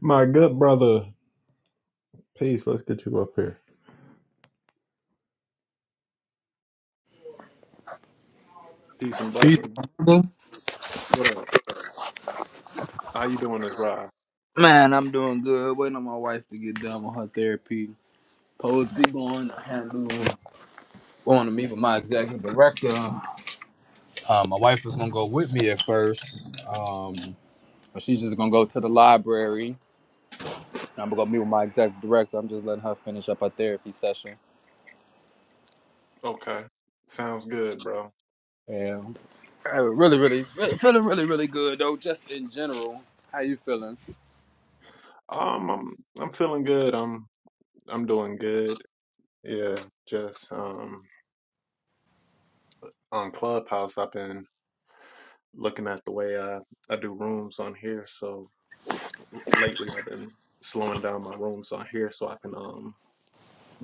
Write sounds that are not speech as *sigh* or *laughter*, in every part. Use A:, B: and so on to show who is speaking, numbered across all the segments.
A: My good brother, peace. Let's get you up here. Peace and
B: Peace.
A: blessings.
B: Mhm.
A: What up? How you doing this ride?
B: Man, I'm doing good. Waiting on my wife to get done with her therapy. Supposed to be going. I had to going to meet with my executive director. Um, my wife was gonna go with me at first. Um, but she's just gonna go to the library. And I'm gonna meet with my executive director. I'm just letting her finish up her therapy session.
A: Okay. Sounds good, bro.
B: Yeah, Uh, really, really, really feeling really, really good though. Just in general, how you feeling?
A: Um I'm I'm feeling good. I'm I'm doing good. Yeah, just um on Clubhouse I've been looking at the way I I do rooms on here. So lately I've been slowing down my rooms on here so I can um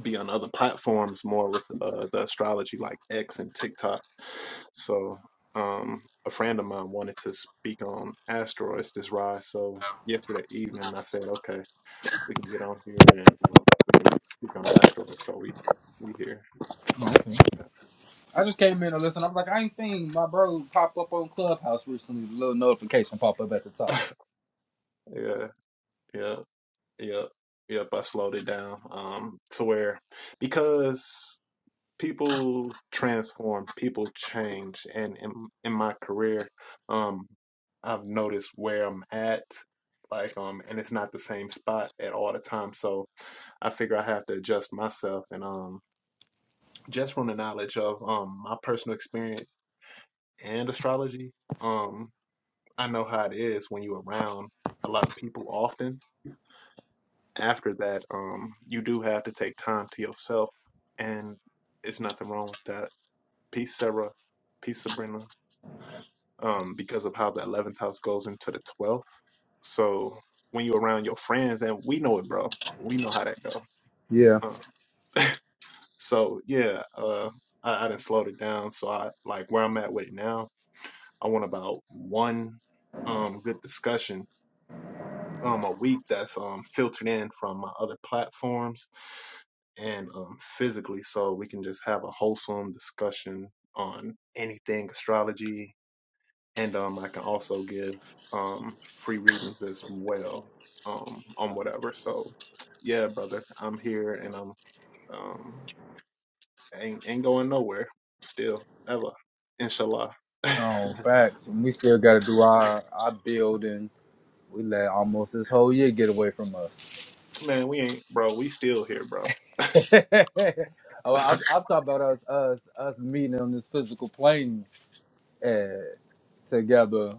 A: be on other platforms more with uh, the astrology like X and TikTok. So um, a friend of mine wanted to speak on asteroids this rise. So yesterday evening, I said, okay, we can get on here and um, we can speak on asteroids. So we we here.
B: I just came in to listen. I'm like, I ain't seen my bro pop up on Clubhouse recently. The little notification pop up at the
A: *laughs*
B: top.
A: yeah, yeah, yeah, yeah. I slowed it down um, to where because people transform, people change, and in in my career, um, I've noticed where I'm at, like um, and it's not the same spot at all the time. So I figure I have to adjust myself, and um, just from the knowledge of um my personal experience and astrology, um, I know how it is when you're around a lot of people often. After that, um, you do have to take time to yourself, and it's nothing wrong with that. Peace, Sarah. Peace, Sabrina. um, because of how the 11th house goes into the 12th. So when you're around your friends, and we know it, bro, we know how that go.
B: Yeah.
A: Um, so yeah, uh, I, I didn't slow it down. So I like where I'm at with it now. I want about one um, good discussion um, a week that's um, filtered in from my other platforms and um, physically, so we can just have a wholesome discussion on anything astrology and um, I can also give um, free readings as well um, on whatever. So, yeah, brother, I'm here and I'm um, ain't ain't going nowhere still ever. Inshallah,
B: Oh, facts. And we still got to do our our building. We let almost this whole year get away from us.
A: *laughs* man, we ain't bro. We still here, bro.
B: *laughs* oh, I'm, I'm talking about us us us meeting on this physical plane uh, together.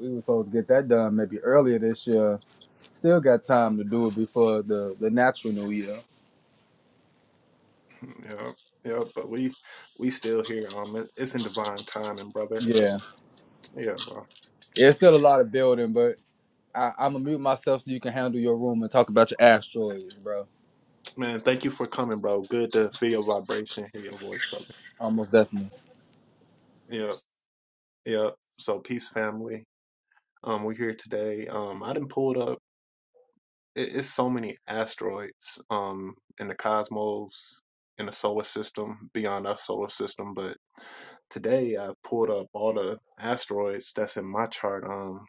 B: We were supposed to get that done maybe earlier this year. Still got time to do it before the the natural new year.
A: Yeah, yeah, but we we still here. Um, it- it's in divine timing, brother.
B: Yeah,
A: So yeah, bro.
B: Yeah. it's still a lot of building, but. I, I'm gonna mute myself so you can handle your room and talk about your asteroids, bro.
A: Man, thank you for coming, bro. Good to feel your vibration, hear your voice, brother.
B: Almost definitely.
A: Yeah, yeah. So peace, family. Um, we're here today. Um, I didn't pull it up. It, it's so many asteroids um, in the cosmos, in the solar system, beyond our solar system. But today I pulled up all the asteroids that's in my chart. Um,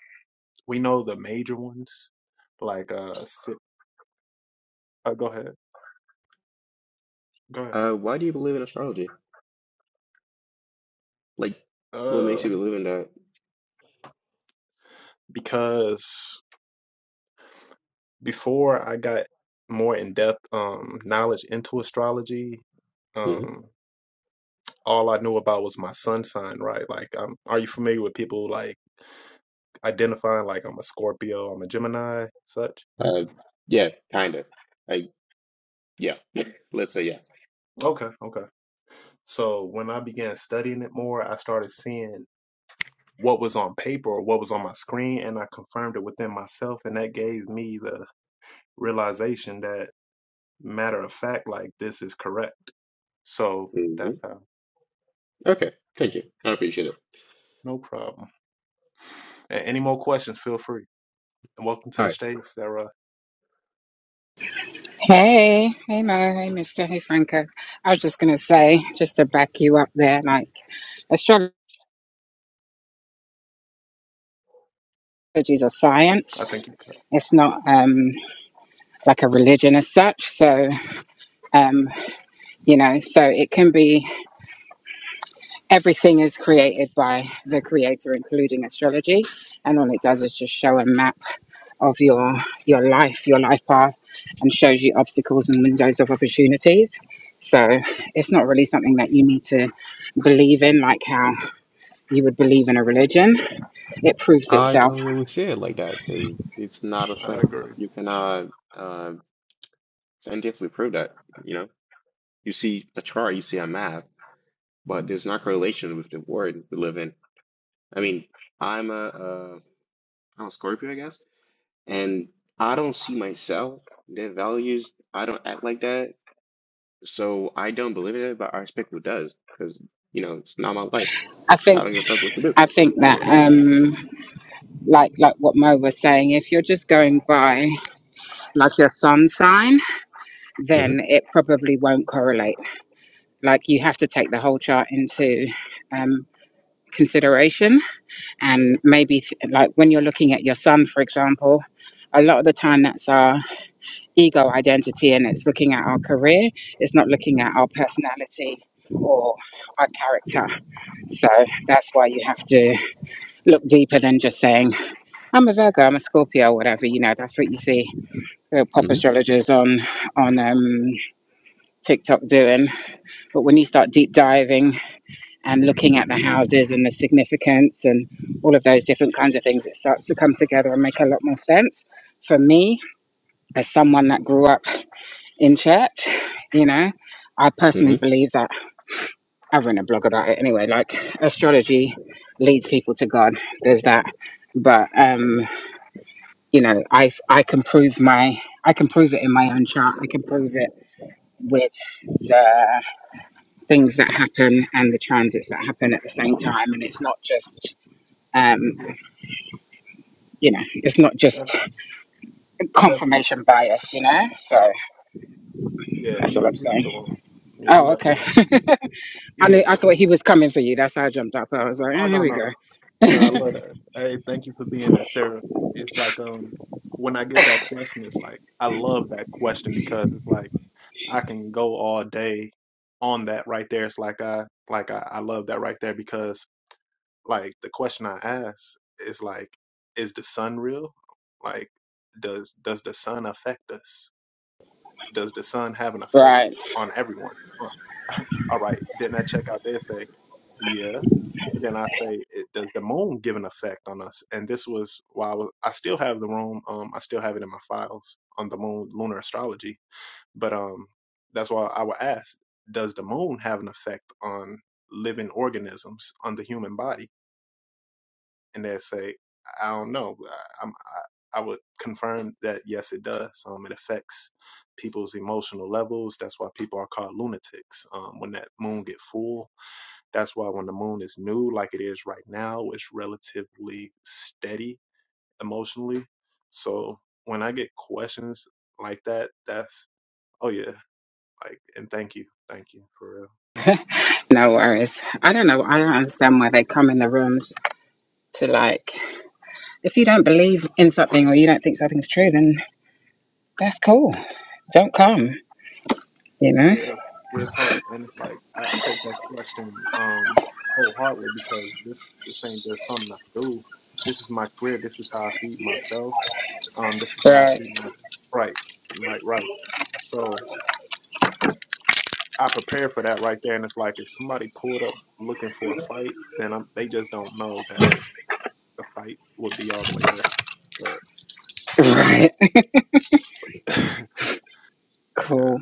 A: we know the major ones, like uh, si- uh go ahead, go ahead.
C: Uh, why do you believe in astrology? Like, what makes
A: Uh,
C: you believe in that?
A: because before I got more in depth um knowledge into astrology.
C: hmm
A: um all I knew about was my sun sign, right? Like, um, are you familiar with people like identifying like I'm a Scorpio, I'm a Gemini, such?
C: Uh, yeah, kinda. I yeah. *laughs* Let's say yeah.
A: Okay, okay. So when I began studying it more, I started seeing what was on paper or what was on my screen, and I confirmed it within myself, and that gave me the realization that matter of fact, like this is correct. So
C: hmm
A: that's how.
C: Okay, thank you. I appreciate it.
A: No problem. A- any more questions? Feel free. And welcome to
C: All
A: the
C: right.
A: states, Sarah.
D: Hey, hey Mo, hey Mister, hey Franco. I was just gonna say, just to back you up there, like astrology is a
A: I
D: science.
A: think you.
D: It's not um like a religion as such. So um, you know, so it can be everything is created by the creator, including astrology, and all it does is just show a map of your your life, your life path, and shows you obstacles and windows of opportunities. So it's not really something that you need to believe in, like how you would believe in a religion, it proves
C: I
D: itself.
C: don't really see it like that because it's not a
A: I
C: thing.
A: agree.
C: You cannot uh scientifically prove that. You know, you see a chart, you see a map, but there's not correlation with the world we live in. I mean, I'm a uh, I'm a Scorpio, I guess, and I don't see myself, their values. I don't act like that. So I don't believe in it, but I respect who does because, you know, it's not my life.
D: I
C: I
D: think
C: don't give a fuck what you do.
D: I think that um like like what Mo was saying, if you're just going by like your sun sign,
C: hmm
D: then it probably won't correlate. Like you have to take the whole chart into um consideration
A: Yeah,
D: and maybe th- like when you're looking at your sun for example a lot of the time that's our ego identity and it's looking at our career it's not looking at our personality or our character So that's why you have to look deeper than just saying, I'm a Virgo, I'm a Scorpio, whatever. You know, that's what you see the pop
C: hmm
D: astrologers on, on um, TikTok doing. But when you start deep diving and looking at the houses and the significance and all of those different kinds of things, it starts to come together and make a lot more sense. For me, as someone that grew up in church, you know, I
C: hmm
D: personally believe that I've written a blog about it anyway. Like astrology leads people to God. There's that, but um, you know, I I can prove my I can prove it in my own chart. I can prove it with the things that happen and the transits that happen at the same time. And it's not just um,
A: yeah,
D: you know, it's not just
A: definitely. Definitely. so.
D: confirmation bias. You know, so
A: Yeah,
D: that's
A: he,
D: all I'm
A: he left the
D: saying.
A: room. Yeah, he
D: Oh,
A: left the
D: okay.
A: room.
D: *laughs* I knew
A: Yeah.
D: I thought
A: *laughs*
D: he was coming for you. That's how I jumped up. I was like,
A: Oh
D: oh, here
A: no
D: we
A: no
D: go.
A: no. I love that. Hey, thank you for being there, Sarah. It's like um when I get that question, it's like I love that question because it's like I can go all day on that right there. It's like I like I, I love that right there because like the question I ask is like, is the sun real? Like, does does the sun affect us? does the sun have an effect
D: Right.
A: on everyone? Huh. *laughs* All right. Then I check out there say, yeah. And then I say, it, does the moon give an effect on us? And this was why I, was, I still have the room. Um, I still have it in my files on the moon lunar astrology. But um, that's why I would ask, does the moon have an effect on living organisms on the human body? and they'll say, I don't know. I, I'm, I, I would confirm that yes, it does. Um, it affects people's emotional levels. That's why people are called lunatics. Um, when that moon get full, that's why when the moon is new, like it is right now, it's relatively steady emotionally. So when I get questions like that, that's oh yeah, like and thank you, thank you for real.
D: No worries. I don't know. I don't understand why they come in the rooms to like, if you don't believe in something or you don't think something's true, then that's cool. Don't come, you know?
A: Yeah, real talk, and like I, I take that question um wholeheartedly because this this ain't just something I do. This is my career. This is how I feed myself. Um, this is how I
D: Right. *laughs*
A: feed my right, right, right. So I prepare for that right there, and it's like if somebody pulled up looking for a fight, then I'm, they just don't know that the fight would be all the way there. But
D: Right.
A: *laughs* yeah,
D: Cool.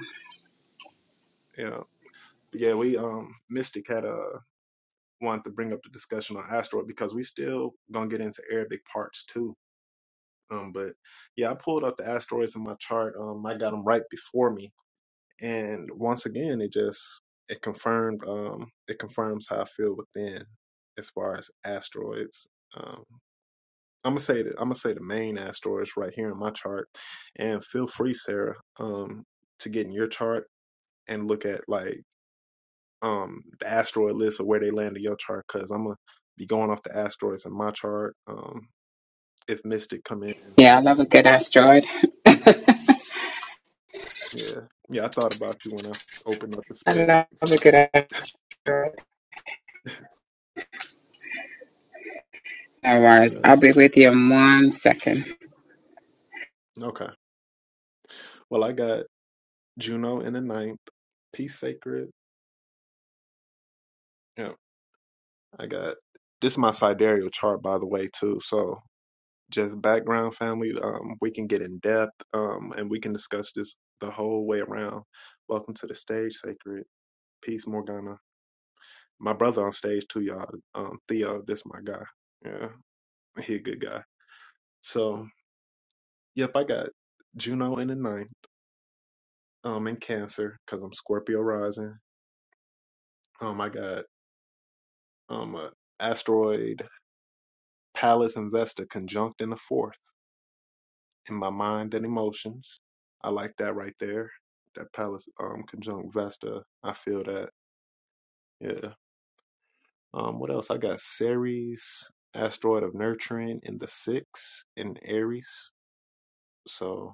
A: yeah, yeah. We um Mystic had a wanted to bring up the discussion on asteroid because we still gonna get into Arabic parts too. Um, but yeah, I pulled up the asteroids in my chart. Um, I got them right before me, and once again, it just it confirmed um it confirms how I feel within as far as asteroids. Um, I'm gonna say that I'm gonna say the main asteroids right here in my chart, and feel free, Sarah, um, to get in your chart and look at like um the asteroid list of where they land in your chart because I'm gonna be going off the asteroids in my chart. Um, if Mystic come in,
D: Yeah, I love a good asteroid. *laughs* I
A: yeah, yeah, I thought about you when I opened up the space.
D: love a
A: So
D: good asteroid. No worries.
A: yeah,
D: I'll be with you in one second.
A: okay. Well, I got Juno in the ninth, Peace Sacred. Yeah, I got this is my sidereal chart by the way too. So just background family. Um, we can get in depth. Um, and we can discuss this the whole way around. Welcome to the stage, Sacred. Peace, Morgana. my brother on stage too, y'all. Um, Theo, this my guy. Yeah, he a good guy. So, yep, I got Juno in the ninth, um, in Cancer because I'm Scorpio rising. Um, I got um a asteroid Pallas and Vesta conjunct in the fourth in my mind and emotions. I like that right there. That Pallas um conjunct Vesta. I feel that. Yeah. Um, what else? I got Ceres asteroid of nurturing in the sixth in Aries. So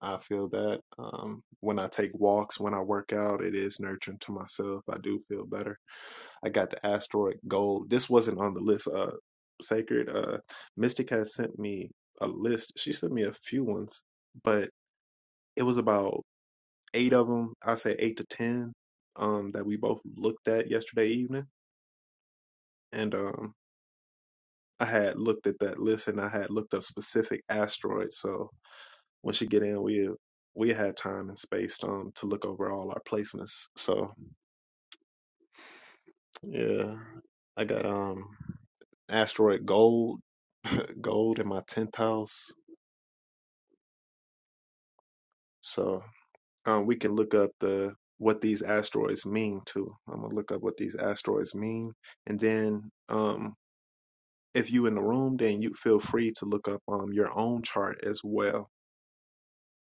A: I feel that um, when I take walks, when I work out, it is nurturing to myself. I do feel better. I got the asteroid gold. This wasn't on the list. Uh, sacred. Uh, Mystic has sent me a list. She sent me a few ones, but it was about eight of them. I say eight to ten. Um, that we both looked at yesterday evening, and um, I had looked at that list and I had looked up specific asteroids. So Once you get in, we we had time and space um to look over all our placements. So yeah, I got um asteroid gold *laughs* gold in my tenth house. So um, we can look up the what these asteroids mean too. I'm gonna look up what these asteroids mean, and then um, if you in the room, then you feel free to look up um your own chart as well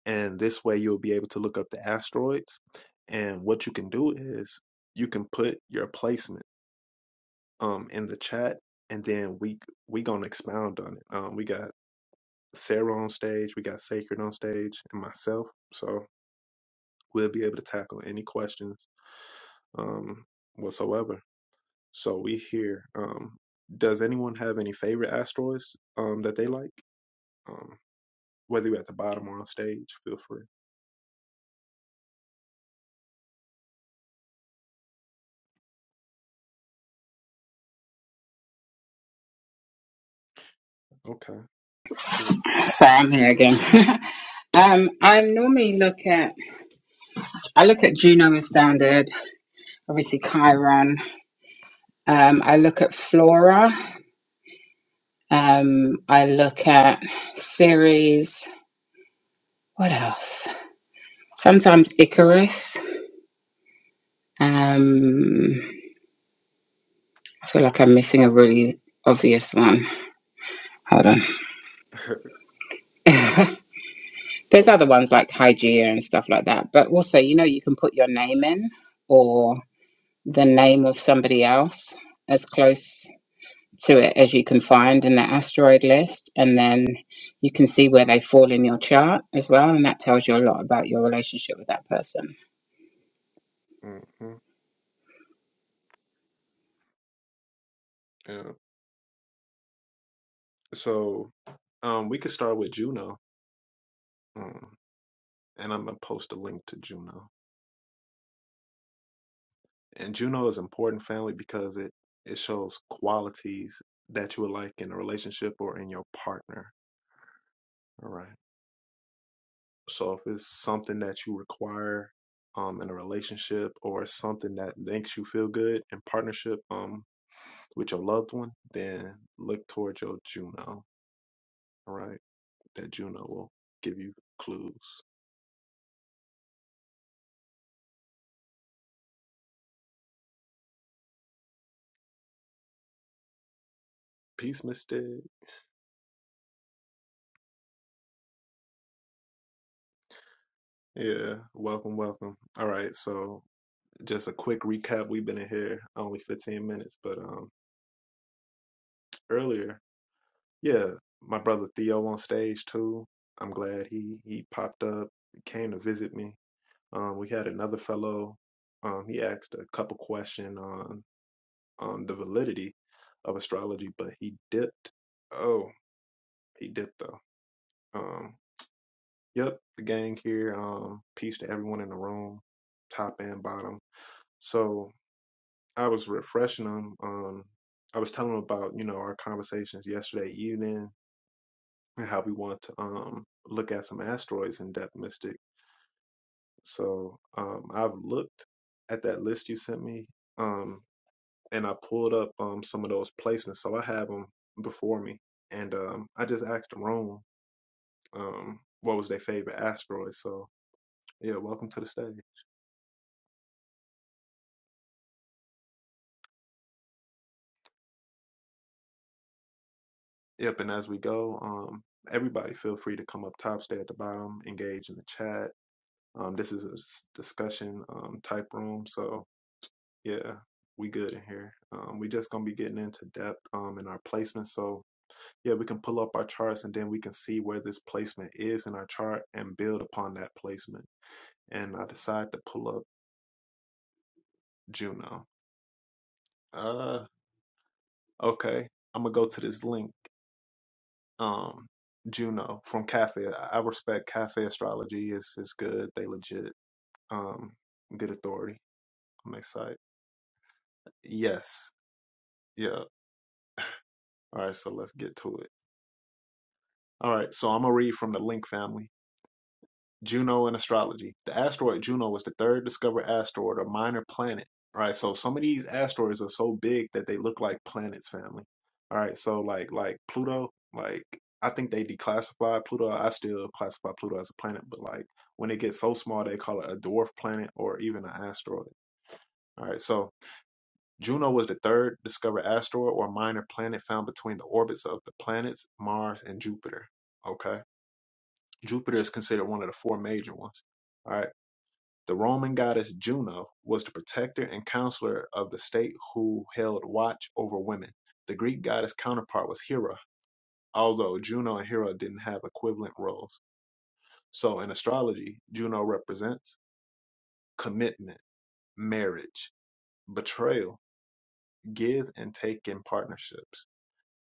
A: and this way you'll be able to look up the asteroids and what you can do is you can put your placement um in the chat and then we we gonna expound on it um we got sarah on stage we got sacred on stage and myself so we'll be able to tackle any questions um whatsoever so we here um does anyone have any favorite asteroids um that they like um whether you're at the bottom or on stage feel free okay
D: So I'm here again. *laughs* um, I normally look at I look at Juno as standard, obviously Chiron. Um, I look at Flora. Um, I look at Ceres. What else? Sometimes Icarus. Um, I feel like I'm missing a really obvious one. Hold on.
A: *laughs*
D: *laughs* There's other
A: okay
D: ones like Hygeia and stuff like that. But also, you know, you can put your name in or the name of somebody else as close to it as you can find in the asteroid list. And then you can see where they fall in your chart as well. And that tells you a lot about your relationship with that person.
A: hmm So um, we could start with Juno, um, and I'm gonna post a link to Juno. And Juno is important family because it it shows qualities that you would like in a relationship or in your partner. All right. So if it's something that you require um, in a relationship or something that makes you feel good in partnership um, with your loved one, then look towards your Juno. All right. That Juno will give you clues. Peace, Mystic. Yeah, welcome, welcome. All right, so just a quick recap. We've been in here only 15 minutes, but um earlier, yeah, my brother Theo on stage too. I'm glad he he popped up, came to visit me. Um we had another fellow, um he asked a couple question on on the validity of astrology, but he dipped. Oh, he dipped though. Um yep, the gang here. Um peace to everyone in the room, top and bottom. So, I was refreshing them. Um, I was telling them about you know our conversations yesterday evening and how we want to um look at some asteroids in depth, Mystic. So um, I've looked at that list you sent me, um, and I pulled up um some of those placements. So I have them before me, and um, I just asked Rome um what was their favorite asteroid. So yeah, welcome to the stage. Yep, and as we go, um, everybody feel free to come up top, stay at the bottom, engage in the chat Um, this is a s- discussion um, type room, so yeah, we good in here. Um, we just gonna be getting into depth um, in our placement, so yeah, we can pull up our charts and then we can see where this placement is in our chart and build upon that placement. And I decide to pull up Juno. Uh, okay, I'm gonna go to this link. Um, Juno from Cafe. I I respect Cafe Astrology. Is is good. They legit. Um, good authority. on am excited. Yes. Yeah. All right, so let's get to it. All right, so I'm gonna read from the Link family. Juno and astrology. The asteroid Juno was the third discovered asteroid or minor planet. All right, so some of these asteroids are so big that they look like planets, family. All right, so like like Pluto, like I think they declassified Pluto. I still classify Pluto as a planet, but like when it gets so small, they call it a dwarf planet or even an asteroid. All right, so Juno was the third discovered asteroid or minor planet found between the orbits of the planets Mars and Jupiter. Okay. Jupiter is considered one of the four major ones. All right. The Roman goddess Juno was the protector and counselor of the state who held watch over women. The Greek goddess counterpart was Hera, although Juno and Hera didn't have equivalent roles. So in astrology, Juno represents commitment, marriage, betrayal, give and take in partnerships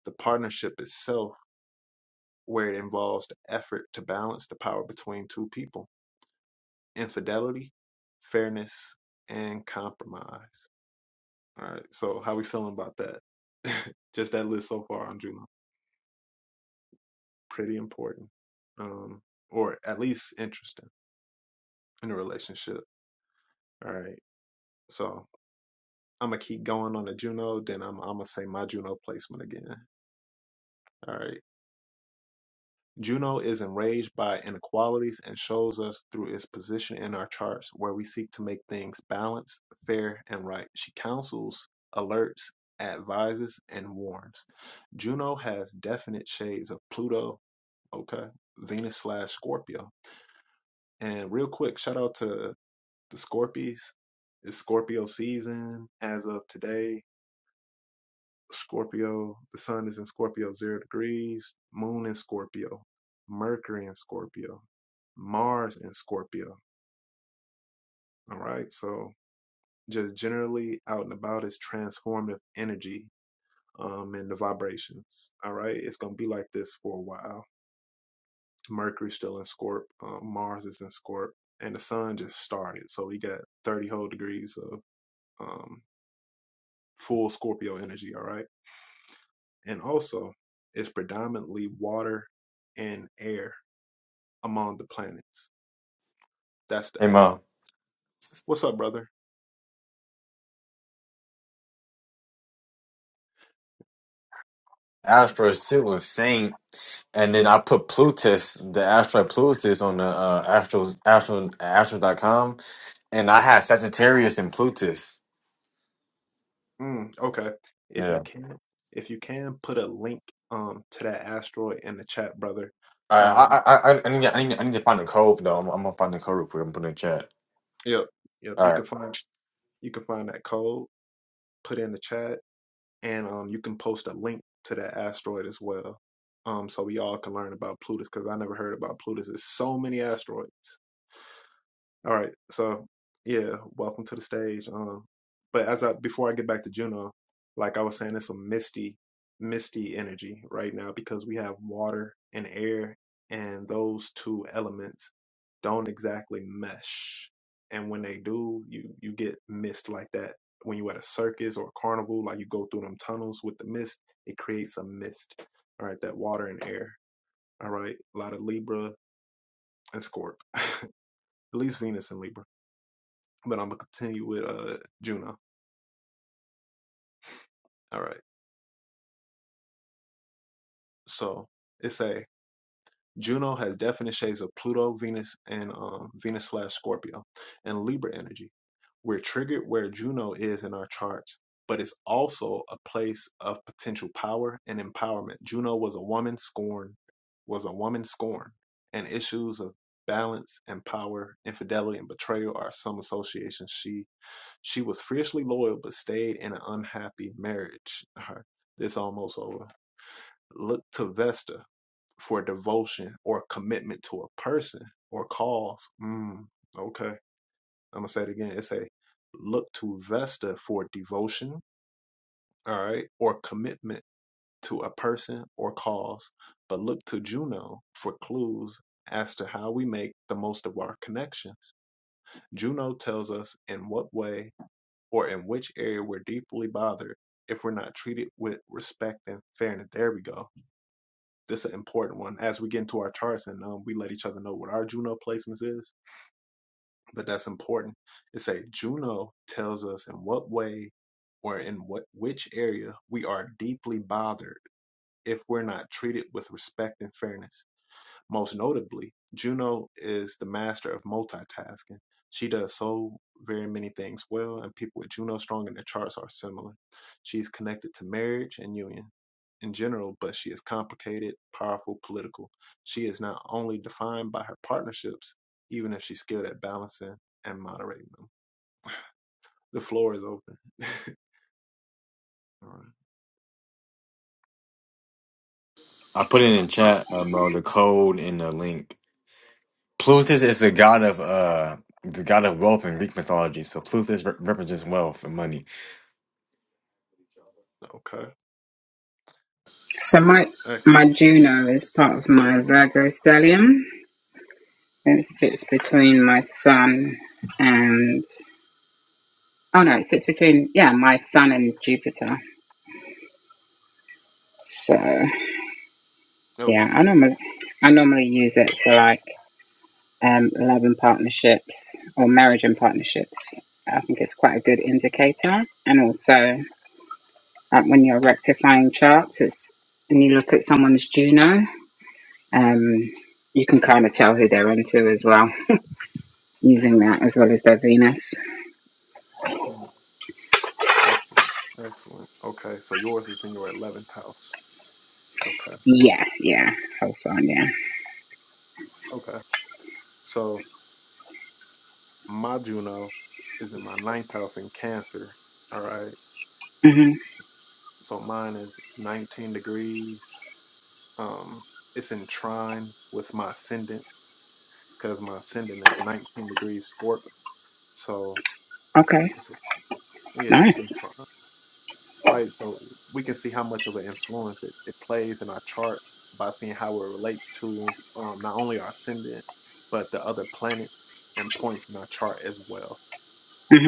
A: the partnership itself where it involves the effort to balance the power between two people infidelity, fairness, and compromise. All right, so how we feeling about that? *laughs* Just that list so far on Juno. Pretty important, um, or at least interesting in a relationship. All right, so I'm gonna keep going on the Juno, then I'm, I'm gonna say my Juno placement again. All right. Juno is enraged by inequalities and shows us through its position in our charts where we seek to make things balanced, fair, and right. She counsels, alerts, advises, and warns. Juno has definite shades of Pluto, okay, Venus slash Scorpio. And real quick, shout out to the Scorpies. It's Scorpio season as of today Scorpio, the sun is in Scorpio, zero degrees, moon in Scorpio, Mercury in Scorpio, Mars in Scorpio. All right. So just generally out and about is transformative energy um and the vibrations. All right. It's gonna be like this for a while. Mercury's still in Scorp, uh, Mars is in Scorp, and the sun just started. So we got 30 whole degrees of um full Scorpio energy, all right? And also it's predominantly water and air among the planets. That's the
E: Hey, Mo,
A: element. What's up, brother?
E: Astro Suit was Saint, and then I put Plutus, the asteroid Plutus, on the uh, Astro Astro astro dot com, and I had Sagittarius and Plutus.
A: Mm, okay. If you
E: Yeah.
A: can, if you can put a link um to that asteroid in the chat, brother.
E: All right.
A: Um,
E: I I I, I need to- I need to- I need to find the code though. I'm, I'm gonna find the code real quick. I'm putting it in chat.
A: yep, yep.
E: All
A: You
E: right.
A: can find you can find that code, put it in the chat, and um you can post a link to that asteroid as well. Um, so we all can learn about Plutus because I never heard about Plutus. There's so many asteroids. All right. So yeah, welcome to the stage. Um, but as I before I get back to Juno, like I was saying, it's a misty, misty energy right now because we have water and air, and those two elements don't exactly mesh. And when they do, you you get mist like that. When you at a circus or a carnival, like you go through them tunnels with the mist, it creates a mist. All right, that water and air. All right, a lot of Libra and Scorp, *laughs* at least Venus and Libra but I'm gonna continue with uh Juno. All right. So it's a Juno has definite shades of Pluto, Venus, and um, Venus slash Scorpio, and Libra energy. We're triggered where Juno is in our charts, but it's also a place of potential power and empowerment. Juno was a woman scorned, was a woman scorned, and issues of balance and power, infidelity and betrayal are some associations she She was fiercely loyal but stayed in an unhappy marriage. Her, this almost over. Look to Vesta for devotion or commitment to a person or cause. Mm, okay. I'm gonna say it again. It's a look to Vesta for devotion, all right, or commitment to a person or cause, but look to Juno for clues as to how we make the most of our connections. Juno tells us in what way or in which area we're deeply bothered if we're not treated with respect and fairness. There we go. This is an important one. As we get into our charts and um, we let each other know what our Juno placements is, but that's important. It say Juno tells us in what way or in what which area we are deeply bothered if we're not treated with respect and fairness most notably, Juno is the master of multitasking. She does so very many things well, and people with Juno strong in their charts are similar. She is connected to marriage and union in general, but she is complicated, powerful, political. She is not only defined by her partnerships, even if she's skilled at balancing and moderating them. The floor is open. *laughs* All
E: I put it in chat. Um, uh, the code and the link. Plutus
A: right.
E: is the god of uh the god of wealth in Greek mythology. So Plutus re- represents wealth and money.
A: Okay.
D: So my
A: Excellent.
D: my Juno is part of my Virgo stellium. It sits between my Sun and oh no, it sits between yeah my Sun and Jupiter. So yeah,
A: Okay.
D: I normally I normally use it for like um, love and partnerships or marriage and partnerships. I think it's quite a good indicator, and also Like when you're rectifying charts, it's and you look at someone's Juno, um, you can kind of tell who they're into as well, using that as well as their Venus.
A: Hmm. Excellent. Excellent. Okay. So yours is in your 11th house. Okay.
D: Yeah, yeah, whole sign, yeah.
A: Okay. So my Juno is in my ninth house in Cancer. All right.
D: hmm
A: So mine is 19 degrees. Um, it's in trine with my ascendant because my ascendant is 19 degrees Scorp. So
D: Okay,
A: it's a, yeah, it's in
D: nice.
A: trine. Right. So we can see how much of an influence it, it plays in our charts by seeing how it relates to um, not only our ascendant, but the other planets and points in our chart as well.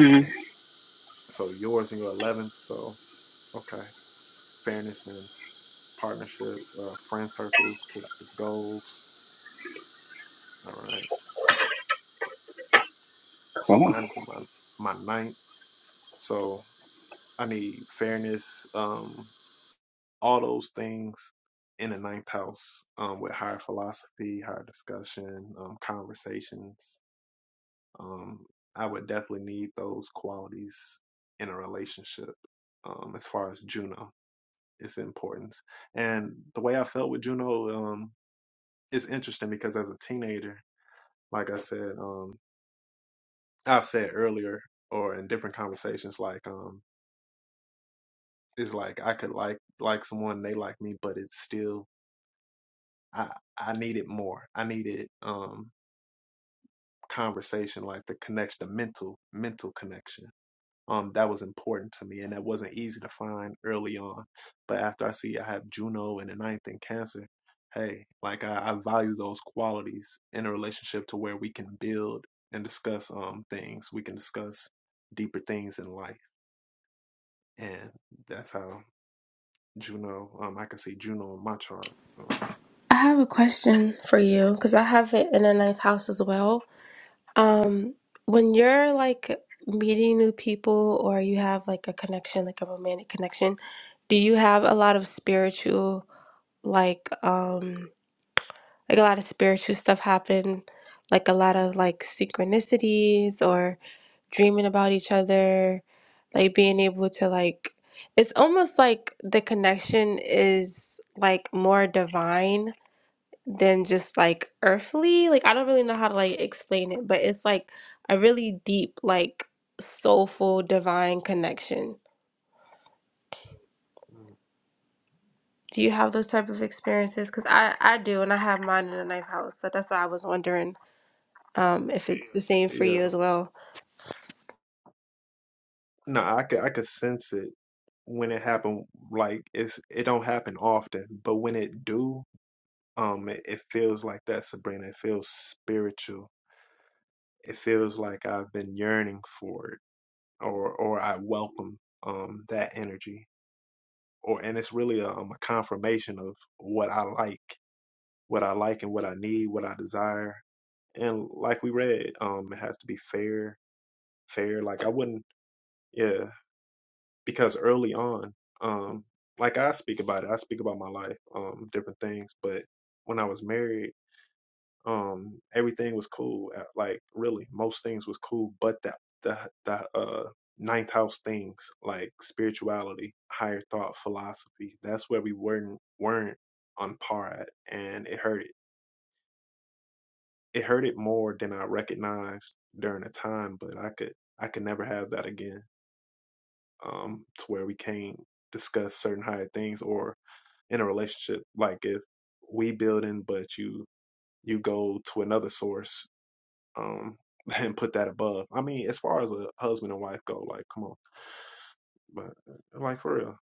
A: All right. So yours and your 11. So Okay. Fairness and partnership, uh, friend circles, collective goals. All right. So
D: Cool.
A: mine's my my ninth. So I need fairness, um, all those things in the ninth house, um, with higher philosophy, higher discussion, um, conversations. Um, I would definitely need those qualities in a relationship. Um, as far as Juno, its importance, and the way I felt with Juno, um, is interesting because as a teenager. Like I said, um, I've said earlier or in different conversations, like um, it's like I could like like someone they like me, but it's still I I needed more. I needed um conversation, like the connection, the mental mental connection um, that was important to me, and that wasn't easy to find early on. But after I see I have Juno in the ninth and Cancer, hey, like I, I value those qualities in a relationship to where we can build and discuss um things. We can discuss deeper things in life, and that's how Juno. Um, I can see Juno in my chart. Um,
F: I have a question for you because I have it in the ninth house as well. Um, when you're like meeting new people or you have like a connection, like a romantic connection, do you have a lot of spiritual, like, um, like a lot of spiritual stuff happen, like a lot of like synchronicities or dreaming about each other, like being able to like, it's almost like the connection is like more divine than just like earthly. Like I don't really know how to like explain it, but it's like a really deep, like soulful, divine connection.
A: mm,
F: Do you have those type of experiences? Because I I do, and I have mine in the ninth house, so that's why I was wondering um if it's the same for you
A: yeah,
F: as well.
A: no, I could I could sense it when it happened. Like it's it don't happen often, but when it do, Um, it, it feels like that, Sabrina. It feels spiritual. It feels like I've been yearning for it, or or I welcome um that energy, or and it's really a, um, a confirmation of what I like, what I like, and what I need, what I desire. And like we read, um, it has to be fair, fair. Like I wouldn't, yeah, because early on, um, like I speak about it, I speak about my life, um, different things, but when I was married. Um, everything was cool. uh, Like really, most things was cool, but that the the uh ninth house things like spirituality, higher thought, philosophy. That's where we weren't weren't on par at, and it hurt it. It hurt it more than I recognized during the time, but I could I could never have that again. Um, to where we can't discuss certain higher things or in a relationship, like if we building, but you you go to another source um *laughs* and put that above. I mean, as far as a husband and wife go, like, come on, but uh, like for real.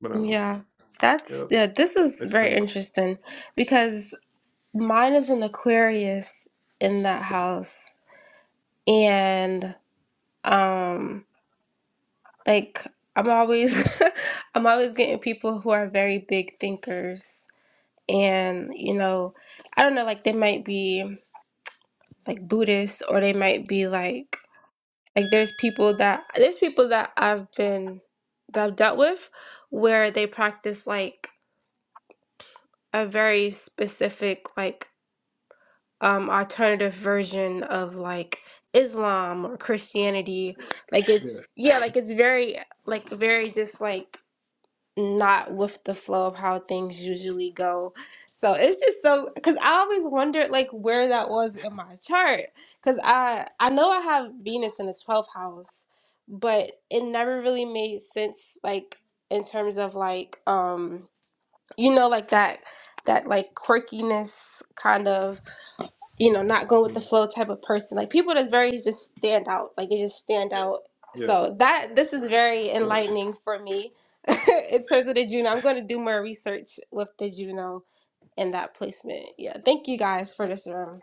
A: But um,
F: Yeah,
A: yeah,
F: that's yeah. This is
A: it's
F: very
A: simple.
F: interesting because mine is an Aquarius in that house, and um. like I'm always *laughs* I'm always getting people who are very big thinkers and you know I don't know like they might be like Buddhists or they might be like like there's people that there's people that I've been that I've dealt with where they practice like a very specific like um alternative version of like Islam or Christianity like
A: Yeah,
F: it's yeah like it's very like very just like not with the flow of how things usually go. So it's just so because I always wondered like where that was in my chart because I I know I have Venus in the twelfth house, but it never really made sense like in terms of like um you know like that that like quirkiness kind of you know, not going with the
A: mm,
F: flow type of person. Like people that's very just stand out. Like they just stand out.
A: yeah,
F: So that this is very
A: Aquarius.
F: enlightening for me *laughs* in terms of the Juno. I'm going to do more research with the Juno and that placement. Yeah. Thank you guys for this room.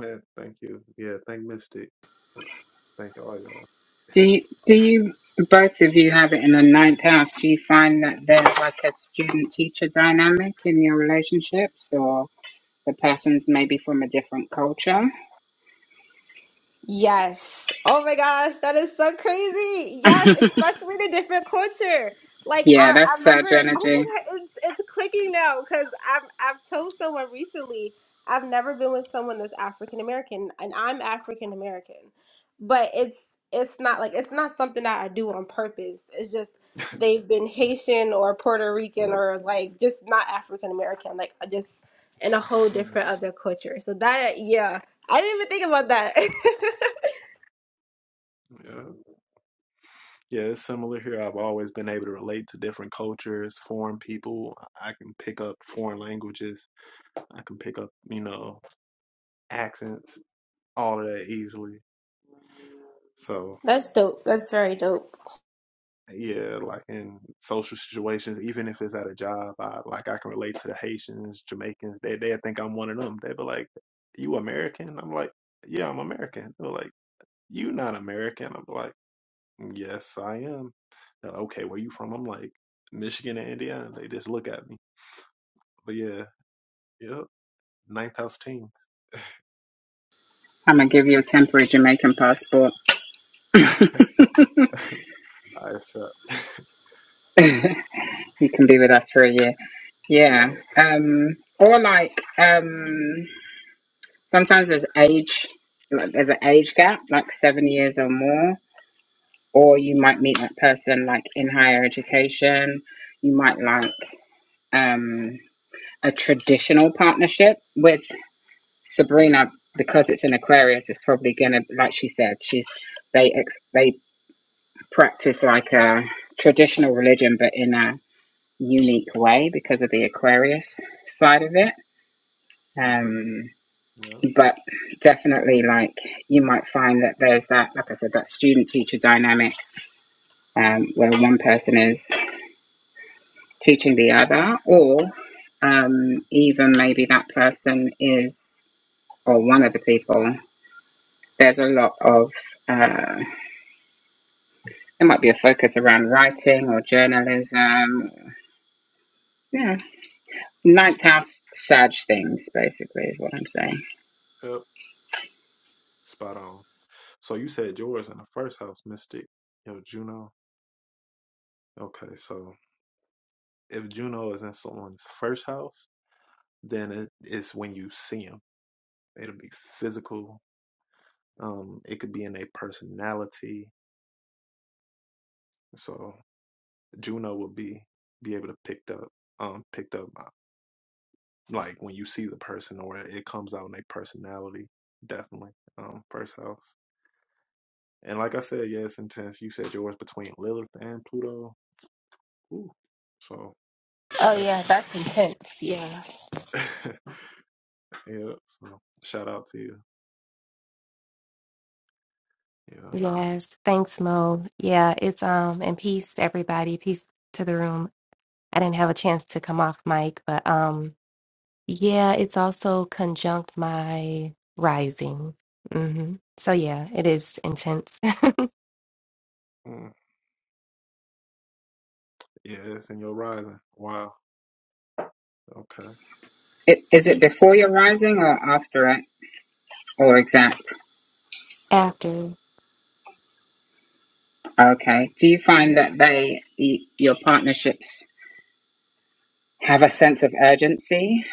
A: Yeah, thank you. Yeah, thank Mystic. Uh, thank all y'all.
D: Do you, do you both of you have it in the ninth house? Do you find that there's like a student teacher dynamic in your relationships, or the person's maybe from a different culture?
F: Yes. Oh my gosh, that is so crazy.
D: *laughs*
F: Yes, especially the different culture. Like
D: yeah,
F: I, I
D: that's Sag
F: remember.
D: energy.
F: Oh my god, it's it's clicking now because I've I've told someone recently I've never been with someone that's African American, and I'm African American, but it's it's not like it's not something that I do on purpose. It's just they've been Haitian or Puerto Rican
A: Yeah.
F: or like just not African American, like just in a whole
A: Mm,
F: different other culture. So that yeah I didn't even think about that.
A: yeah, yeah, it's similar here. I've always been able to relate to different cultures, foreign people. I can pick up foreign languages. I can pick up, you know, accents, all of that easily. So
F: *laughs* That's dope. That's very dope.
A: yeah, like in social situations, even if it's at a job, I like I can relate to the Haitians, Jamaicans. They they think I'm one of them. They be like, "You American?" I'm like, "Yeah, I'm American." They're like, "You not American?" I'm like, "Mm, "Yes, I am." They're like, "Okay, where you from?" I'm like, "Michigan and Indiana." They just look at me. But yeah, yep, ninth house teens.
D: I'm gonna give you a temporary Jamaican passport. *laughs*
A: *laughs* I
D: you
A: accept.
D: can be with us for a year.
A: Yeah.
D: Yeah. Um, or like um, sometimes there's age, like there's an age gap, like seven years or more. Or you might meet that person like in higher education. You might like um, a traditional partnership with Sabrina because it's an Aquarius. It's probably gonna like she said. She's they ex- they practice like a traditional religion, but in a unique way because of the Aquarius side of it.
A: hmm
D: Um,
A: Yep.
D: but definitely, like you might find that there's that, like I said, that student teacher dynamic um, where one person is teaching the other, or um, even maybe that person is, or one of the people, there's a lot of, uh, there might be a focus around writing or journalism. Yeah, ninth house Sag things, basically, is what I'm saying.
A: Yep. Spot on. So you said yours in the first house, Mystic. Yo, Juno. Okay, so if Juno is in someone's first house, then it is when you see them. It'll be physical. Um, it could be in a personality. So Juno will be be able to pick up, um, picked up uh, like when you see the person, or it comes out in a personality. Definitely, um, first house. And like I said, yeah, it's intense. You said yours between Lilith and Pluto. Ooh, so
F: Oh
A: that's
F: yeah, that's intense. Yeah.
A: *laughs* yeah. So shout out to you. Yeah,
G: Yes, thanks, Mo. Yeah, it's um and peace to everybody, peace to the room. I didn't have a chance to come off mic, but um yeah, it's also conjunct my rising. hmm So yeah, it is intense.
A: mm, yeah, it's in your rising. Wow. Okay.
D: It, is it before your rising or after it or exact?
G: *laughs* After,
D: Okay. Do you find that they, y- your partnerships, have a sense of urgency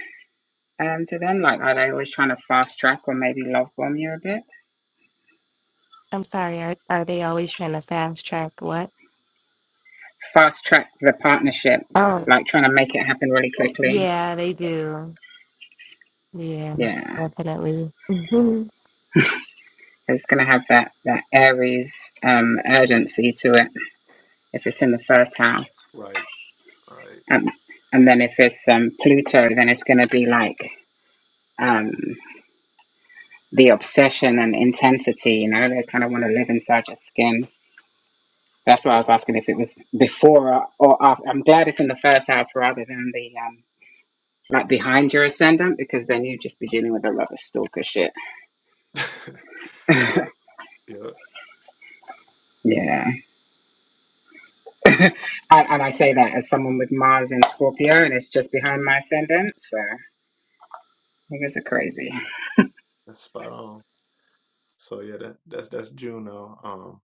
D: um, to them? Like, are they always trying to fast track or maybe love bomb you a bit?
G: I'm sorry, are are they always trying to fast track what?
D: Fast track the partnership,
G: Oh,
D: like trying to make it happen really quickly.
G: yeah, they do. Yeah,
D: Yeah.
G: definitely. *laughs*
D: It's going to have that, that Aries um, urgency to it if it's in the first house.
A: Right. Right.
D: Um, and then if it's um, Pluto, then it's going to be like, Um, the obsession and intensity. You know, they kind of want to live inside your skin. That's why I
A: Yeah.
D: was asking if it was before or or after. I'm glad it's in the first house rather than the um, like behind your ascendant because then you'd just be dealing with a lot of stalker shit.
A: that-
D: *laughs*
A: *laughs* yeah. Yeah.
D: yeah, *laughs* and, and I say that as someone with Mars in Scorpio and it's just behind my ascendant, so niggas are crazy.
A: That's spot on. So yeah, that that's that's Juno. Um,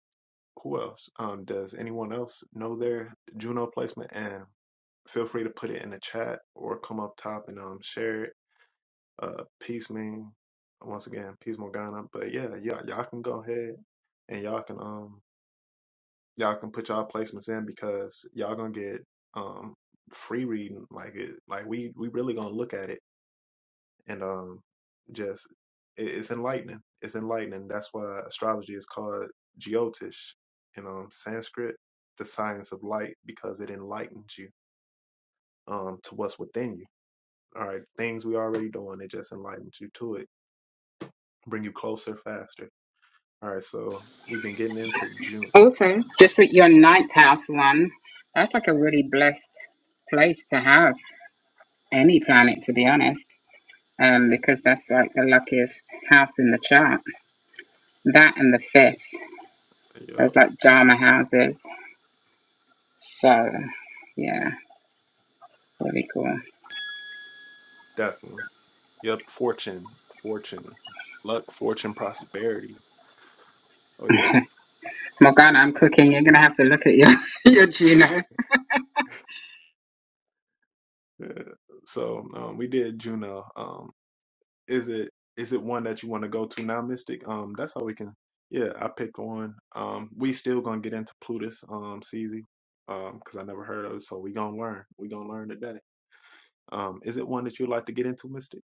A: who else? Um, does anyone else know their Juno placement? And feel free to put it in the chat or come up top and um share it. Uh, peace mean once again, peace Morgana. But yeah, y'all y'all can go ahead and y'all can um y'all can put y'all placements in because y'all gonna get um free reading like it like we we really gonna look at it and um just it, it's enlightening it's enlightening that's why astrology is called jyotish in um sanskrit the science of light because it enlightens you um to what's within you all right things we already doing it just enlightens you to it bring you closer faster all right so we've been getting into juno
D: Also, just with your ninth house one, that's like a really blessed place to have any planet, to be honest. um, because that's like the luckiest house in the chart. That and the fifth,
A: yep
D: those like Dharma houses. So, yeah, really cool.
A: definitely yep fortune fortune luck fortune prosperity oh yeah
D: Morgana, I'm cooking. You're gonna have to look at your *laughs* your Juno.
A: *laughs* so um we did juno um Is it is it one that you want to go to now, Mystic? Um, that's how we can. Yeah, I picked one. Um, we still gonna get into Plutus, um, CZ, um, because I never heard of it, so we gonna learn. We gonna learn today. Um, is it one that you'd like to get into, Mystic?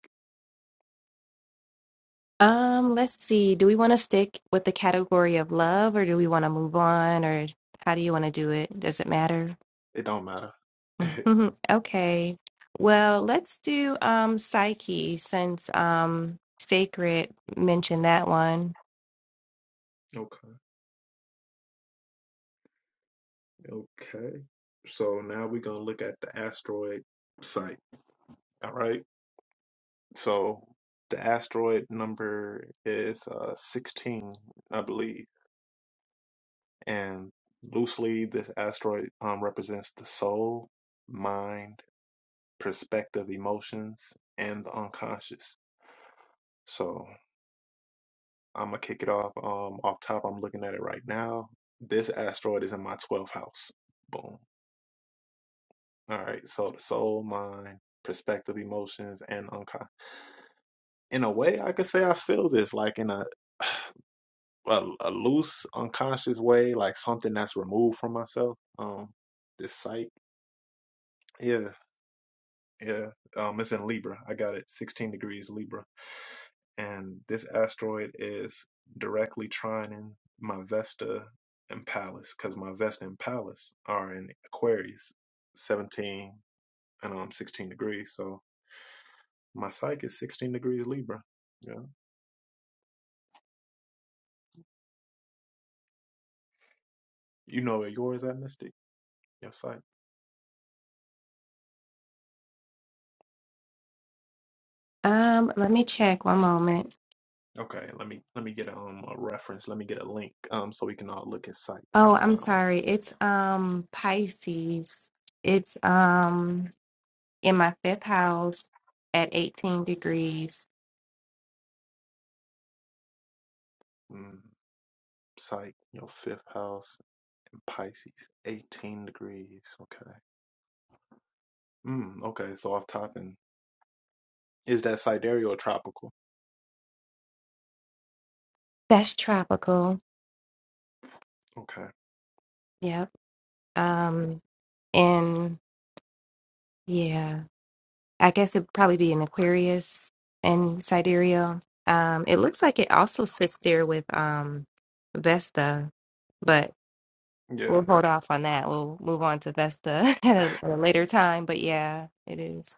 G: Um, let's see. Do we want to stick with the category of love or do we want to move on or how do you want to do it? Does it matter?
A: It don't matter.
G: *laughs*
A: *laughs*
G: Okay. Well, let's do um Psyche since um Sacred mentioned that one.
A: Okay, okay. So now we're gonna look at the asteroid site. All right. So the asteroid number is uh 16, I believe. And loosely, this asteroid um, represents the soul, mind, perspective, emotions, and the unconscious. So I'm gonna kick it off. Um, off top, I'm looking at it right now. This asteroid is in my 12th house. Boom. All right. So the soul, mind, perspective, emotions, and unconscious. In a way, I could say I feel this like in a *sighs* a, a loose, unconscious way, like something that's removed from myself. Um, this psyche. Yeah. Yeah, um, it's in Libra. I got it 16 degrees Libra. And this asteroid is directly trining my Vesta and Pallas because my Vesta and Pallas are in Aquarius, 17 and um 16 degrees. So my psyche is 16 degrees Libra. Yeah. You know where yours at, Mystic? Your psyche.
G: Um, let me check one moment.
A: Okay, let me let me get um a reference. Let me get a link um so we can all look at psyche. I'm
G: Oh,
A: gonna
G: I'm
A: find one.
G: sorry. It's um Pisces. It's um in my fifth house at 18 degrees.
A: Mm, psyche, your fifth house. Pisces, 18 degrees. Okay. Mm, okay, so off top and is that sidereal or tropical?
G: That's tropical.
A: Okay.
G: Yep. Um in Yeah, I guess it'd probably be an Aquarius in sidereal. Um, it looks like it also sits there with um Vesta, but
A: Yeah.
G: we'll hold off on that. We'll move on to Vesta *laughs* at a, at a later time. But yeah, it is.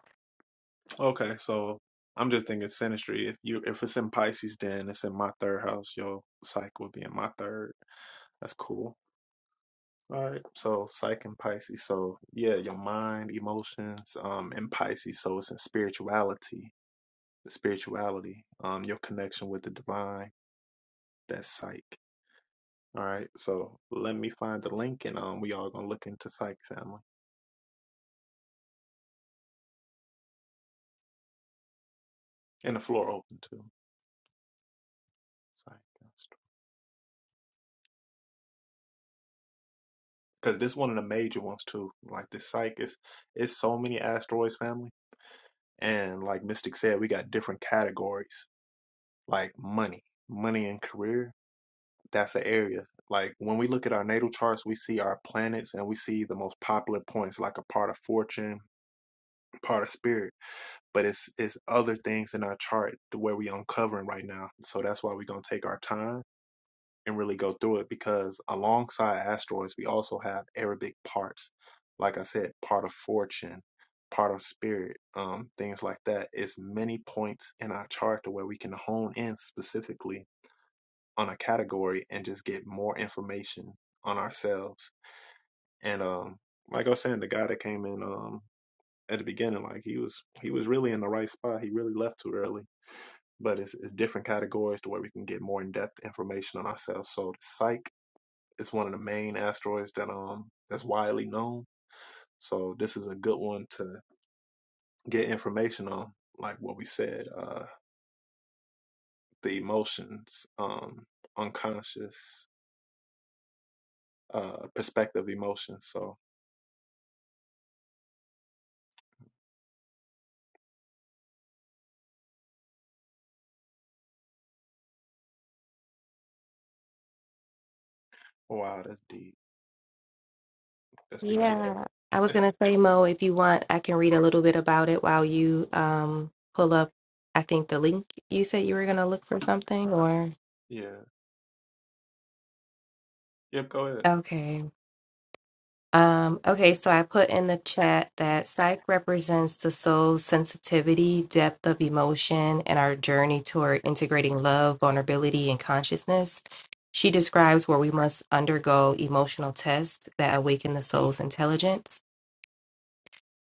A: Okay, so I'm just thinking synastry. If you if it's in Pisces, then it's in my third house. Your psych would be in my third. That's cool. All right. So psych and Pisces. So yeah, your mind, emotions, um, in Pisces. So it's in spirituality. The spirituality, um, your connection with the divine. That's psych. All right, so let me find the link, and um, we all gonna look into Psych Family and the floor open too. Psych, because this one of the major ones too. Like the Psych is, it's so many asteroids family, and like Mystic said, we got different categories like money, money and career. That's an area. Like when we look at our natal charts, we see our planets and we see the most popular points, like a part of fortune, part of spirit but it's it's other things in our chart where we uncovering right now. So that's why we're gonna take our time and really go through it because alongside asteroids, we also have Arabic parts. Like I said, part of fortune, part of spirit, um, things like that. It's many points in our chart to where we can hone in specifically on a category and just get more information on ourselves. And um, like I was saying, the guy that came in um, at the beginning, like he was he was really in the right spot. He really left too early. But it's, it's different categories to where we can get more in depth information on ourselves. So the psych it's one of the main asteroids that um that's widely known. So this is a good one to get information on, like what we said, uh the emotions, um unconscious, uh perspective emotions. So wow, that's deep. That's deep. Yeah,
G: Yeah, I was gonna say, Mo, if you want, I can read a little bit about it while you um pull up, I think the link you said you were gonna look for something or
A: yeah. Yep, go ahead.
G: okay. Um, okay, so I put in the chat that psych represents the soul's sensitivity, depth of emotion, and our journey toward integrating love, vulnerability, and consciousness. She describes where we must undergo emotional tests that awaken the soul's intelligence.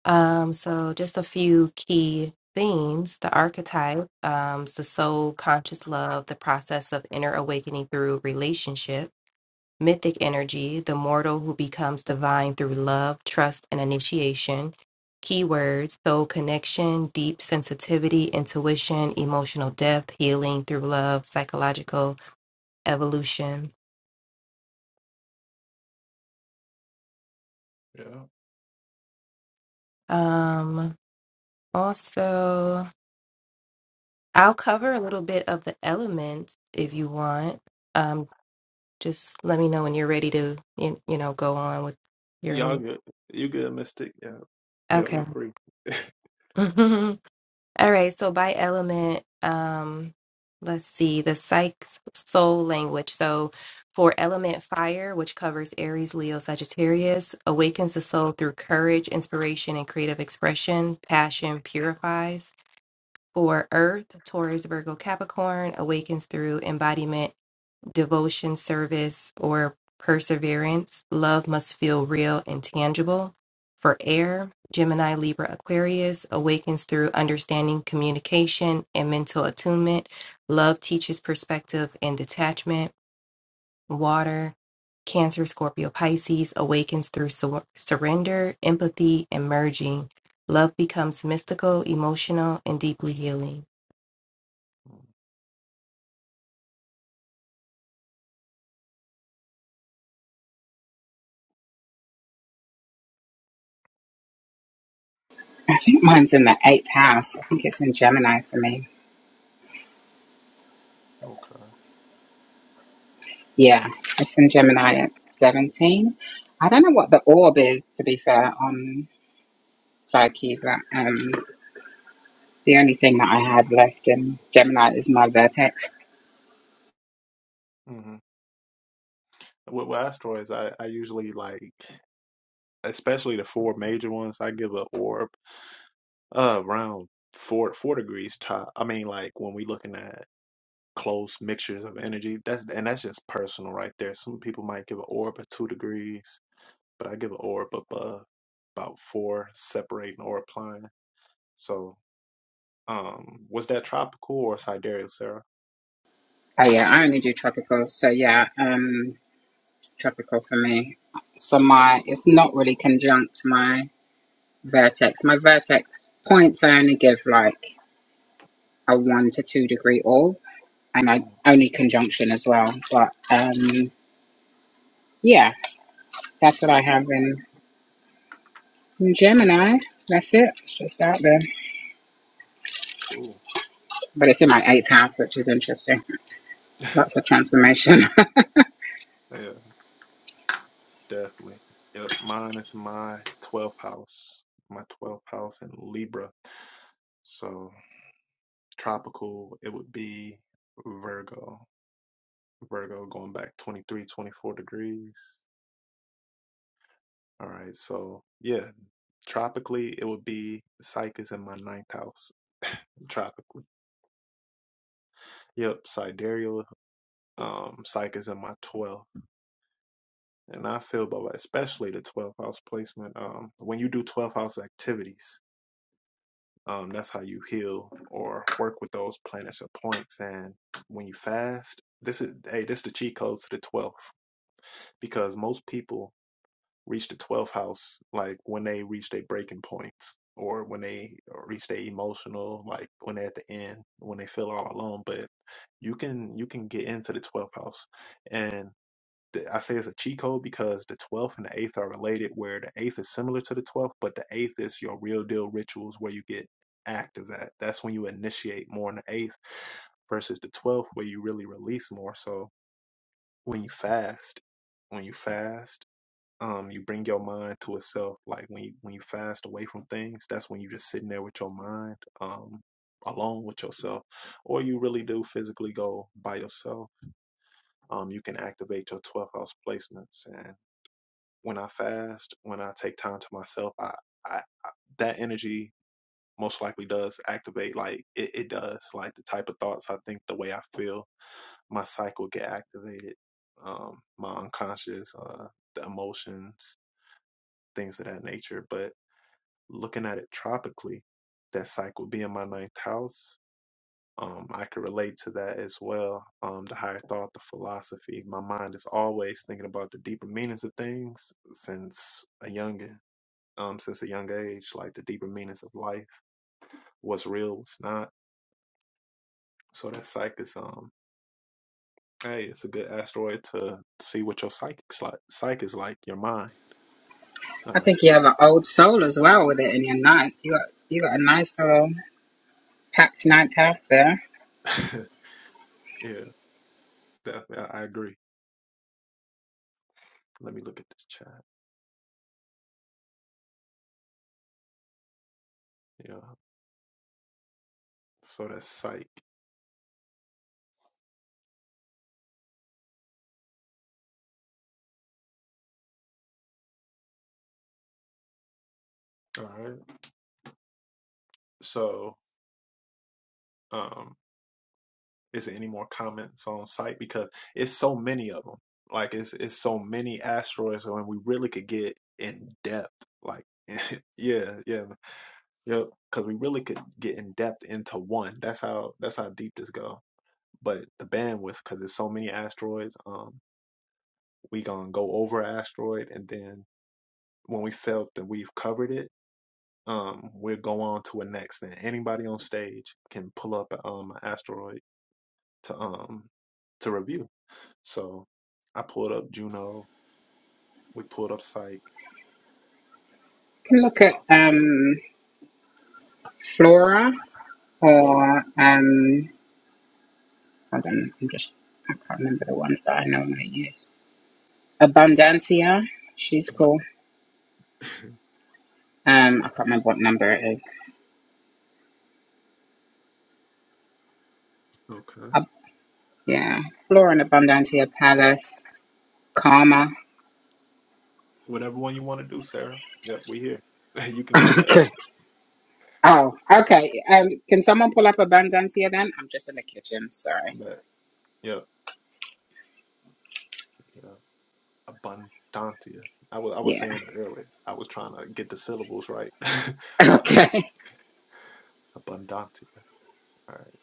G: Um, so, just a few key themes the archetype, um, the soul, conscious love, the process of inner awakening through relationship mythic energy, the mortal who becomes divine through love, trust, and initiation. Keywords soul connection, deep sensitivity, intuition, emotional depth, healing through love, psychological evolution.
A: Yeah.
G: Um, also, I'll cover a little bit of the elements if you want. Um, just let me know when you're ready to, you, you know, go on with your
A: Y'all
G: link.
A: good. You good, Mystic? Yeah. Yeah,
G: Okay.
A: we free. *laughs*
G: *laughs* All right, so by element, um, let's see, the psych soul language. So for element fire, which covers Aries, Leo, Sagittarius, awakens the soul through courage, inspiration, and creative expression. Passion purifies. For earth, Taurus, Virgo, Capricorn, awakens through embodiment devotion, service, or perseverance, love must feel real and tangible. For air, Gemini, Libra, Aquarius awakens through understanding, communication, and mental attunement. Love teaches perspective and detachment. Water, Cancer, Scorpio, Pisces awakens through sur- surrender, empathy, and merging. Love becomes mystical, emotional, and deeply healing.
D: I think mine's in the eighth house. I think it's in Gemini for me.
A: okay.
D: Yeah, it's in Gemini at 17. I don't know what the orb is, to be fair, on Psyche, but um, the only thing that I have left in Gemini is my vertex.
A: hmm With, with asteroids, I, I usually like, especially the four major ones, I give a orb uh, around four four degrees top. I mean, like when we looking at close mixtures of energy, that's and that's just personal right there. Some people might give an orb at two degrees, but I give an orb above about four, separating or applying. So, um, was that tropical or sidereal, Sarah?
D: Oh yeah, I only do tropicals. So yeah, um, tropical for me. So my it's not really conjunct my vertex. My vertex points I only give like a one to two degree all, and I
A: Mm,
D: only conjunction as well. But um, yeah, that's what I have in, in
A: Okay,
D: Gemini. That's it. It's just out there,
A: cool.
D: but it's in my eighth house, which is interesting. Lots of transformation. *laughs*
A: Yeah. Definitely. Yep. Mine is my 12th house, my 12th house in Libra. So tropical, it would be Virgo. Virgo going back 23, 24 degrees. All right. So yeah, tropically, it would be Psyche is in my ninth house. *laughs* Tropically. Yep. Sidereal, um, Psyche is in my 12th. And I feel about especially the 12th house placement. Um, when you do 12th house activities, Um, that's how you heal or work with those planets or points. And when you fast, this is hey, this is the cheat code to the twelfth because most people reach the twelfth house like when they reach their breaking points or when they reach their emotional, like when they're at the end, when they feel all alone. But you can you can get into the twelfth house, and I say it's a cheat code because the 12th and the 8th are related, where the 8th is similar to the 12th, but the 8th is your real deal rituals where you get active at. That's when you initiate more on the 8th versus the 12th, where you really release more. So when you fast, when you fast, um, you bring your mind to itself. Like when you, when you fast away from things, that's when you're just sitting there with your mind um, alone with yourself, or you really do physically go by yourself. Um, you can activate your twelfth house placements and when I fast, when I take time to myself, I, I, I that energy most likely does activate. Like it, it does. Like the type of thoughts I think, the way I feel, my cycle get activated. Um, my unconscious, uh, the emotions, things of that nature. But looking at it tropically, that cycle being my ninth house, um, I could relate to that as well. Um, the higher thought, the philosophy. My mind is always thinking about the deeper meanings of things since a youngin um, since a young age, like the deeper meanings of life, what's real, what's not. So that psych is um, hey, it's a good asteroid to see what your psychic's like. Psych is like your mind. All
D: I think you have an old soul as well with it in your ninth. You got you got a nice little packed ninth house there. You
A: right, *laughs* yeah, definitely, I, I agree. Let me look at this chat. Yeah, so that's psych. All right, so um, is there any more comments on psych because it's so many of them. Like it's it's so many asteroids, and we really could get in depth. Like *laughs* yeah, yeah, Yep. Because we really could get in depth into one. That's how that's how deep this go. But the bandwidth, because there's so many asteroids, um, we gonna go over a asteroid, and then when we felt that we've covered it, um, we'll go on to a next. And anybody on stage can pull up um an asteroid to um to review. So I pulled up Juno. We pulled up Psyche.
D: can look at
A: Uh,
D: um flora
A: Flora.
D: or um, hold on, I'm just I can't remember the ones that I normally use. Abundantia, she's
A: But
D: cool. Um, I can't remember what number it is.
A: Okay.
D: Ab- yeah, Flora and Abundantia Palace, Karma.
A: Whatever one you want to do, Sarah. Yep, we here. *laughs* you can go
D: *laughs*
A: next.
D: okay. Oh, okay. Um, can someone pull up Abundantia then? I'm just in the kitchen. Sorry.
A: But, yep. Yeah. Abundantia. I was I was
D: Yeah. *laughs*
A: saying it earlier. I was trying to get the syllables right. *laughs*
D: Okay.
A: Abundantia. All right.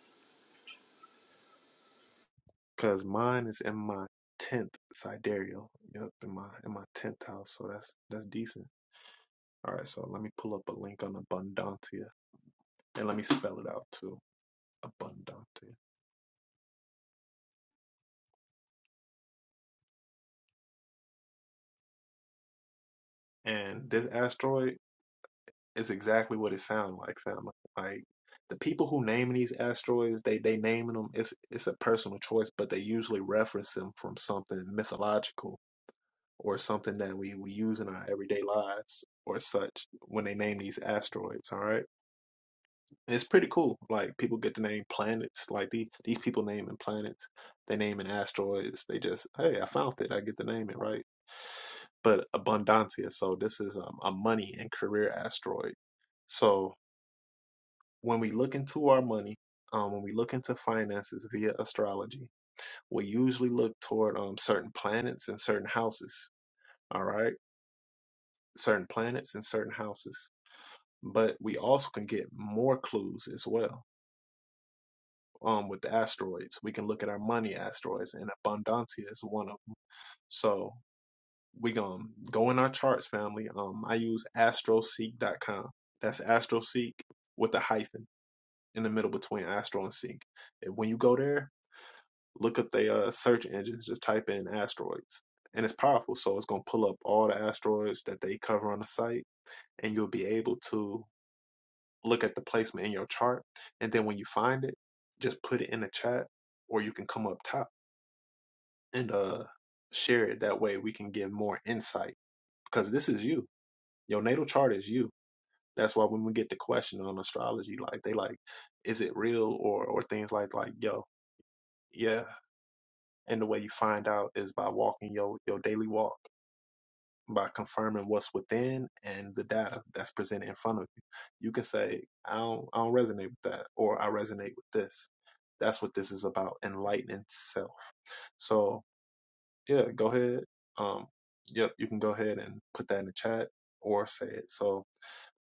A: Cause mine is in my tenth sidereal. Yep, in my in my tenth house. So that's that's decent. All right. So let me pull up a link on Abundantia and let me spell it out too. Abundantia. And this asteroid It's exactly what it sounds like, fam. Like the people who name these asteroids, they they naming them. It's it's a personal choice, but they usually reference them from something mythological or something that we we use in our everyday lives or such when they name these asteroids. All right, it's pretty cool. Like people get to name planets. Like these these people naming planets, they naming asteroids. They just hey, I found it. I get to name it right. But abundancia, so this is um, a money and career asteroid. So when we look into our money, um, when we look into finances via astrology, we usually look toward um, certain planets and certain houses. All right, certain planets and certain houses, but we also can get more clues as well. Um, with the asteroids, we can look at our money asteroids, and abundancia is one of them. So we gonna um, go in our charts, family. Um, I use astroseek.com. That's astroseek with a hyphen in the middle between astro and seek. And when you go there, Look up the uh, search engines, just type in asteroids, and it's powerful. So it's gonna pull up all the asteroids that they cover on the site, and you'll be able to look at the placement in your chart. And then when you find it, just put it in the chat, or you can come up top and uh share it. That way we can give more insight because this is you. Your natal chart is you. That's why when we get the question on astrology, like they like, is it real or or things like like yo, yeah. And the way you find out is by walking your your daily walk by confirming what's within and the data that's presented in front of you. You can say, I don't, I don't resonate with that, or I resonate with this. That's what this is about, enlightening self. So, yeah, go ahead. Um, yep, you can go ahead and put that in the chat or say it. So,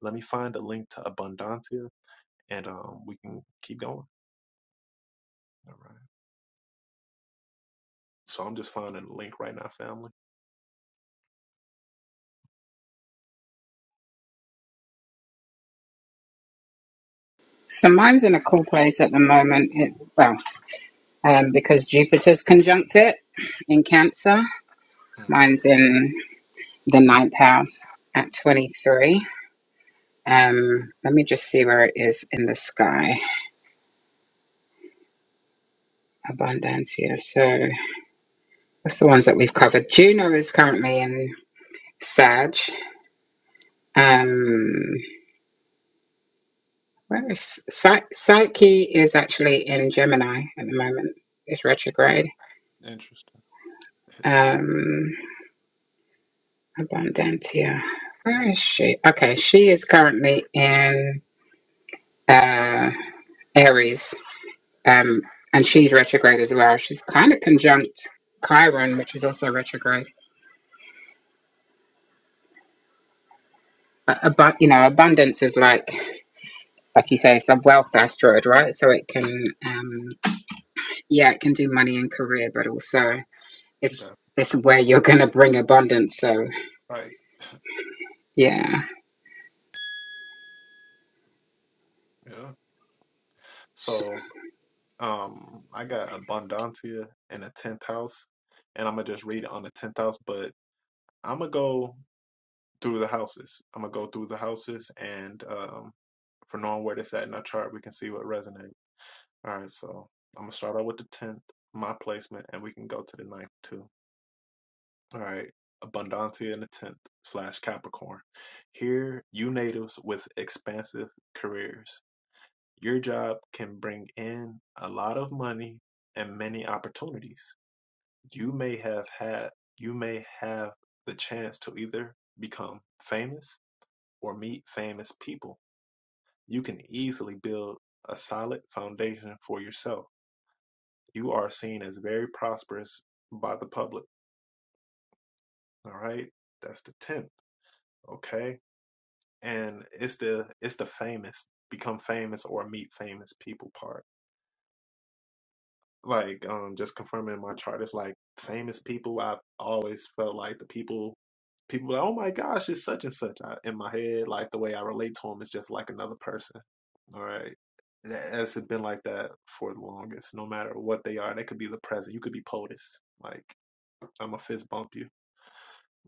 A: let me find a link to Abundantia and um, we can keep going. All right. So, I'm just finding a link right now, family.
D: So mine's in a cool place at the moment. It, well, um, because Jupiter's conjunct it in Cancer.
A: hmm
D: Mine's in. the ninth house at 23. Um, let me just see where it is in the sky. Abundancia. So that's the ones that we've covered. Juno is currently in Sag. Um, where is Psy- Psyche is actually in Gemini at the moment. It's retrograde.
A: Interesting.
D: Um, Abundantia. Where is she? Okay, she is currently in uh, Aries. Um, and she's retrograde as well. She's kind of conjunct Chiron, which is also retrograde. But, abu- you know, abundance is like, like you say, it's a wealth asteroid, right? So it can, um, yeah, it can do money and career, but also
A: That,
D: it's it's where you're going to bring abundance. So
A: right.
D: yeah.
A: Yeah. So, Um, I got Abundancia in the tenth house, and I'm gonna just read it on the tenth house. But I'm gonna go through the houses. I'm gonna go through the houses, and um, for knowing where this at in our chart, we can see what resonates. All right, so I'm gonna start out with the tenth, my placement, and we can go to the ninth too. All right, Abundancia in the tenth slash Capricorn. Here, you natives with expansive careers. Your job can bring in a lot of money and many opportunities. you may have had you may have the chance to either become famous or meet famous people you can easily build a solid foundation for yourself you are seen as very prosperous by the public all right that's the 10th okay and it's the it's the famous become famous or meet famous people part like um just confirming my chart it's like famous people i've always felt like the people people be like oh my gosh it's such and such I, in my head like the way i relate to them is just like another person all right That- has been like that for the longest no matter what they are they could be the president you could be potus like i'm a fist bump you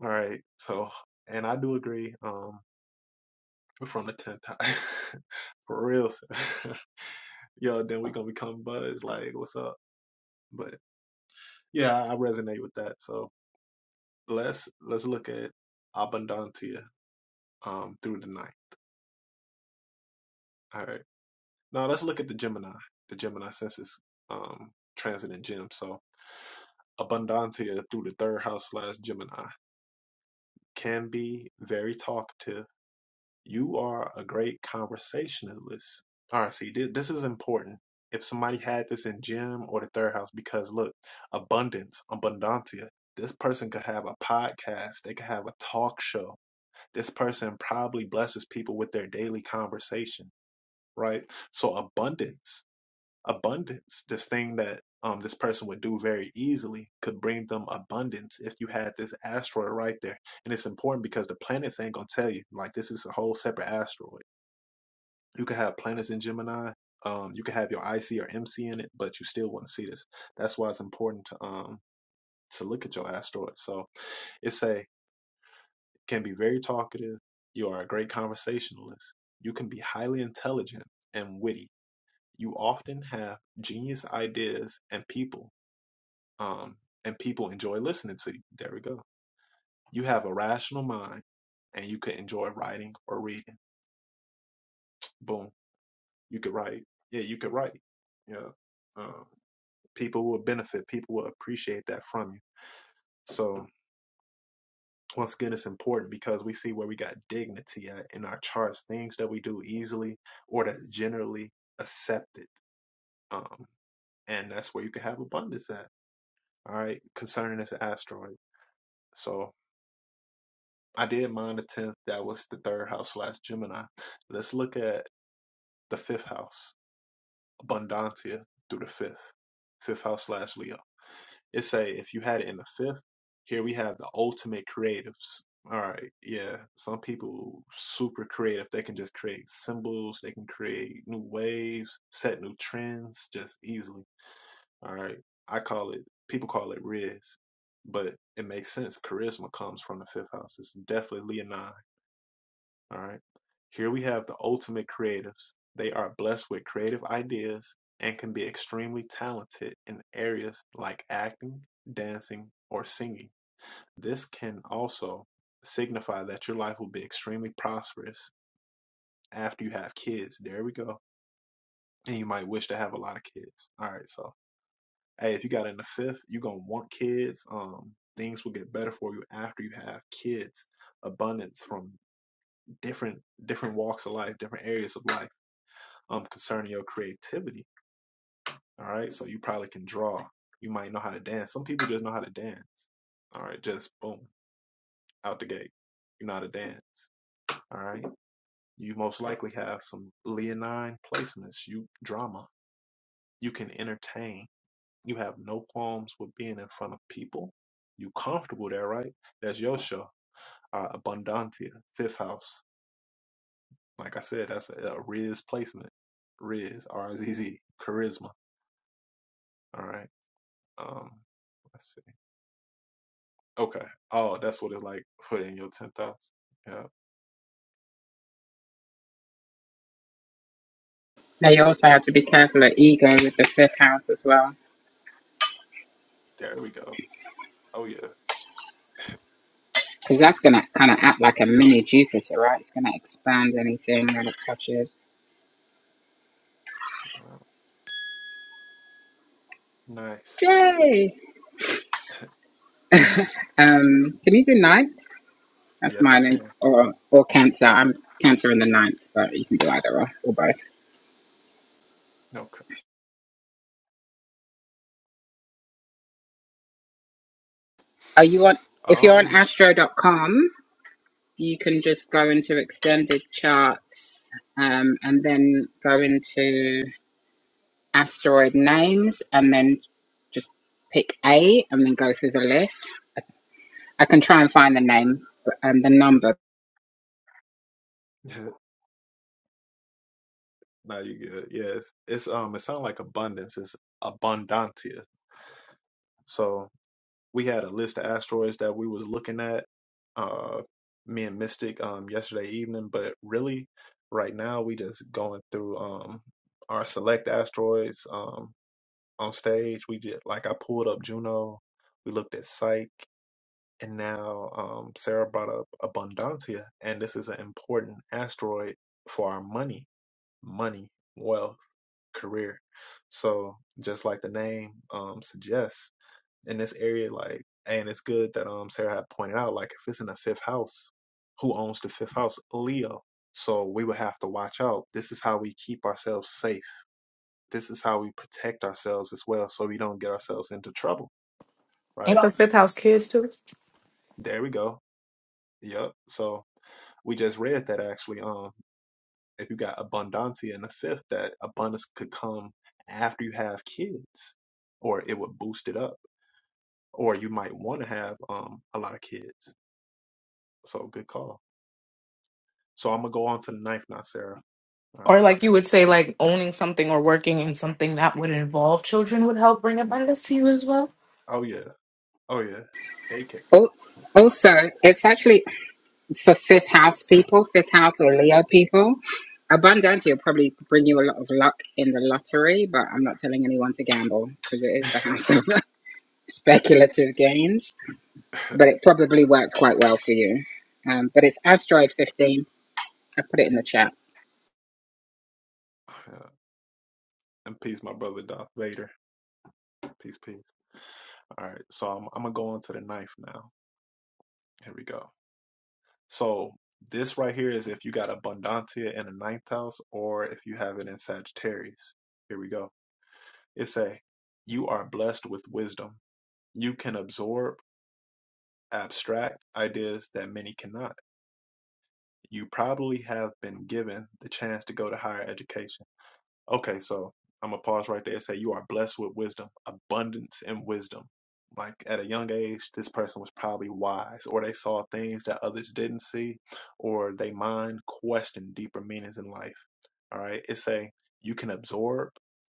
A: all right so and i do agree um we're from the 10th high *laughs* for real sir. *laughs* yo then we gonna become buds like what's up But. Yeah, I resonate with that. So let's let's look at abundancia um through the night. All right. Now let's look at the Gemini, the Gemini census um transit in gem. So abundancia through the third house slash Gemini can be very talkative. You are a great conversationalist. All right, see this, this is important. If somebody had this in gem or the third house, because look, abundance, abundancia, this person could have a podcast, they could have a talk show This person probably blesses people with their daily conversation, right? So abundance, abundance, this thing that um this person would do very easily could bring them abundance if you had this asteroid right there. And it's important because the planets ain't gonna tell you. Like this is a whole separate asteroid. You could have planets in Gemini. Um, you could have your IC or MC in it, but you still wouldn't see this. That's why it's important to um to look at your asteroid. So it say can be very talkative. You are a great conversationalist. You can be highly intelligent and witty. You often have genius ideas and people, um, and people enjoy listening to you. There we go. You have a rational mind and you could enjoy writing or reading. Boom. You could write. Yeah, you could write. Yeah. Um, people will benefit. People will appreciate that from you. So, once again it's important because we see where we got dignity at in our charts things that we do easily or that's generally accepted um and that's where you can have abundance at all right concerning this asteroid so i did mine the 10th that was the third house slash gemini let's look at the fifth house abundantia through the fifth fifth house slash leo It say if you had it in the fifth, here we have the ultimate creatives. All right, yeah. Some people super creative. They can just create symbols. They can create new waves, set new trends, just easily. All right. I call it. People call it Riz, but it makes sense. Charisma comes from the fifth house. It's definitely Leonine. All right. Here we have the ultimate creatives. They are blessed with creative ideas and can be extremely talented in areas like acting, dancing, or singing. This can also signify that your life will be extremely prosperous after you have kids. There we go. And you might wish to have a lot of kids. All right. So, hey, if you got in the fifth, you're going to want kids. Um, things will get better for you after you have kids. Abundance from different different walks of life, different areas of life um concerning your creativity. All right. So you probably can draw. You might know how to dance. Some people just know how to dance. All right, just boom, out the gate. You know how to dance. All right. You most likely have some leonine placements, you drama. You can entertain. You have no qualms with being in front of people. You comfortable there, right? That's your show. Uh, Abundantia, fifth house. Like I said, that's a, a Riz placement. Riz, R I Z Z, charisma. All right. Um, let's Okay. Oh, that's what it's like. Put in your ten thoughts. Yeah.
D: Now you also have to be careful of ego with the fifth house as well,
A: There we go. Oh yeah.
D: because that's going to kind of act like a mini Jupiter, right? It's going to expand anything that it touches.
A: Uh, Nice.
D: Yay!
A: *laughs*
D: *laughs* um, can you do nine? That's
A: Yes, I
D: mine, and,
A: can.
D: or or Cancer. I'm Cancer in the ninth, but you can do either or, or both.
A: Okay.
D: Are you on? If you're on
A: Um.
D: Astro. dot com, you can just go into extended charts, um, and then go into asteroid names, and then just pick A, and then go through the list. I can try and find the name but- and the number.
A: *laughs* now you good. Yes. It's um. It sounds like abundance. It's abundantia. So we had a list of asteroids that we was looking at. Uh, me and Mystic um yesterday evening, but really, right now we just going through um our select asteroids. Um, on stage. We did like I pulled up Juno, we looked at Psych, and now um, Sarah brought up Abundantia, and this is an important asteroid for our money, money, wealth, career. So just like the name um, suggests, in this area, like, and it's good that um Sarah had pointed out, like if it's in the fifth house, who owns the fifth house? Leo. So we would have to watch out. This is how we keep ourselves safe this is how we protect ourselves as well so we don't get ourselves into trouble,
H: Ain't
A: right?
H: the fifth house kids too?
A: There we go. Yep. So we just read that actually. Um, if you got abundantia in the fifth, that abundance could come after you have kids, or it would boost it up, or you might want to have um a lot of kids. So good call. So I'm gonna go on to the ninth now, Sarah. All
H: Or
A: right.
H: like you would say, like owning something or working in something that would involve children would help bring abundance to you as well.
A: Oh yeah. Oh yeah. Daycare.
D: Al- Also, it's actually for fifth house people, fifth house or Leo people. Abundante will probably bring you a lot of luck in the lottery, but I'm not telling anyone to gamble because it is the
A: *laughs*
D: house of *laughs* speculative gains. But it probably works quite well for you. Um, but it's asteroid 15. I put it in the chat.
A: Yeah. and peace, my brother Darth Vader. Peace, peace. All right. So I'm, I'm gonna go on to the ninth now. Here we go. So this right here is if you got abundantia in the ninth house or if you have it in Sagittarius. Here we go. It say, you are blessed with wisdom. You can absorb abstract ideas that many cannot. You probably have been given the chance to go to higher education. Okay, so I'm gonna pause right there and say you are blessed with wisdom, abundance in wisdom. Like at a young age, this person was probably wise, or they saw things that others didn't see, or they mind questioned deeper meanings in life. All right, it say you can absorb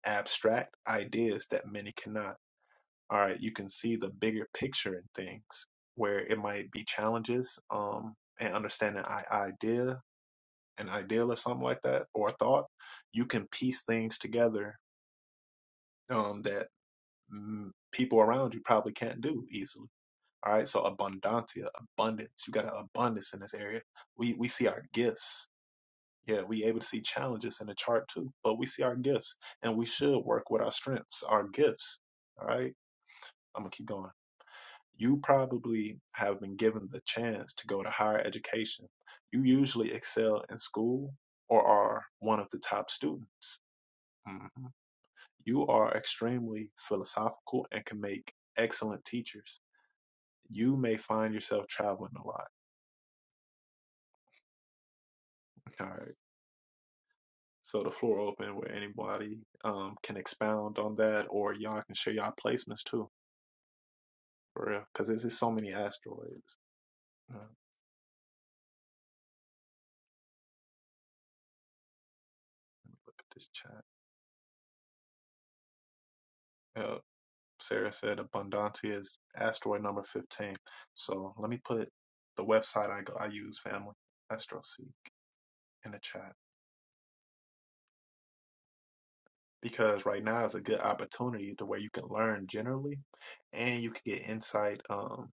A: abstract ideas that many cannot. All right, you can see the bigger picture in things where it might be challenges, um, and understanding i idea, an ideal or something like that, or a thought. You can piece things together um, that mm, people around you probably can't do easily. All right, so abundantia, abundance. You got an abundance in this area. We we see our gifts. Yeah, we able to see challenges in the chart too, but we see our gifts, and we should work with our strengths, our gifts. All right, I'm gonna keep going. You probably have been given the chance to go to higher education. You usually excel in school or are one of the top students. Mhm. You are extremely philosophical and can make excellent teachers. You may find yourself traveling a lot. All right. So the floor open where anybody um can expound on that or y'all can share y'all placements too. For real. Cause there's just so many asteroids. Uh, let me look at this chat. Uh, Sarah said Abundantia is asteroid number fifteen. So let me put the website I go I use, family, AstroSeek, in the chat. because right now is a good opportunity to where you can learn generally and you can get insight um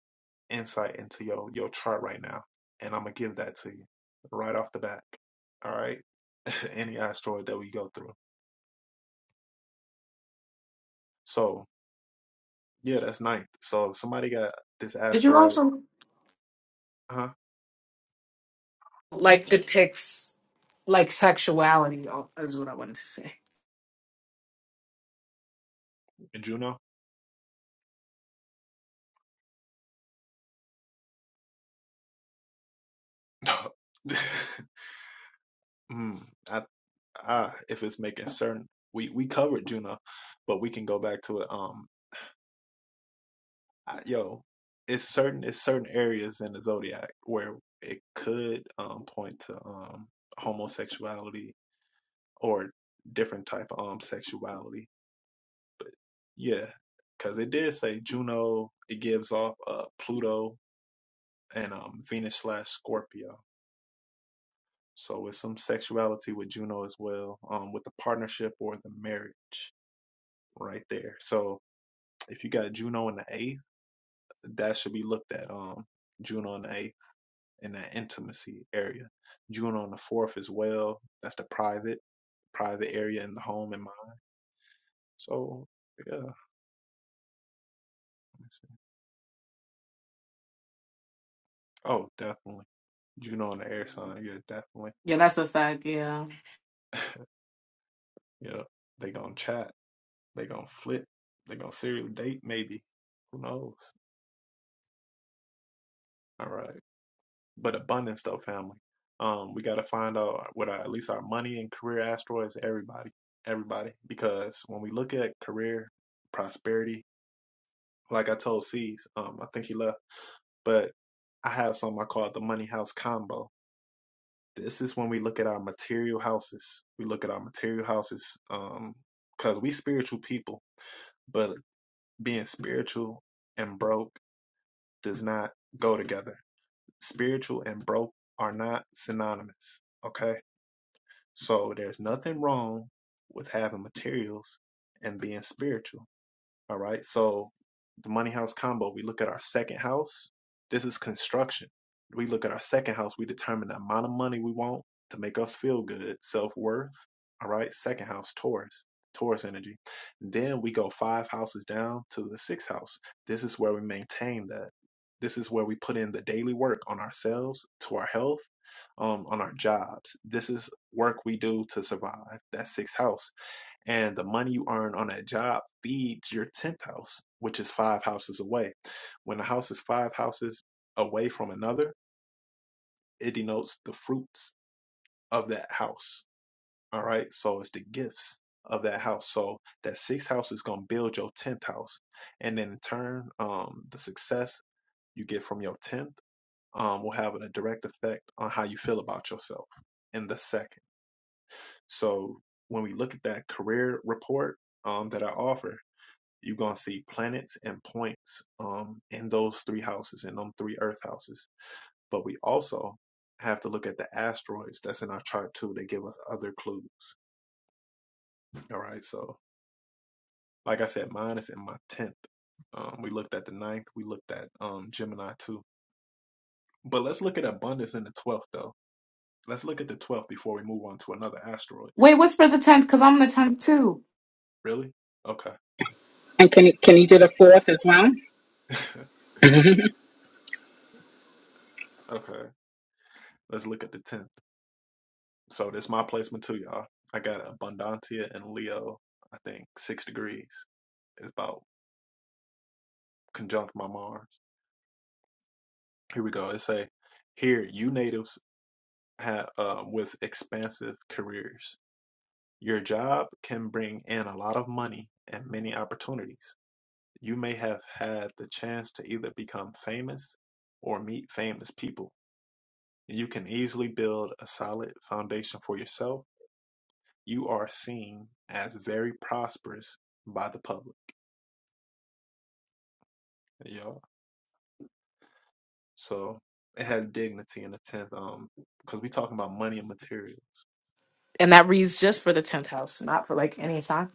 A: insight into your your chart right now and i'm gonna give that to you right off the bat all right *laughs* any asteroid that we go through so yeah that's ninth so if somebody got this
H: Did you
A: asteroid
H: also
A: huh
H: like depicts like sexuality? oh, Is what I wanted to say.
A: in juno *laughs* mm, I, I if it's making certain we we covered juno but we can go back to it um. I, yo, it's certain it's certain areas in the zodiac where it could um point to um homosexuality or different type of um sexuality. Yeah, because it did say Juno. It gives off uh Pluto and um Venus slash Scorpio. So it's some sexuality with Juno as well, um with the partnership or the marriage right there. So if you got Juno in the eighth, that should be looked at. Um, Juno in the eighth. in that intimacy area. June on the fourth as well. That's the private, private area in the home and mind. So yeah. let me see. Oh, definitely. June on the air sign. Yeah, definitely.
H: Yeah, that's a fact. Yeah.
A: *laughs* Yeah. They gonna chat. They gonna flip. They gonna serial date maybe. Who knows? All right. But abundance though, family. Um, we gotta find out what our, at least our money and career asteroids. Everybody, everybody, because when we look at career prosperity, like I told C's, um, I think he left but I have something I call it the money house combo. This is when we look at our material houses. We look at our material houses um because we spiritual people, but being spiritual and broke does not go together. Spiritual and broke are not synonymous. Okay. So there's nothing wrong with having materials and being spiritual All right. So the money house combo, we look at our second house. This is construction. We look at our second house, we determine the amount of money we want to make us feel good, self worth. All right. Second house, Taurus, Taurus energy. Then we go five houses down to the sixth house. This is where we maintain that. This is where we put in the daily work on ourselves, to our health, um, on our jobs. This is work we do to survive. That sixth house and the money you earn on that job feeds your 10th house, which is five houses away. When a house is five houses away from another, it denotes the fruits of that house. All right. So it's the gifts of that house. So that sixth house is going to build your 10th house. And then in turn, um, the success you get from your 10th um, will have a direct effect on how you feel about yourself in the second. So when we look at that career report um, that I offer, You're gonna see planets and points um, in those three houses, in them three Earth houses. But we also have to look at the asteroids that's in our chart too. They give us other clues. All right. So, like I said, mine is in my tenth. Um, we looked at the ninth. We looked at um, Gemini too. But let's look at abundance in the twelfth though. Let's look at the twelfth before we move on to another asteroid.
H: Wait, what's for the tenth? Because I'm the tenth too.
A: Really? Okay.
D: And can you can you do the fourth as well?
A: *laughs*
D: *laughs* can
A: okay. Let's look at the tenth. So that's my placement too, y'all. I got Abundantia and Leo. I think six degrees is about conjunct my Mars. Here we go. It say, here you natives have uh, with expansive careers. Your job can bring in a lot of money and many opportunities. You may have had the chance to either become famous or meet famous people. You can easily build a solid foundation for yourself. You are seen as very prosperous by the public Yeah. So it has dignity in the tenth, um, because we talking about money and materials.
H: And that reads just for the tenth house, not for like any sign.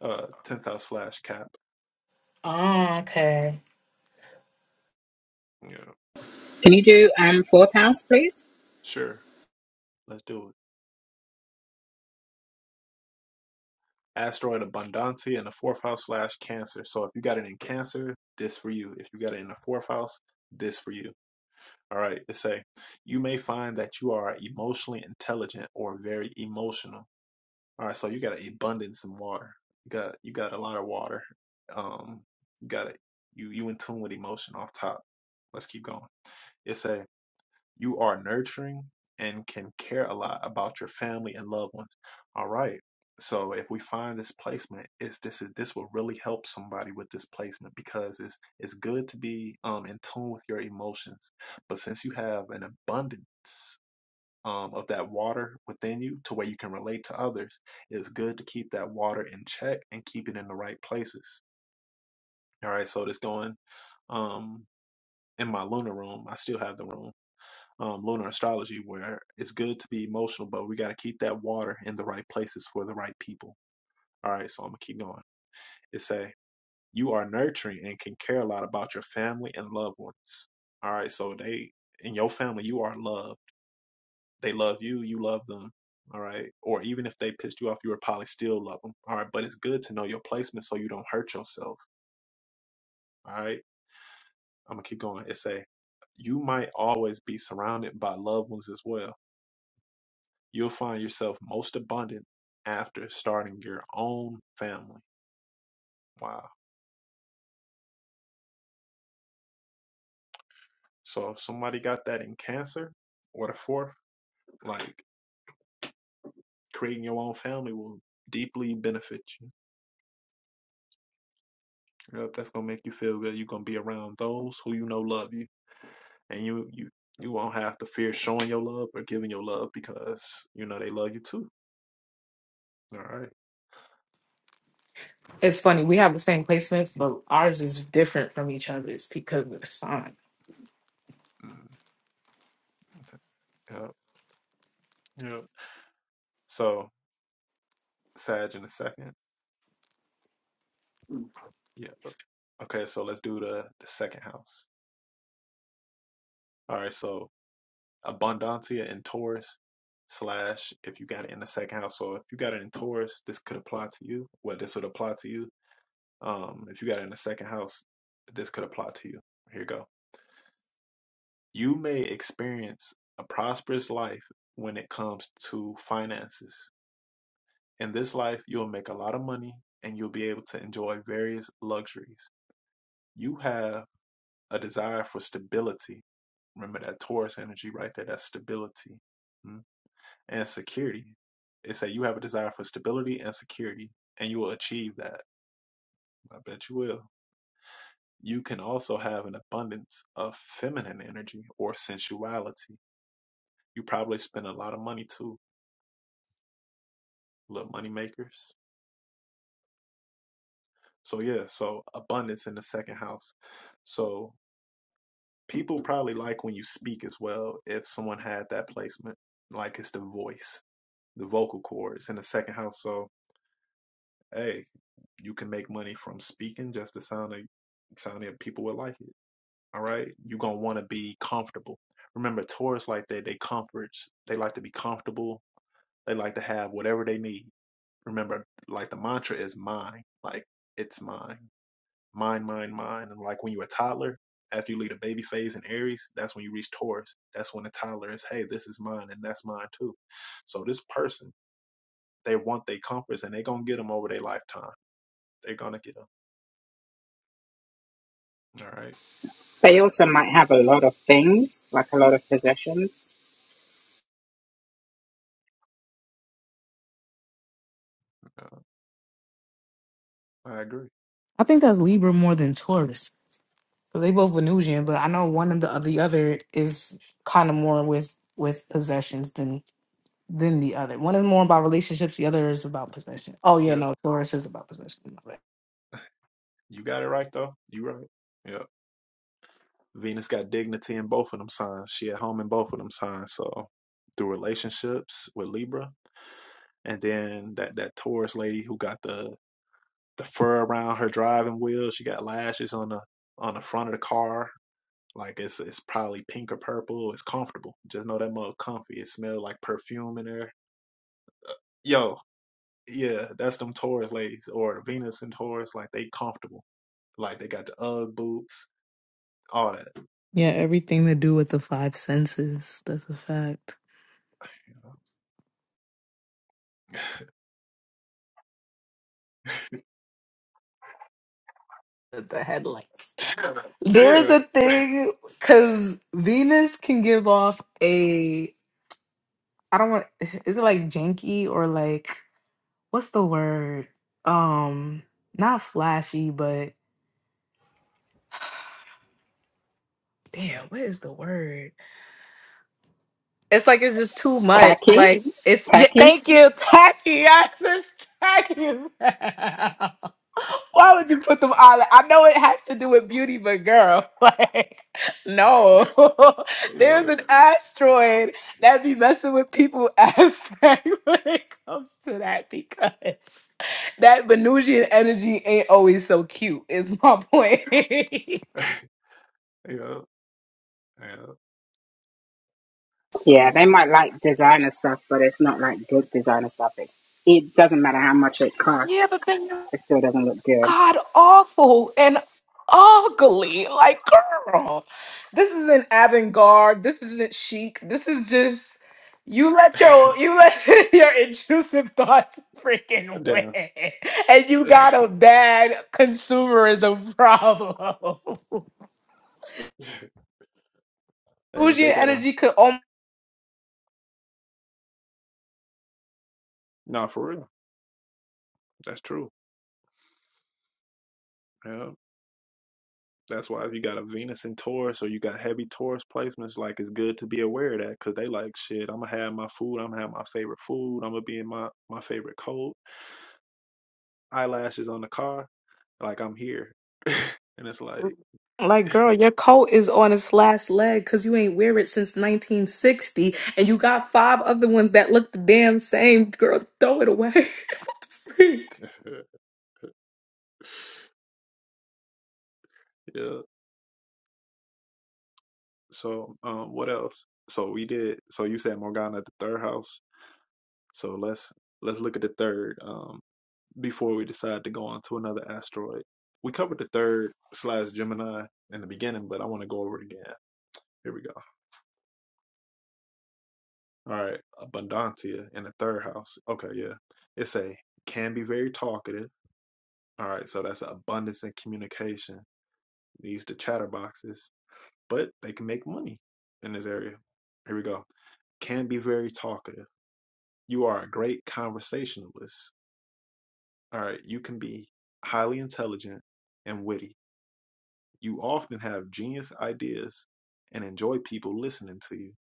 A: Uh, tenth house slash cap.
H: Oh, okay.
A: Yeah.
D: you do um, fourth house, please?
A: Sure. Let's do it. Asteroid abundancy in the fourth house slash cancer. So if you got it in cancer, this for you. If you got it in the fourth house, this for you. All right. It say you may find that you are emotionally intelligent or very emotional. All right, so you got an abundance in water. You got you got a lot of water. Um, you got it. You you in tune with emotion off top. Let's keep going. It said you are nurturing and can care a lot about your family and loved ones. All right. So if we find this placement, it's this is this will really help somebody with this placement because it's it's good to be um in tune with your emotions. But since you have an abundance um, of that water within you to where you can relate to others. It's good to keep that water in check and keep it in the right places. All right, so this going um, in my lunar room. I still have the room, um, lunar astrology, where it's good to be emotional, but we got to keep that water in the right places for the right people. All right, so I'm gonna keep going. It say you are nurturing and can care a lot about your family and loved ones. All right, so they in your family you are loved They love you, you love them. All right. Or even if they pissed you off, you would probably still love them. All right. But it's good to know your placement so you don't hurt yourself. All right. I'm going to keep going. It say, you might always be surrounded by loved ones as well. You'll find yourself most abundant after starting your own family. Wow. So if somebody got that in cancer or the fourth, like creating your own family will deeply benefit you. Yep, that's gonna make you feel good. You're gonna be around those who you know love you. and you you you won't have to fear showing your love or giving your love because you know they love you too. All right.
H: It's funny. We have the same placements, but ours is different from each other's because of the sign.
A: Mm, Yep. Yep. So Sag in the second. Yeah. Okay. So let's do the the second house. All right. So Abundancia in Taurus slash if you got it in the second house. So if you got it in Taurus, this could apply to you. Well, this would apply to you. Um, if you got it in the second house, this could apply to you. Here you go. You may experience a prosperous life when it comes to finances. In this life, you'll make a lot of money and you'll be able to enjoy various luxuries. You have a desire for stability. Remember that Taurus energy right there, that's stability mm, and security. It's that you have a desire for stability and security, and you will achieve that. I bet you will. You can also have an abundance of feminine energy or sensuality. You probably spend a lot of money too little money makers. So yeah, so abundance in the second house. So people probably like when you speak as well if someone had that placement. Like it's the voice, the vocal cords in the second house. So hey, you can make money from speaking just the sound of sound of people would like it. All right. You're gonna wanna be comfortable. Remember Taurus like that, they comforts they like to be comfortable. They like to have whatever they need. Remember, like the mantra is mine. Like it's mine mine, mine, mine. And like when you're a toddler, after you leave the baby phase in Aries, that's when you reach Taurus. That's when the toddler is, hey, this is mine and that's mine too. So this person, they want their comforts and they're going to get them over their lifetime. They're going to get them. All right.
D: They also might have a lot of things, like a lot of possessions.
A: Uh, I agree.
H: I think that's Libra more than Taurus. 'Cause they both Venusian, but I know one of the the other is kind of more with with possessions than than the other. One is more about relationships. The other is about possession. Oh yeah,
A: Yeah.
H: no, Taurus is about possession. My bad.
A: You got it right though. You right. Yeah. Venus got dignity in both of them signs. She at home in both of them signs. So through relationships with Libra. And then that, that Taurus lady who got the the fur around her driving wheel. She got lashes on the on the front of the car. Like it's it's probably pink or purple. It's comfortable. Just know that mug comfy. It smell like perfume in there. Yo, yeah, that's them Taurus ladies or Venus and Taurus. Like they comfortable. Like they got the UGG boots, all that.
H: Yeah, everything to do with the five senses. That's a fact. The the headlights. *laughs* there is
A: Yeah,
H: a thing because Venus can give off a. I don't want. Is it like janky or like what's the word? Um, not flashy, but *sighs* damn, what is the word? It's like it's just too much.
D: Tacky,
H: Like it's yeah,
D: tacky.
H: thank you, tacky. *laughs* I just tacky as hell. *laughs* Why would you put them all? I know it has to do with beauty, but girl, *laughs* like no. *laughs*
A: yeah,
H: There's an asteroid that be messing with people aspect *laughs* when it comes to that because that Venusian energy ain't always so cute, is my point. *laughs*
A: *laughs* yeah, yeah. I'll be
D: Yeah, they might like designer stuff, but it's not like good designer stuff. It's it doesn't matter how much it
H: Yeah,
D: costs,
H: but then
D: it still doesn't look good.
H: god awful and ugly. Like, girl, this isn't avant garde. This isn't chic. This is just you let your
A: like,
H: you let *laughs* your intrusive thoughts
A: *laughs*
H: freaking
A: damn.
H: win, and you got
A: *laughs*
H: a bad consumerism problem. *laughs*
A: hey, if
H: Bougie
A: they got them,
H: energy could almost.
A: nah, for real, that's true. Yeah. That's why if you got a Venus in Taurus or you got heavy Taurus placements, like it's good to be aware of that because they like shit. I'm gonna have my food. I'm gonna have my favorite food. I'm gonna be in my my favorite coat. Eyelashes on the car. Like I'm here, *laughs* and it's like,
H: Like, girl, your coat is on its last leg because you ain't wear it since 1960, and you got five other ones that look the damn same. Girl, throw it away. *laughs* and
A: *laughs* yeah. So um, what else? So we did. So you said Morgana at the third house. So let's let's look at the third um before we decide to go on to another asteroid. We covered the third slash Gemini in the beginning, but I want to go over it again. Here we go. All right, abundantia in the third house. Okay, yeah. It's a can be very talkative. All right, so that's abundance in communication. Needs the chatterboxes, but they can make money in this area. Here we go. Can be very talkative. You are a great conversationalist. All right, you can be highly intelligent and witty. You often have genius ideas and enjoy people listening to you.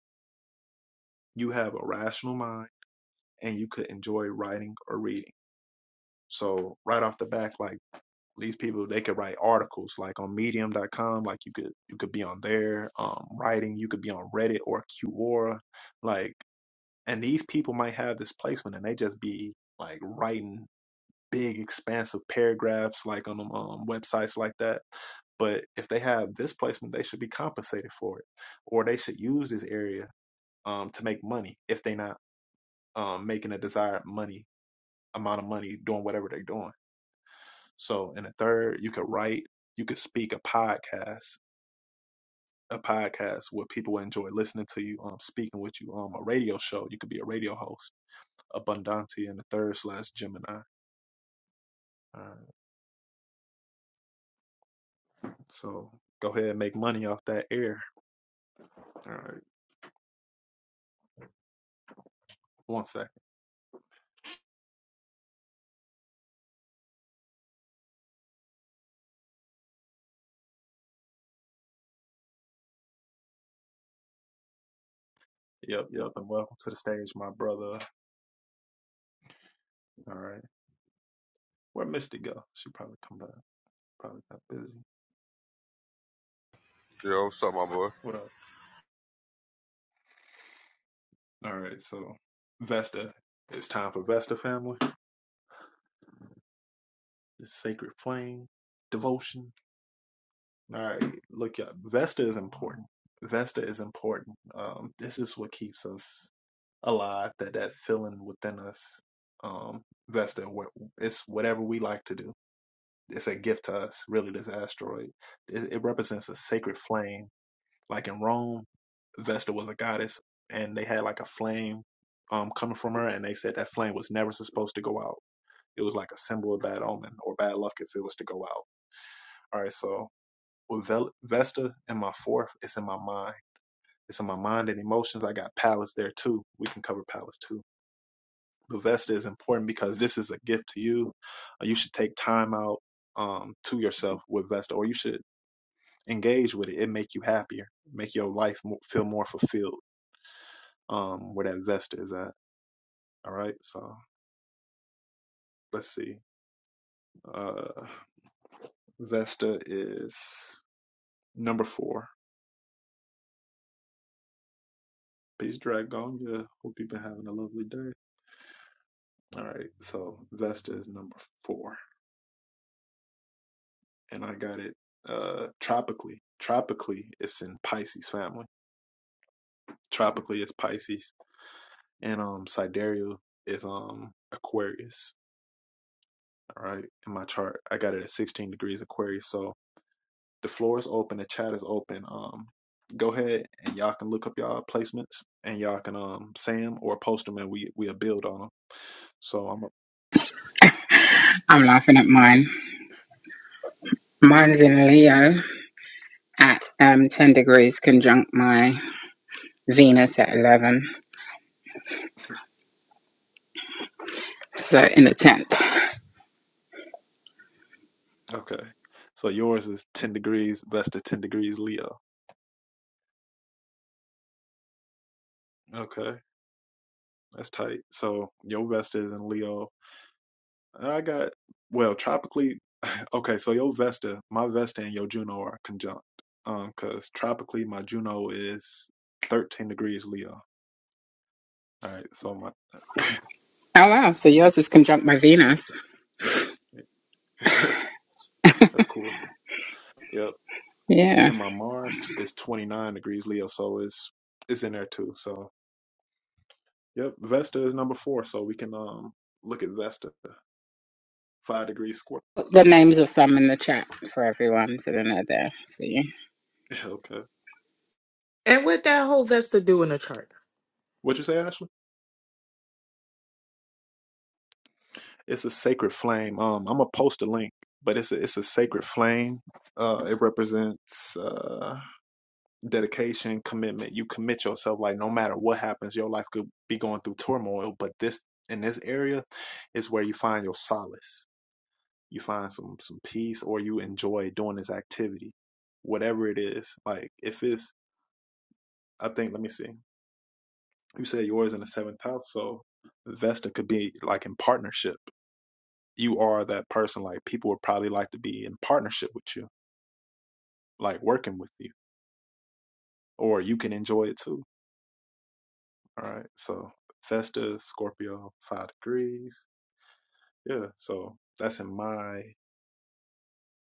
A: You have a rational mind and you could enjoy writing or reading. So right off the back, like these people, they could write articles like on medium.com, like you could you could be on there, um, writing, you could be on Reddit or Quora, like and these people might have this placement and they just be like writing big expansive paragraphs like on um, websites like that but if they have this placement, they should be compensated for it, or they should use this area um, to make money if they're not um, making a desired money amount of money doing whatever they're doing. So, in the third, you could write, you could speak a podcast, a podcast where people would enjoy listening to you, um, speaking with you, um, a radio show. You could be a radio host, Abundante, in the third slash Gemini. All right. So go ahead and make money off that air. All right. One second. Yep, yep. And welcome to the stage, my brother. All right. Where Misty go? She probably come back. Probably got busy.
I: Yo, what's up, my boy?
A: What up? All right. So Vesta, it's time for Vesta family. The sacred flame devotion All right, look, y'all, Vesta is important. Vesta is important. Um, this is what keeps us alive. That that feeling within us. Um, Vesta, wh- it's whatever we like to do. It's a gift to us. Really, this asteroid. It, it represents a sacred flame. Like in Rome, Vesta was a goddess, and they had like a flame um coming from her, and they said that flame was never supposed to go out. It was like a symbol of bad omen or bad luck if it was to go out. All right, so with Vesta and my fourth, it's in my mind. It's in my mind and emotions. I got Palace there too. We can cover Palace too. But Vesta is important because this is a gift to you. Uh, You should take time out um, to yourself with Vesta, or you should engage with it. It make you happier, make your life mo feel more fulfilled. Um, where that Vesta is at. All right. So let's see. Uh, Vesta is number four. Peace, Dragon. Yeah. Hope you've been having a lovely day. All right. So Vesta is number four. And I got it uh tropically. Tropically it's in Pisces family. Tropically is Pisces. And um Sidereal is um Aquarius. All right. In my chart. I got it at sixteen degrees Aquarius. So the floor is open, the chat is open. Um go ahead and y'all can look up y'all placements and y'all can um say them or post them and we we'll build on them. So I'm a,
D: I'm laughing at mine. Mine's in Leo at um ten degrees conjunct my Venus at eleven. So in the tenth.
A: *laughs* okay. So yours is ten degrees, Vesta ten degrees Leo. Okay. That's tight. So your Vesta is in Leo. I got well tropically. *laughs* Okay, so your Vesta, my Vesta, and your Juno are conjunct. Um, because tropically, my Juno is thirteen degrees Leo. All right, so my
D: Oh wow, so yours is conjunct my Venus.
A: *laughs* that's cool. Yep,
D: Yeah.
A: and my Mars is twenty nine degrees Leo, so it's it's in there too. So yep, Vesta is number four. So we can um look at Vesta, five degrees square.
D: Put the names of some in the chat for everyone so then they're there for you.
A: *laughs* okay,
H: what that whole us to do in a chart.
A: what you say, Ashley? It's a sacred flame. Um, I'm gonna post a link, but it's a it's a sacred flame. Uh, it represents uh dedication, commitment. You commit yourself. Like no matter what happens, your life could be going through turmoil, but this in this area is where you find your solace. You find some some peace, or you enjoy doing this activity, whatever it is. Like if it's, I think. Let me see. You said yours in the seventh house, so Vesta could be like in partnership. you are that person like people would probably like to be in partnership with you, like working with you, or you can enjoy it too. All right. So Festa, Scorpio, five degrees. Yeah. So that's in my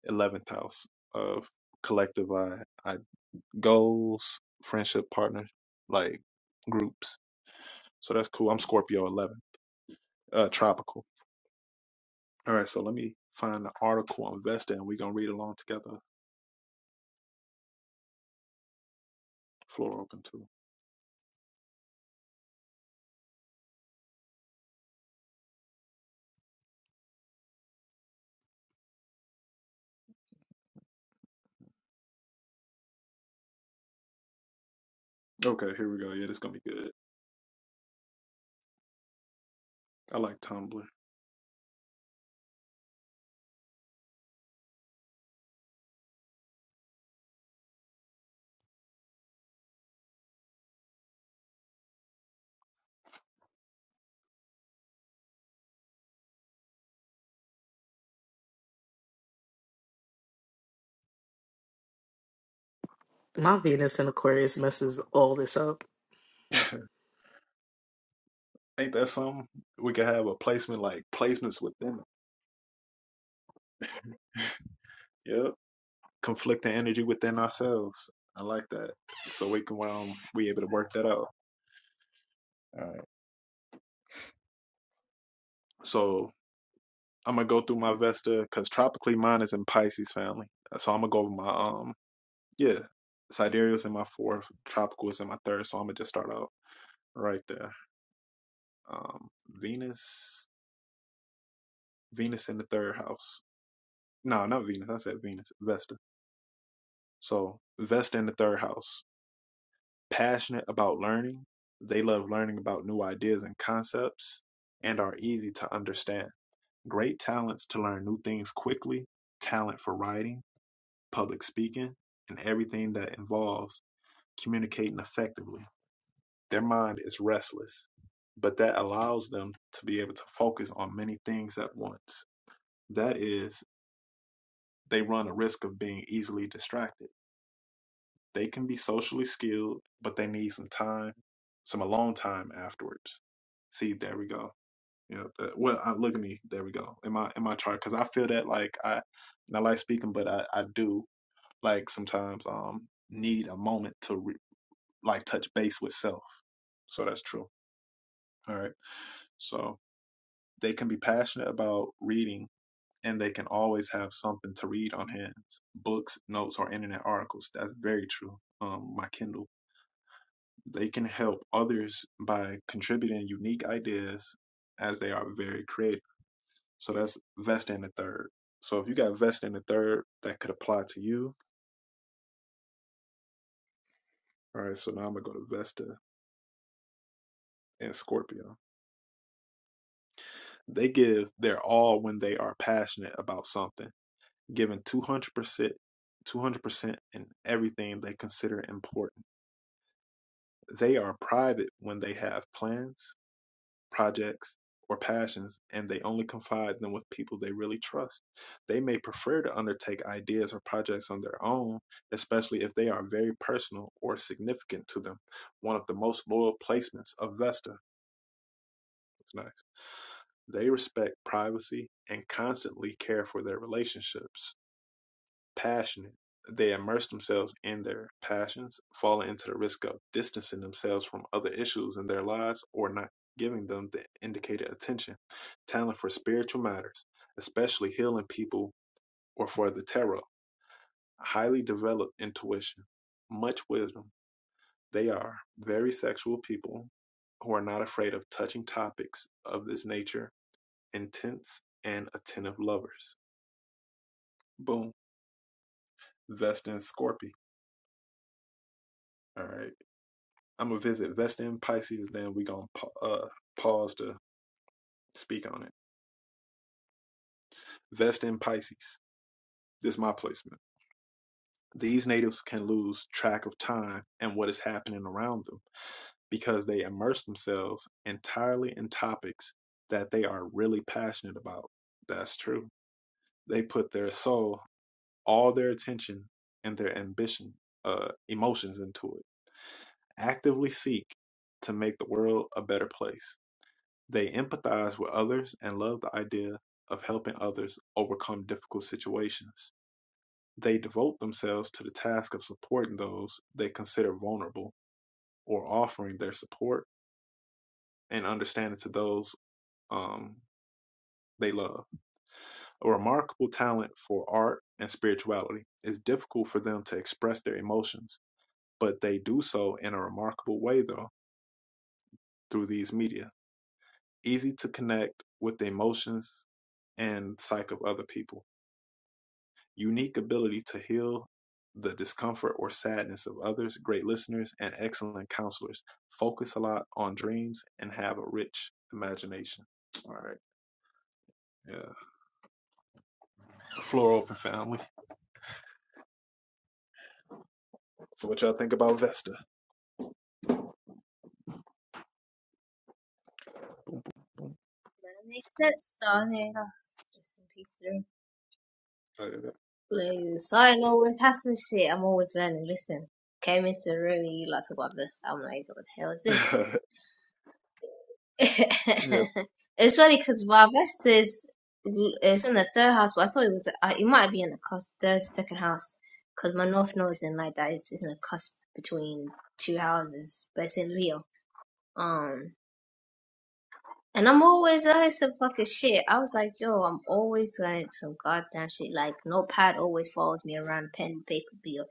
A: 11th house of collective I, I goals, friendship, partner, like groups. So that's cool. I'm Scorpio 11, uh, tropical. All right. So let me find the article on Vesta and we're going to read along together. Floor open too. Okay. Here we go. Yeah. This is going to be good. I like Tumblr.
H: My Venus in Aquarius messes all this up.
A: Ain't that something? We could have a placement like placements within it. Yep. Conflicting energy within ourselves. I like that. So we can um we able to work that out. All right. So I'm gonna go through my Vesta because tropically mine is in Pisces family. So I'm gonna go over my um yeah. Sidereal's in my fourth, tropical is in my third, so I'm gonna just start out right there. Um Venus Venus in the third house. No, not Venus, I said Venus, Vesta. So Vesta in the third house. passionate about learning, they love learning about new ideas and concepts, and are easy to understand. Great talents to learn new things quickly, talent for writing, public speaking, and everything that involves communicating effectively. Their mind is restless, but that allows them to be able to focus on many things at once. That is, they run a risk of being easily distracted They can be socially skilled, but they need some time, some alone time afterwards. See, there we go. Yeah. that- Well, I, look at me. There we go. In my in my chart, because I feel that like I, and I like speaking, but I I do like sometimes um need a moment to re, like touch base with self. So that's true. All right. So they can be passionate about reading and they can always have something to read on hands books notes or internet articles that's very true um my kindle They can help others by contributing unique ideas as they are very creative. So that's vest in the third. So if you got vest in the third, that could apply to you. All right, so now I'm gonna go to Vesta and Scorpio. They give their all when they are passionate about something, giving 200%, 200% in everything they consider important. They are private when they have plans projects, or passions, and they only confide them with people they really trust. They may prefer to undertake ideas or projects on their own, especially if they are very personal or significant to them. One of the most loyal placements of Vesta. It's nice. They respect privacy and constantly care for their relationships passionate, they immerse themselves in their passions, falling into the risk of distancing themselves from other issues in their lives or not giving them the indicated attention. Talent for spiritual matters, especially healing people or for the tarot, highly developed intuition, much wisdom. They are very sexual people who are not afraid of touching topics of this nature, intense and attentive lovers. Boom. Vesta and Scorpio. All right. I'm gonna visit Vesta in Pisces, then we gonna pa- uh, pause to speak on it. Vesta in Pisces. This is my placement. These natives can lose track of time and what is happening around them because they immerse themselves entirely in topics that they are really passionate about. That's true. They put their soul, all their attention, and their ambition, uh, emotions into it. Actively seek to make the world a better place They empathize with others and love the idea of helping others overcome difficult situations. They devote themselves to the task of supporting those they consider vulnerable or offering their support and understanding to those um, they love. A remarkable talent for art and spirituality. It's difficult for them to express their emotions, but they do so in a remarkable way, though, through these media. Easy to connect with the emotions and psyche of other people unique ability to heal the discomfort or sadness of others, great listeners, and excellent counselors. Focus a lot on dreams and have a rich imagination. All right. Yeah. Floor open family. So what y'all think about Vesta?
J: That makes sense, darling. Ah, Listen, peace through.
A: *laughs*
J: Please. I always what to here. I'm always learning. Listen, came into the room, you like talk about this. I'm like, what the hell is
A: yeah.
J: this? *laughs* it's funny because my best is, it's in the third house, but I thought it was, uh, it might be in the cusp, third, second house, because my north node is in like that. It's, it's in the cusp between two houses, but it's in Leo. Um, And I'm always I some fucking shit. I was like, yo, I'm always like some goddamn shit. Like notepad always follows me around, pen and paper be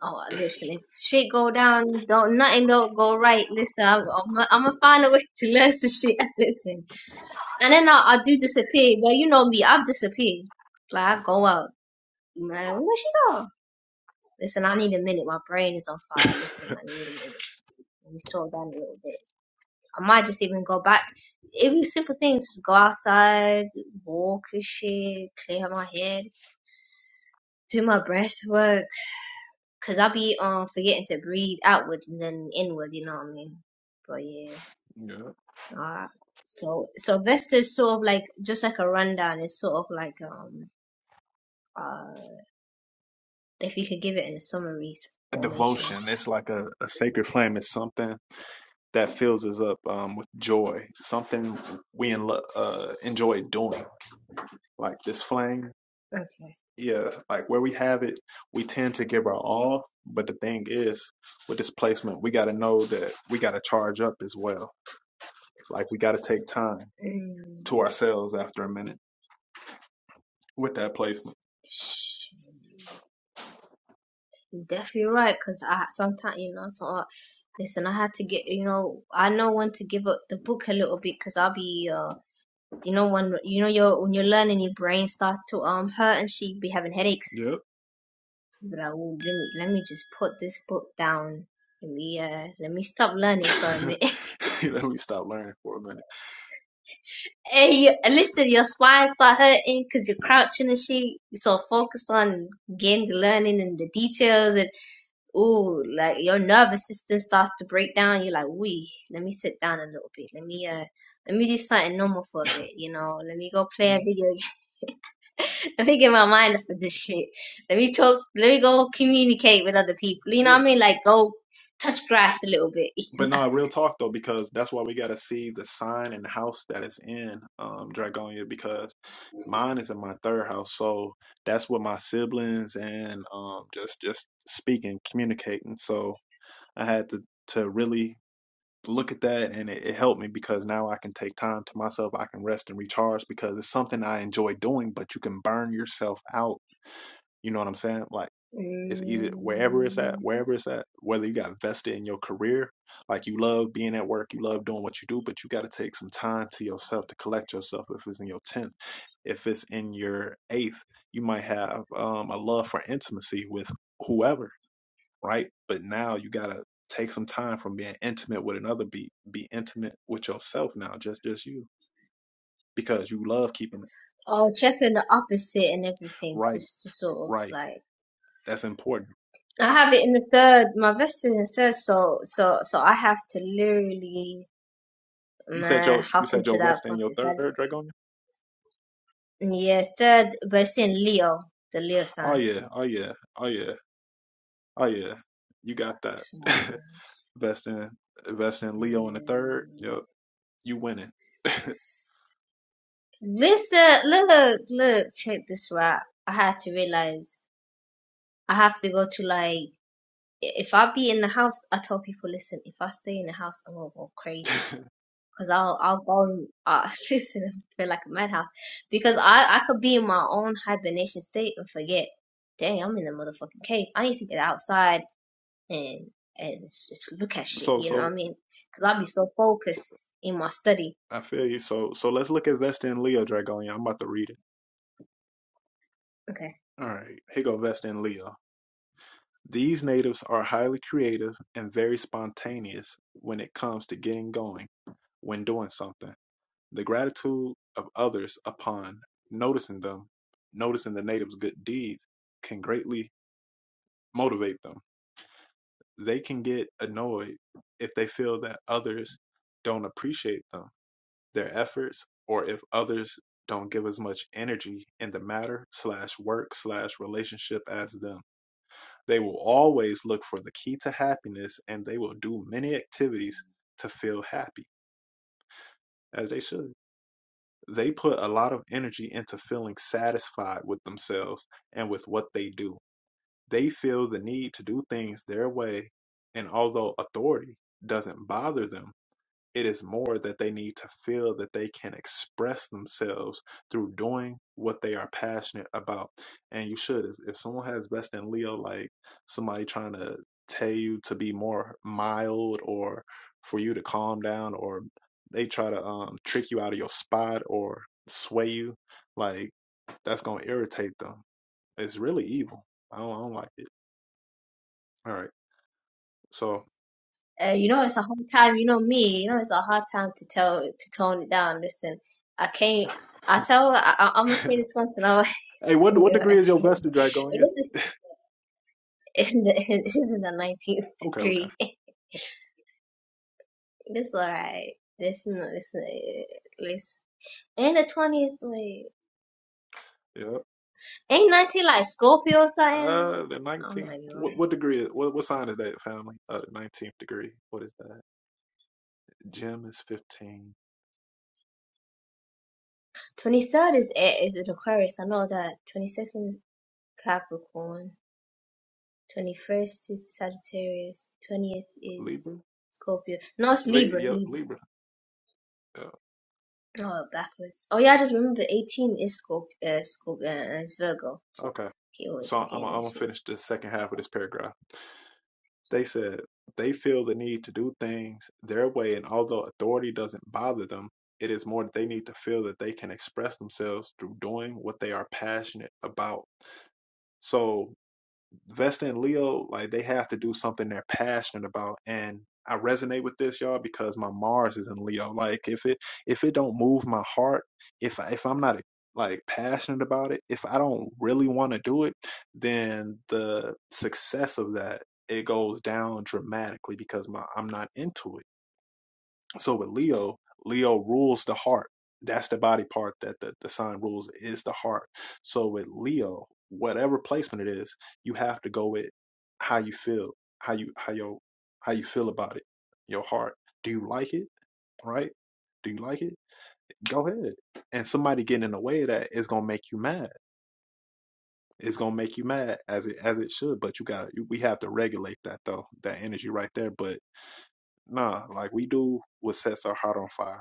J: oh listen, if shit go down, don't nothing don't go right. Listen, I'm I'm, I'm gonna find a way *laughs* to learn some shit. *laughs* listen, and then I I do disappear. Well, you know me, I've disappeared. Like I go out, I'm like where she go? Listen, I need a minute. My brain is on fire. Listen, I need a minute. Let me slow down a little bit. I might just even go back. Every simple thing, just go outside, walk and shit, clear my head, do my breath work, cause I I'll be um forgetting to breathe outward and then inward. You know what I mean? But yeah,
A: Yeah.
J: alright. So so Vesta is sort of like just like a rundown. It's sort of like um uh if you could give it in a summary formation.
A: Devotion. It's like a, a sacred flame. It's something that fills us up um, with joy. Something we in lo- uh, enjoy doing. Like this flame
J: Okay.
A: yeah, like where we have it, we tend to give our all. But the thing is, with displacement, we got to know that we got to charge up as well. Like we got to take time
J: Mm.
A: to ourselves after a minute with that placement.
J: shit. You're definitely right because i sometimes you know so uh, listen i had to get you know i know when to give up the book a little bit because i'll be uh you know when you know you're when you're learning your brain starts to um hurt and she be having headaches
A: Yep.
J: but i will let me let me just put this book down let me uh let me stop learning for a
A: *laughs*
J: minute
A: let me stop learning for a minute.
J: *laughs* hey you, listen your spine start hurting because you're crouching and shit so focus on getting the learning and the details and. Ooh, like your nervous system starts to break down. You're like, "Wee, let me sit down a little bit. Let me uh, let me do something normal for a bit. You know, let me go play
A: Yeah.
J: a video. game. *laughs* Let me get my mind off of this shit. Let me talk. Let me go communicate with other people. You know what
A: Yeah.
J: I mean? Like, go touch grass a little bit.
A: But no, real talk though, because that's why we gotta see the sign and the house that it's in, um, Dragonia, because mine is in my third house. So that's what my siblings and um just just speaking, communicating. So I had to to really look at that and it, it helped me because now I can take time to myself, I can rest and recharge because it's something I enjoy doing, but you can burn yourself out. You know what I'm saying? Like It's easy wherever it's at,
J: Mm.
A: wherever it's at, whether you got vested in your career, like you love being at work, you love doing what you do, but you got to take some time to yourself to collect yourself. If it's in your 10th, if it's in your eighth, you might have um, a love for intimacy with whoever, right? But now you got to take some time from being intimate with another, be, be intimate with yourself now, just, just you, because you love keeping it
J: Oh, checking the opposite and everything,
A: right,
J: just to sort of
A: right.
J: like.
A: That's important.
J: I have it in the third. My vest is in the third, so so so I have to literally
A: You said
J: Man,
A: your, you
J: hop
A: said
J: into
A: your
J: that
A: vested in your
J: focus.
A: third,
J: side.
A: Dragonia?
J: Yeah, it's third, but it's in Leo, the Leo
A: Oh
J: sign.
A: yeah, oh yeah, oh yeah, oh yeah. You got that.
J: So,
A: *laughs* Invest in invest in
J: uh,
A: Leo in the third. Yep, you winning. *laughs*
J: Listen, look, look, check this out. I had to realize I have to go to like, if I be in the house, I tell people, listen, if I stay in the house, I'm gonna go crazy. Cause I'll, I'll go and, uh, *laughs* listen, and feel like a madhouse. Because I, I could be in my own hibernation state and forget, dang, I'm in the motherfucking cave. I need to get outside and and just look at shit.
A: so,
J: You know what
A: so
J: I mean? Because I'll be so
A: so
J: focused in my study.
A: I feel you. So so let's look at Vesta in Leo, Dragonia. I'm about to read it.
J: Okay.
A: All right, here go Vesta in Leo. These natives are highly creative and very spontaneous when it comes to getting going when doing something. The gratitude of others upon noticing them, noticing the natives' good deeds, can greatly motivate them they can get annoyed if they feel that others don't appreciate them, their efforts, or if others don't give as much energy in the matter slash work slash relationship as them. They will always look for the key to happiness and they will do many activities to feel happy, as they should. They put a lot of energy into feeling satisfied with themselves and with what they do. They feel the need to do things their way, and although authority doesn't bother them, It is more that they need to feel that they can express themselves through doing what they are passionate about. And you should. If, if someone has best in Leo, like somebody trying to tell you to be more mild or for you to calm down, or they try to um, trick you out of your spot or sway you, like that's going to irritate them. It's really evil. I don't, I don't like it. All right. So,
J: Uh, you know it's a hard time. You know me. You know it's a hard time to tell to tone it down. Listen, I can't. I tell. I, I,
A: *laughs*
J: am gonna say
A: hey,
J: this once, and I'll. *laughs*
A: what what
J: You know, *laughs*
A: degree is your vested
J: this
A: dragon? Yeah.
J: is in the, *laughs* this is in the 19th
A: Okay, okay.
J: degree. *laughs* It's alright. This is not. This is this. And the 20th. Wait,
A: yeah.
J: ain't 19 like Scorpio or something?
A: Uh, the
J: Oh
A: nineteenth.
J: my god.
A: What what degree? Is, what what sign is that, family? Uh, the nineteenth degree. What is that? Gem is fifteen.
J: 23rd is A- is an Aquarius. I know that. 22nd is Capricorn. 21st is Sagittarius. 20th is
A: Libra.
J: Scorpio. No, it's
A: Le-
J: Libra.
A: yep,
J: Libra.
A: Libra. Yeah.
J: Oh, backwards. Oh, yeah, I just remember 18 is Scorp- uh, Scorpio. Uh, it's Virgo.
A: Okay.
J: Keep always
A: So I'm
J: forgetting
A: I'm
J: that
A: gonna
J: shit.
A: finish the second half of this paragraph. They said they feel the need to do things their way, and although authority doesn't bother them, it is more that they need to feel that they can express themselves through doing what they are passionate about. So Vesta and Leo, like they have to do something they're passionate about. And I resonate with this, y'all, because my Mars is in Leo. Like if it if it don't move my heart, if I, if I'm not like passionate about it, if I don't really want to do it, then the success of that it goes down dramatically because my I'm not into it. So with Leo, Leo rules the heart. That's the body part that the, the sign rules is the heart. So with Leo, whatever placement it is, you have to go with how you feel, how you how your how you feel about it, your heart. Do you like it? Right? Do you like it? Go ahead. And somebody getting in the way of that is gonna make you mad. It's gonna make you mad as it as it should. But you gotta you- we have to regulate that though, that energy right there. But nah, like we do what sets our heart on fire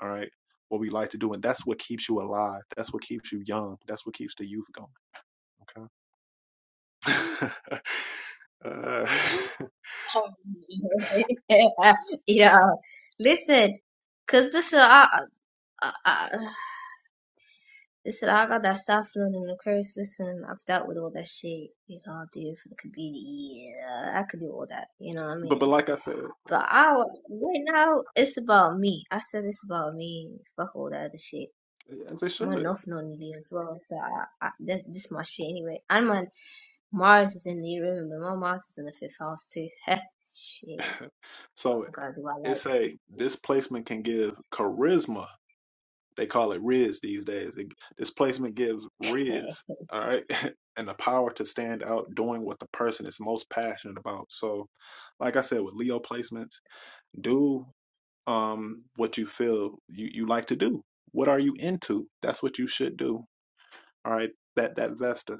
A: all right. What we like to do. And that's what keeps you alive. That's what keeps you young. That's what keeps the youth going. Okay. *laughs* uh,
J: you know, *laughs* listen, because this is, I, I, I, Listen, I got that saffron and the curse. Listen, I've dealt with all that shit, you know, do for the community. Yeah, I could do all that, you know what I
A: but, but
J: mean?
A: like I said,
J: But I, right now, it's about me. I said it's about me. Fuck all that other shit.
A: as it
J: My
A: should.
J: North Northern Lee as well. So I, I, that, this is my shit anyway. And my Mars is in the room, but my Mars is in the fifth house too. *laughs* Heh, shit.
A: So
J: I gotta do what I
A: it's
J: like.
A: a this placement can give charisma. They call it Riz these days. It, this placement gives
J: Hey,
A: Riz. All right. *laughs* And the power to stand out doing what the person is most passionate about. So, like I said, with Leo placements, do um, what you feel you, you like to do. What are you into? That's what you should do. All right. That that Vesta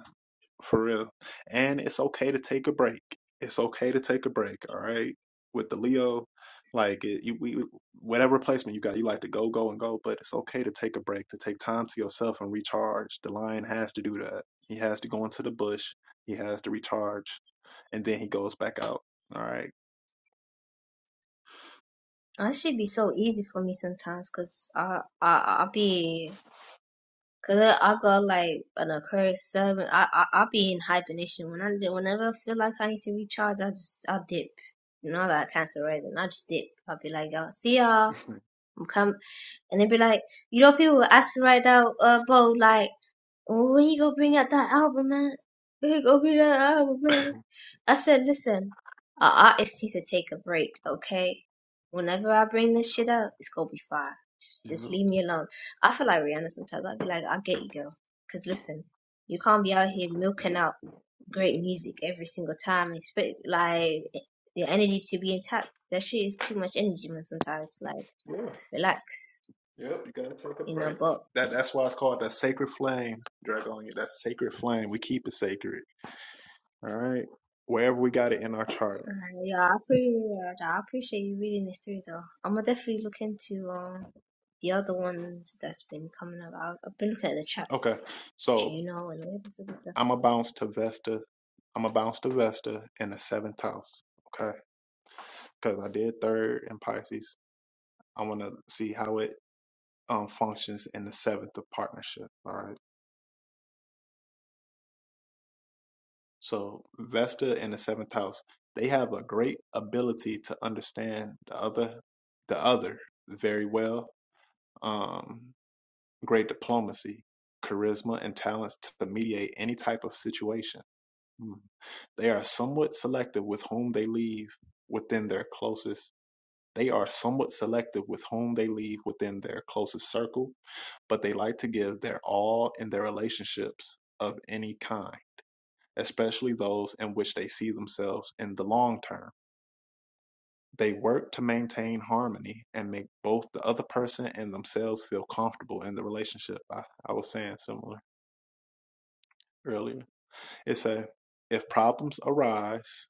A: for real. And it's okay to take a break. It's okay to take a break. All right. With the Leo, like it, you, we, whatever placement you got, you like to go, go, and go. But it's okay to take a break, to take time to yourself and recharge. The lion has to do that. He has to go into the bush. He has to recharge, and then he goes back out. All right.
J: that should be so easy for me sometimes, cause I, I, I be Cause I i go like an Aquarius seven. I, I i be in hibernation when I whenever I feel like I need to recharge. I just i dip. You know, I got cancer rising. I just dip. I'll be like, y'all, see y'all.
A: *laughs*
J: I'm come, and they be like, you know, people will ask me right now, uh, bro, like. When you gonna bring out that album, man? When you gonna bring out that album, man? I said, listen, our artist needs to take a break, okay? Whenever I bring this shit out, it's gonna be fire. Just, just
A: Yeah.
J: leave me alone. I feel like Rihanna sometimes. I'll be like, I get you, girl. Cause listen, you can't be out here milking out great music every single time. and Expect like your energy to be intact. That shit is too much energy, man. Sometimes, like,
A: Yeah.
J: relax,
A: Yep, you gotta take a
J: you know.
A: break.
J: But
A: That that's why it's called the sacred flame, Dragonia. That sacred flame. We keep it sacred. All right. Wherever we got it in our charter.
J: Uh, yeah, I pretty, uh, I appreciate you reading it through though. I'm gonna definitely look into um the other ones that's been coming up. I've, I've been looking at the chat,
A: Okay. So
J: you know, and all this other stuff.
A: I'ma bounce to Vesta. I'ma bounce to Vesta in the seventh house. Okay. Because I did third in Pisces. I wanna see how it um functions in the seventh of partnership. All right. So Vesta in the seventh house, they have a great ability to understand the other the other very well um, great diplomacy, charisma, and talents to mediate any type of situation. Mm. They are somewhat selective with whom they leave within their closest. They are somewhat selective with whom they leave within their closest circle, but they like to give their all in their relationships of any kind, especially those in which they see themselves in the long term. They work to maintain harmony and make both the other person and themselves feel comfortable in the relationship. I, I was saying similar earlier. It said, if problems arise,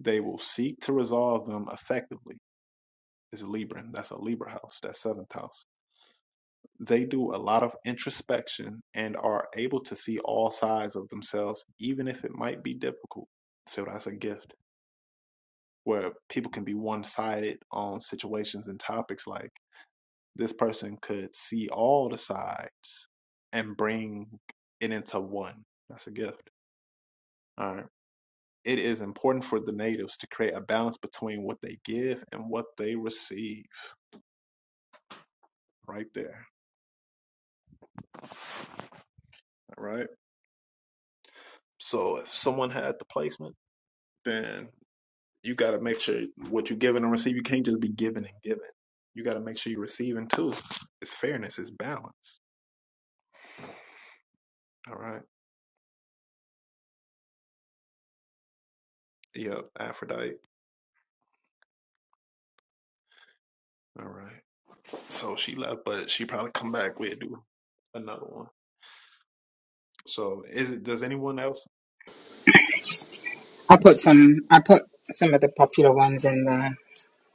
A: they will seek to resolve them effectively. It's Libran. That's a Libra house. That's seventh house. They do a lot of introspection and are able to see all sides of themselves, even if it might be difficult. So that's a gift where people can be one sided on situations and topics like this person could see all the sides and bring it into one. That's a gift. All right. It is important for the natives to create a balance between what they give and what they receive right there. All right. So if someone had the placement, then you got to make sure what you are giving and receiving. you can't just be giving and giving. You got to make sure you're receiving too. It's fairness, it's balance. All right. Yep. Aphrodite. All right. So she left, but she probably come back. We'll do another one. So is it does anyone else?
D: I put some I put some of the popular ones in the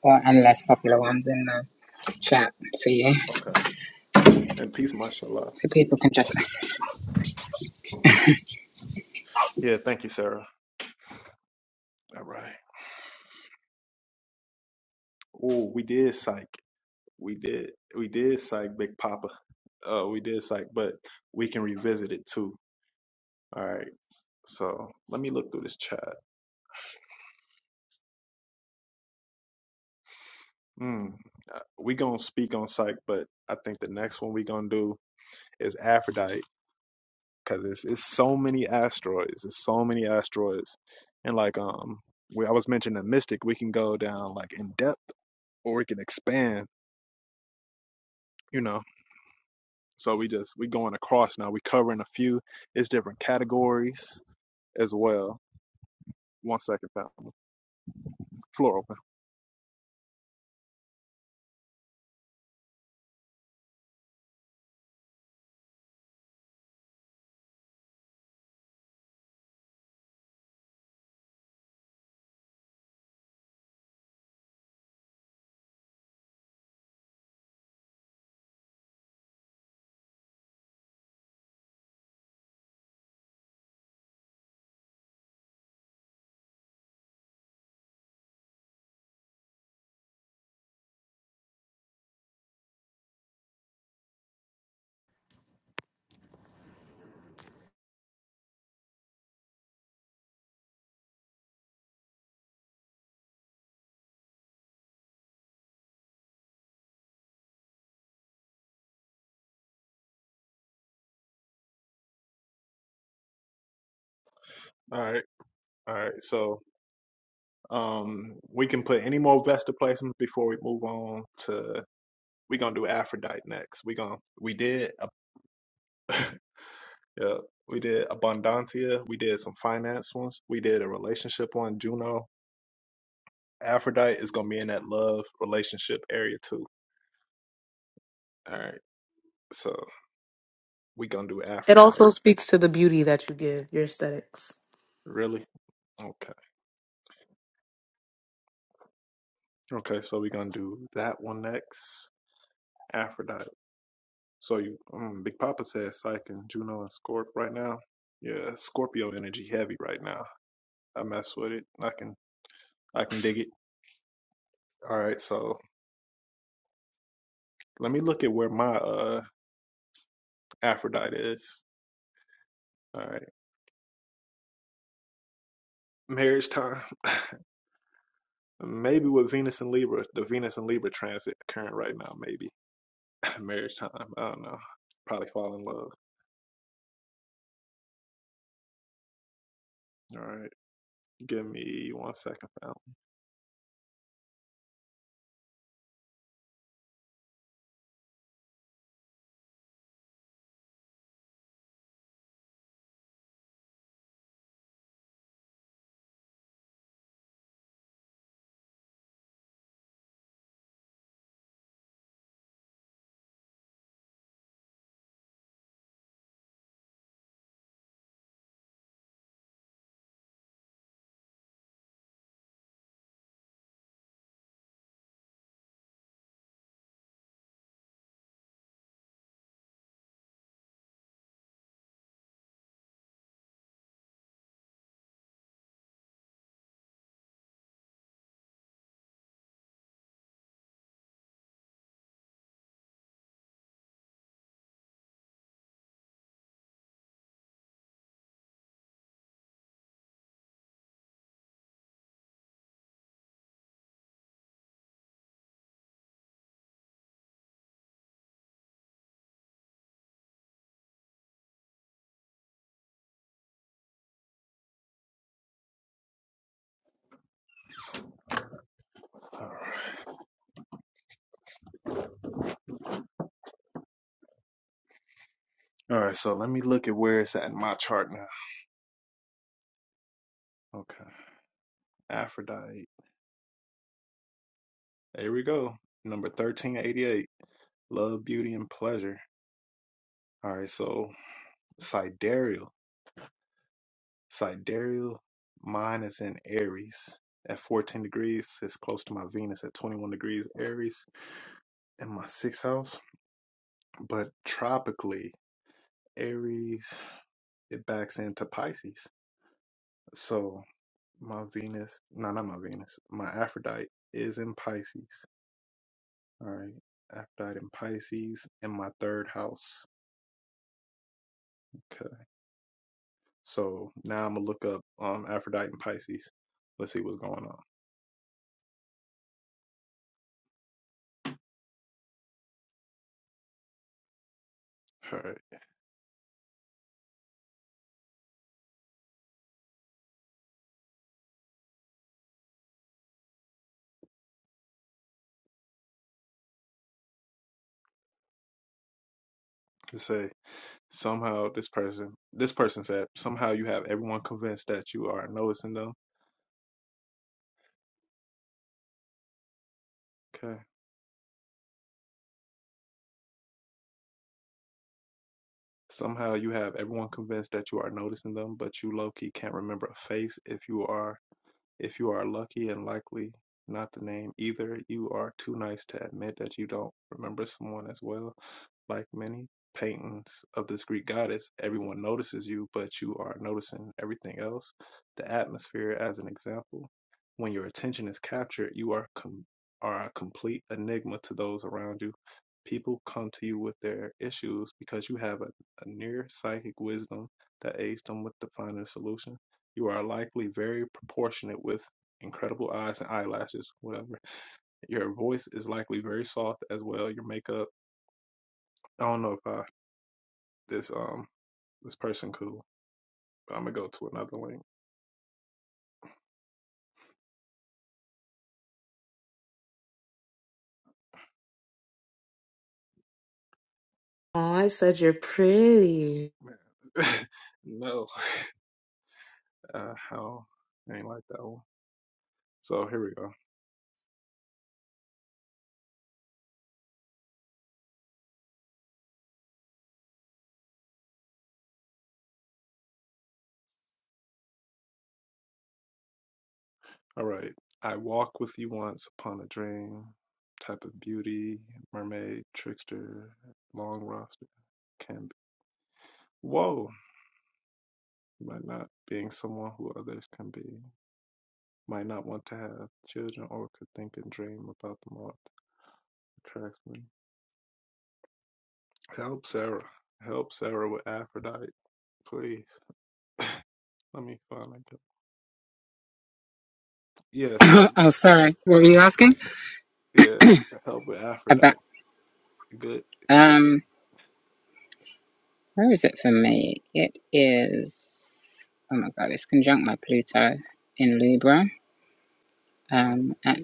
D: or and less popular ones in the chat for you.
A: Okay. And peace, mashallah.
D: so people can just.
A: Yeah, thank you, Sarah. All right. Oh, we did psych. We did we did psych Big Papa. Uh we did psych, but we can revisit it too. All right. So let me look through this chat. Mm. Uh, We gonna speak on psych, but I think the next one we gonna do is Aphrodite, cause it's it's so many asteroids. It's so many asteroids, and like um, we I was mentioning the mystic. We can go down like in depth, or we can expand you know. So we just we going across now. We covering a few. It's different categories as well. One second, family. Floor open. All right, all right. So um, we can put any more Vesta placements before we move on to. We gonna do Aphrodite next. We gonna we did uh, yeah, we did Abundantia. We did some finance ones. We did a relationship one. Juno. Aphrodite is gonna be in that love relationship area too. All right. So we gonna do
H: It
A: Aphrodite.
H: also speaks to the beauty that you give, your aesthetics.
A: Really? Okay. Okay, so we're gonna do that one next. Aphrodite. So you, um, Big Papa says Psych and Juno and Scorp right now. Yeah, Scorpio energy heavy right now. I mess with it. I can I can dig it. All right, so let me look at where my uh Aphrodite is. All right, marriage time. *laughs* maybe with Venus and Libra, the Venus and Libra transit current right now. Maybe *laughs* marriage time. I don't know. Probably fall in love. All right, give me one second, fam. All right, so let me look at where it's at in my chart now. Okay, Aphrodite. Here we go. Number 1388. Love, beauty, and pleasure. All right, so sidereal. Sidereal, mine is in Aries at 14 degrees. It's close to my Venus at 21 degrees Aries in my sixth house. But tropically, Aries, it backs into Pisces. So my Venus, no, not my Venus, my Aphrodite is in Pisces. All right. Aphrodite in Pisces in my third house. Okay. So now I'm gonna look up um Aphrodite in Pisces. Let's see what's going on. All right. It say somehow this person this person said somehow you have everyone convinced that you are noticing them. Okay. Somehow you have everyone convinced that you are noticing them, but you low key can't remember a face if you are If you are lucky and likely not the name either, you are too nice to admit that you don't remember someone as well. Like many paintings of this Greek goddess, everyone notices you, but you are noticing everything else. The atmosphere, as an example, when your attention is captured, you are com- are a complete enigma to those around you. People come to you with their issues because you have a, a near psychic wisdom that aids them with the finding a solution. You are likely very proportionate with incredible eyes and eyelashes, whatever. Your voice is likely very soft as well. Your makeup. I don't know if I this um this person cool. But I'm gonna go to another link.
H: Oh, I said you're pretty.
A: Man. *laughs* no. Uh how I ain't like that one. So here we go. All right. I walk with you once upon a dream. Type of beauty, mermaid, trickster, long roster, can be. Whoa, by not being someone who others can be. might not want to have children or could think and dream about the moth attracts me. Help Sarah. Help Sarah with Aphrodite, please. Let me find a good. *laughs* Yeah, so
D: *laughs* oh, sorry. What were you asking
A: yeah, help with
D: about?
A: Aphrodite. Good, good.
D: Um, where is it for me? It is. Oh my God! It's conjunct my Pluto in Libra.
A: Um,
D: Um, at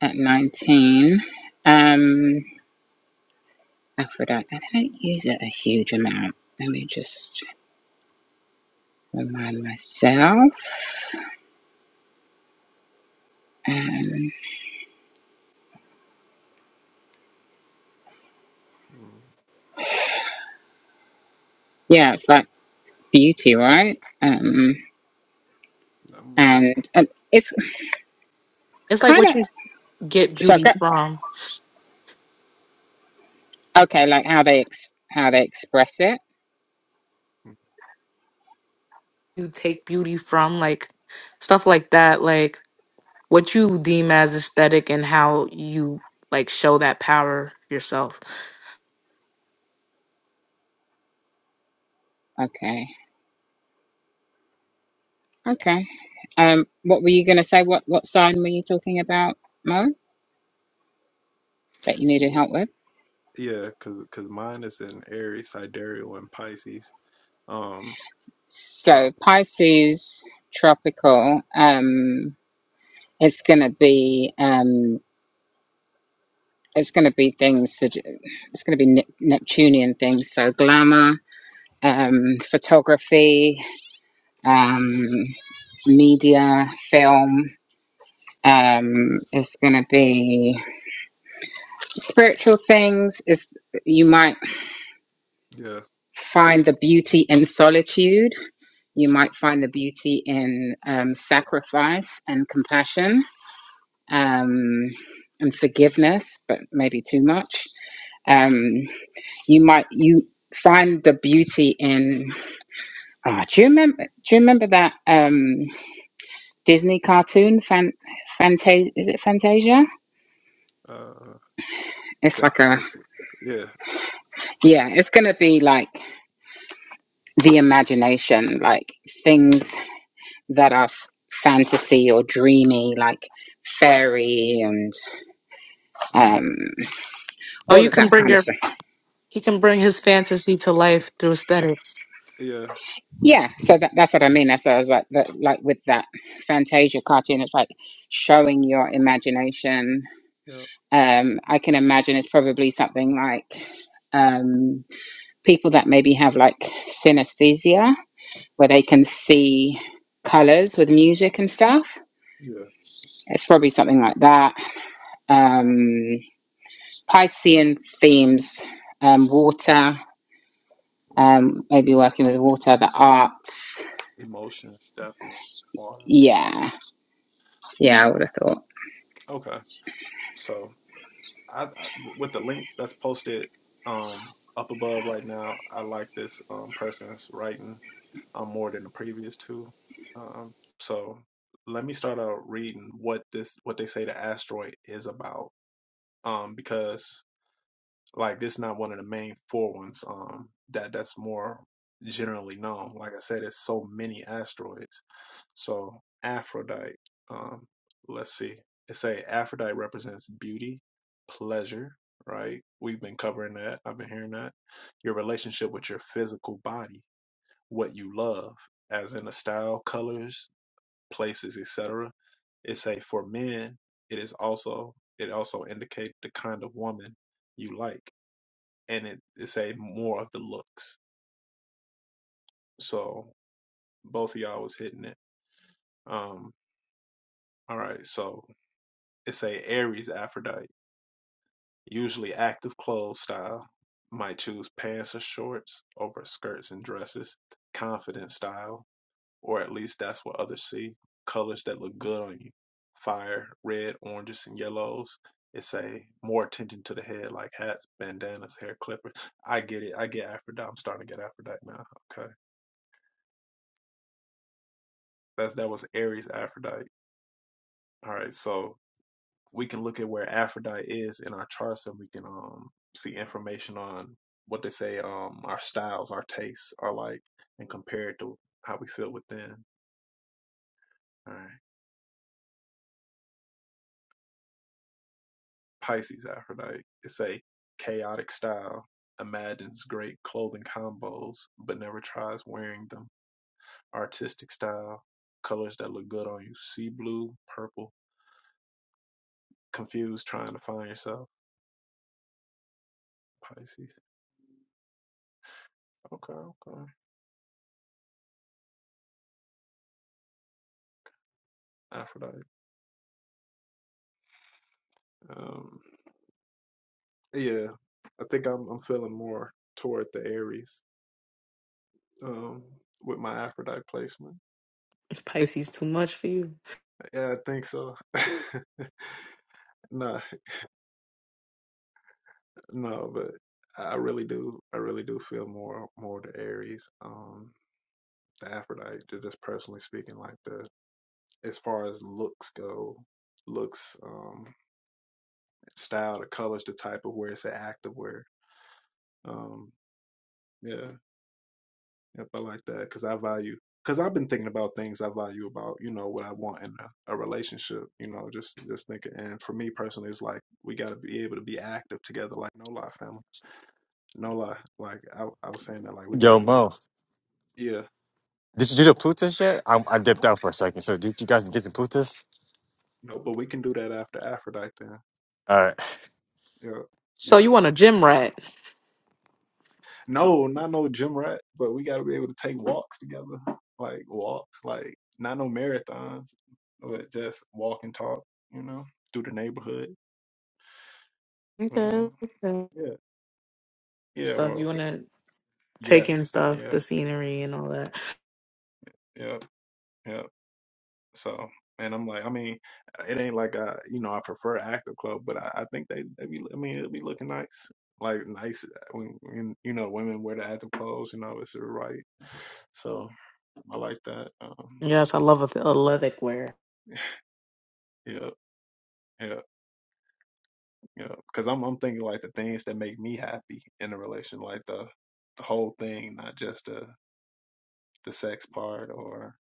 D: at nineteen. Um, Aphrodite. I don't use it a huge amount. Let me just remind myself. Um,
A: mm,
D: yeah, it's like beauty, right? Um,
A: I'm about to.
D: and and it's
H: It's like
D: kind
H: what
D: of
H: you get
D: so I
H: beauty
D: got-
H: from.
D: okay, like how they ex- how they express it.
A: mm,
H: You take beauty from, like stuff like that, like what you deem as aesthetic and how you like show that power yourself.
D: Okay. Okay. Um, what were you going to say? What what sign were you talking about, Mo? That you
A: I'm
D: needed
A: look-
D: help with?
A: Yeah, cause cause mine is in Aries, Sidereal, and Pisces. Um,
D: So
A: trop.
D: Pisces tropical. Um, it's going to be um, it's going to be things. To, do- it's going to be Nep- Neptunian things. So glamour, um, photography, um, media, film. Um, it's going to be spiritual things. Is you might
A: Yeah.
D: find the beauty in solitude. You might find the beauty in um, sacrifice and compassion um, and forgiveness, but maybe too much. Um, you might you find the beauty in. ah, do you remember? Do you remember that um, Disney cartoon? Fan, Fantasia? Is it Fantasia?
A: Uh,
D: It's like a
A: fantastic. Yeah.
D: yeah. It's gonna be like the imagination, like things that are f- fantasy or dreamy, like fairy and
A: mhm,
D: um,
H: Oh,
D: all
H: you
D: of
H: can
D: that
H: bring
D: kind of
H: your
D: stuff.
H: he can bring his fantasy to life through aesthetics.
A: Yeah.
D: Yeah, so that, that's what I mean. That's what I was like, that, like with that Fantasia cartoon, it's like showing your imagination.
A: Yeah.
D: Um, I can imagine it's probably something like um, people that maybe have like synesthesia, where they can see colors with music and stuff.
A: Yeah.
D: It's probably something like that. Um, Piscean themes, um, water, um, maybe working with water, the arts.
A: Emotions definitely. Water.
D: Yeah, yeah, I would have thought.
A: Okay. So. I, I with the link that's posted um up above right now, I like this um person's writing um more than the previous two. Um so let me start out reading what this what they say the asteroid is about. Um because like this is not one of the main four ones um that that's more generally known. Like I said, it's so many asteroids. So Aphrodite, um, let's see. It say Aphrodite represents beauty, pleasure, right? We've been covering that. I've been hearing that. Your relationship with your physical body, what you love, as in the style, colors, places, etc. It say for men, it is also it also indicate the kind of woman you like and it, it say more of the looks. So both of y'all was hitting it. Um, all right, so it say Aries Aphrodite, usually active clothes style, might choose pants or shorts over skirts and dresses, confident style, or at least that's what others see. Colors that look good on you, fire, red, oranges, and yellows. It say more attention to the head, like hats, bandanas, hair clippers. I get it. I get Aphrodite. I'm starting to get Aphrodite now. Okay That's that was Aries Aphrodite. All right, so we can look at where Aphrodite is in our charts, and we can um see information on what they say um our styles, our tastes are like, and compare it to how we feel within. All right, Pisces Aphrodite. It's a chaotic style. Imagines great clothing combos, but never tries wearing them. Artistic style. Colors that look good on you. Sea blue, purple. Confused, trying to find yourself. Pisces. Okay, okay. Aphrodite. Um, yeah, I think I'm I'm feeling more toward the Aries um, with my Aphrodite placement.
H: Pisces too much for you.
A: Yeah, I think so. *laughs* no, no, but I really do. I really do feel more more the Aries, um, the Aphrodite. ju- Just personally speaking, like the as far as looks go, looks, um, style, the colors, the type of wear, it's an active wear. Um, yeah. Yep, I like that because I value because I've been thinking about things I value about you know what I want in a, a relationship. You know, just just thinking. And for me personally, it's like we got to be able to be active together. Like no lie, family, no lie. Like I I was saying that like we got to
E: Yo,
A: be
E: Mo.
A: yeah.
E: Did you do the Plutus yet? I, I dipped out for a second. So did you guys get the Plutus?
A: No, but we can do that after Aphrodite then.
E: Uh,
A: Yeah,
H: So
A: yeah.
H: you want a gym rat.
A: No, not no gym rat, but we got to be able to take walks together. Like walks, like not no marathons, but just walk and talk. You know, through the neighborhood.
H: Okay.
A: well,
H: okay.
A: Yeah. Yeah,
H: Stuff you
A: well,
H: want to take in
A: yes,
H: stuff,
A: yeah,
H: the scenery and all that.
A: yeah, yeah. So, and I'm like, I mean, it ain't like I, you know, I prefer Active Club, but I, I think they, they be, I mean, it'll be looking nice, like nice uh, when, when you know women wear the active clothes, you know, it's the right. So I like that. Um,
H: Yes, I love a Olympic wear.
A: yeah, yeah, yeah. Because I'm, I'm thinking like the things that make me happy in a relation, like the, the whole thing, not just the the sex part, or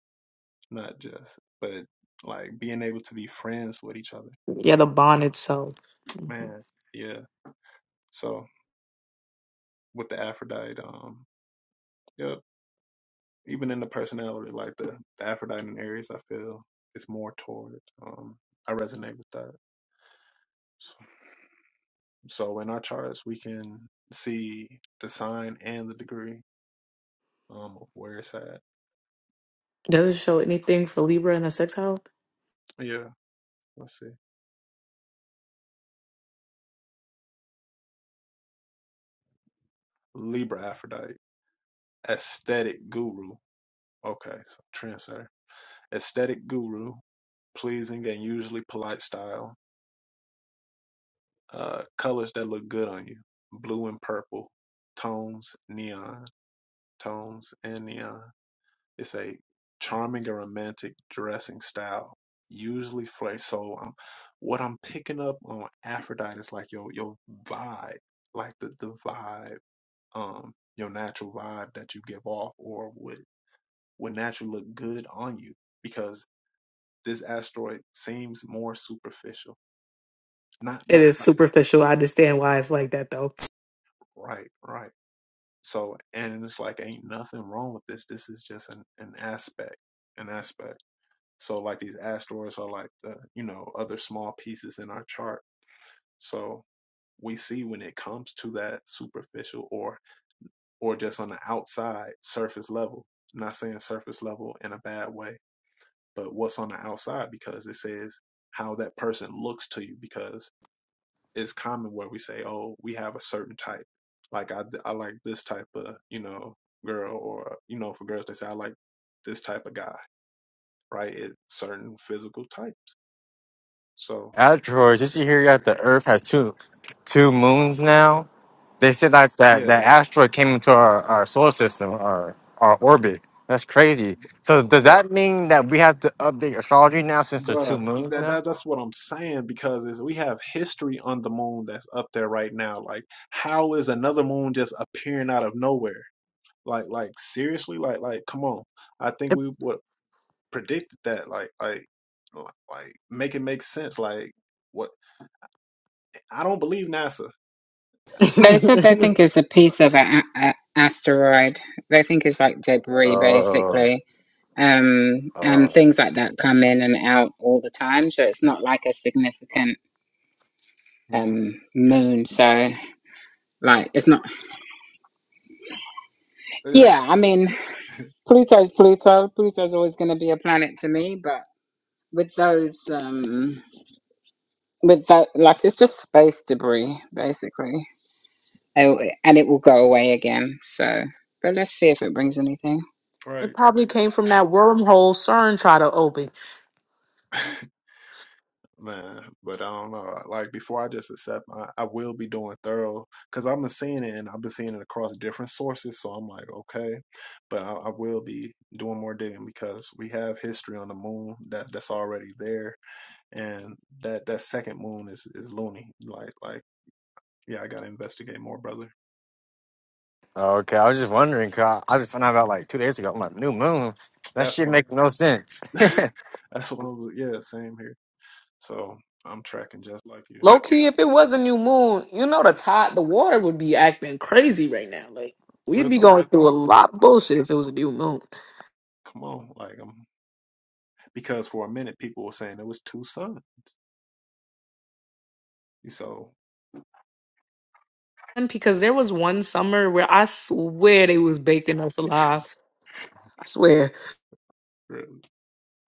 A: not just, but like being able to be friends with each other
H: Yeah, the bond itself. Mhm.
A: Man, yeah. So with the Aphrodite, um, yep. Even in the personality, like the, the Aphrodite and Aries, I feel it's more toward. Um, I resonate with that. So, so in our charts, we can see the sign and the degree um of where it's at.
H: Does it show anything for Libra in the sex house?
A: Yeah. Let's see. Libra Aphrodite, aesthetic guru. Okay, so trendsetter, aesthetic guru, pleasing and usually polite style. uh, colors that look good on you blue and purple tones neon tones and neon it's a charming and romantic dressing style usually flare so um, what i'm picking up on aphrodite is like your your vibe like the the vibe um your natural vibe that you give off or would would naturally look good on you because this asteroid seems more superficial not
H: It
A: not,
H: is
A: not
H: superficial. I understand why it's like that though.
A: right right So, and it's like, ain't nothing wrong with this. This is just an, an aspect, an aspect. So, like, these asteroids are like, the, you know, other small pieces in our chart. So, we see when it comes to that superficial or, or just on the outside surface level, I'm not saying surface level in a bad way, but what's on the outside because it says how that person looks to you because it's common where we say, "Oh, we have a certain type." Like I, I like this type of you know girl, or you know for girls they say I like this type of guy, right? It's certain physical types. So
E: asteroids. Did you hear that the Earth has two two moons now? They said that that
A: yeah, th-
E: that asteroid came into our, our solar system, our our orbit. That's crazy. So does
A: bruh,
E: that mean that we have to update astrology now since there's two
A: bruh,
E: moons
A: that,
E: now?
A: that that's what I'm saying because is we have history on the moon that's up there right now. Like, how is another moon just appearing out of nowhere? Like, like seriously, like, like, come on. I think
H: it
A: we would predicted that. Like, like, like, like, make it make sense. Like. What I don't believe NASA. Uh,
D: They
A: na-
D: said they
H: *laughs*
D: think it's a piece of an a- a- asteroid. They think it's like debris,
E: Oh,
D: basically. Um, and
E: oh,
D: things like that come in and out all the time. So it's not like a significant
A: Mhm.
D: um,
A: Yeah,
D: moon. So, like, it's not.
A: yeah,
D: Yeah,
A: *laughs*
D: I mean, Pluto's Pluto. Pluto's always going to be a planet to me, but with those. Um, with that like it's just space debris basically Oh, and it will go away again so but let's see if it brings anything
H: it
A: right,
H: probably came from that wormhole CERN tried to open.
A: man. But I don't know. Like before, I just accept. I, I will be doing thorough because I've been seeing it, and I've been seeing it across different sources. So I'm like, okay, but I, I will be doing more digging because we have history on the moon that that's already there, and that that second moon is is loony. Like like yeah, I gotta investigate more, brother.
E: okay. I was just wondering. Cause I, I just found out about like two days ago. I'm like, new moon. That
A: That's
E: shit
A: what I'm
E: make no sense. *laughs*
A: saying.
E: hey
A: *laughs* That's what I was. Yeah, same here. So I'm tracking just like you.
H: Low key, if it was a new moon, you know the tide, the water would be acting crazy right now. Like we'd
A: Real
H: be
A: talk.
H: going through a lot of bullshit if it was a new moon.
A: Come on, like I'm because for a minute people were saying it was two sons. so
H: because there was one summer where I swear they was baking us alive. I swear,
A: really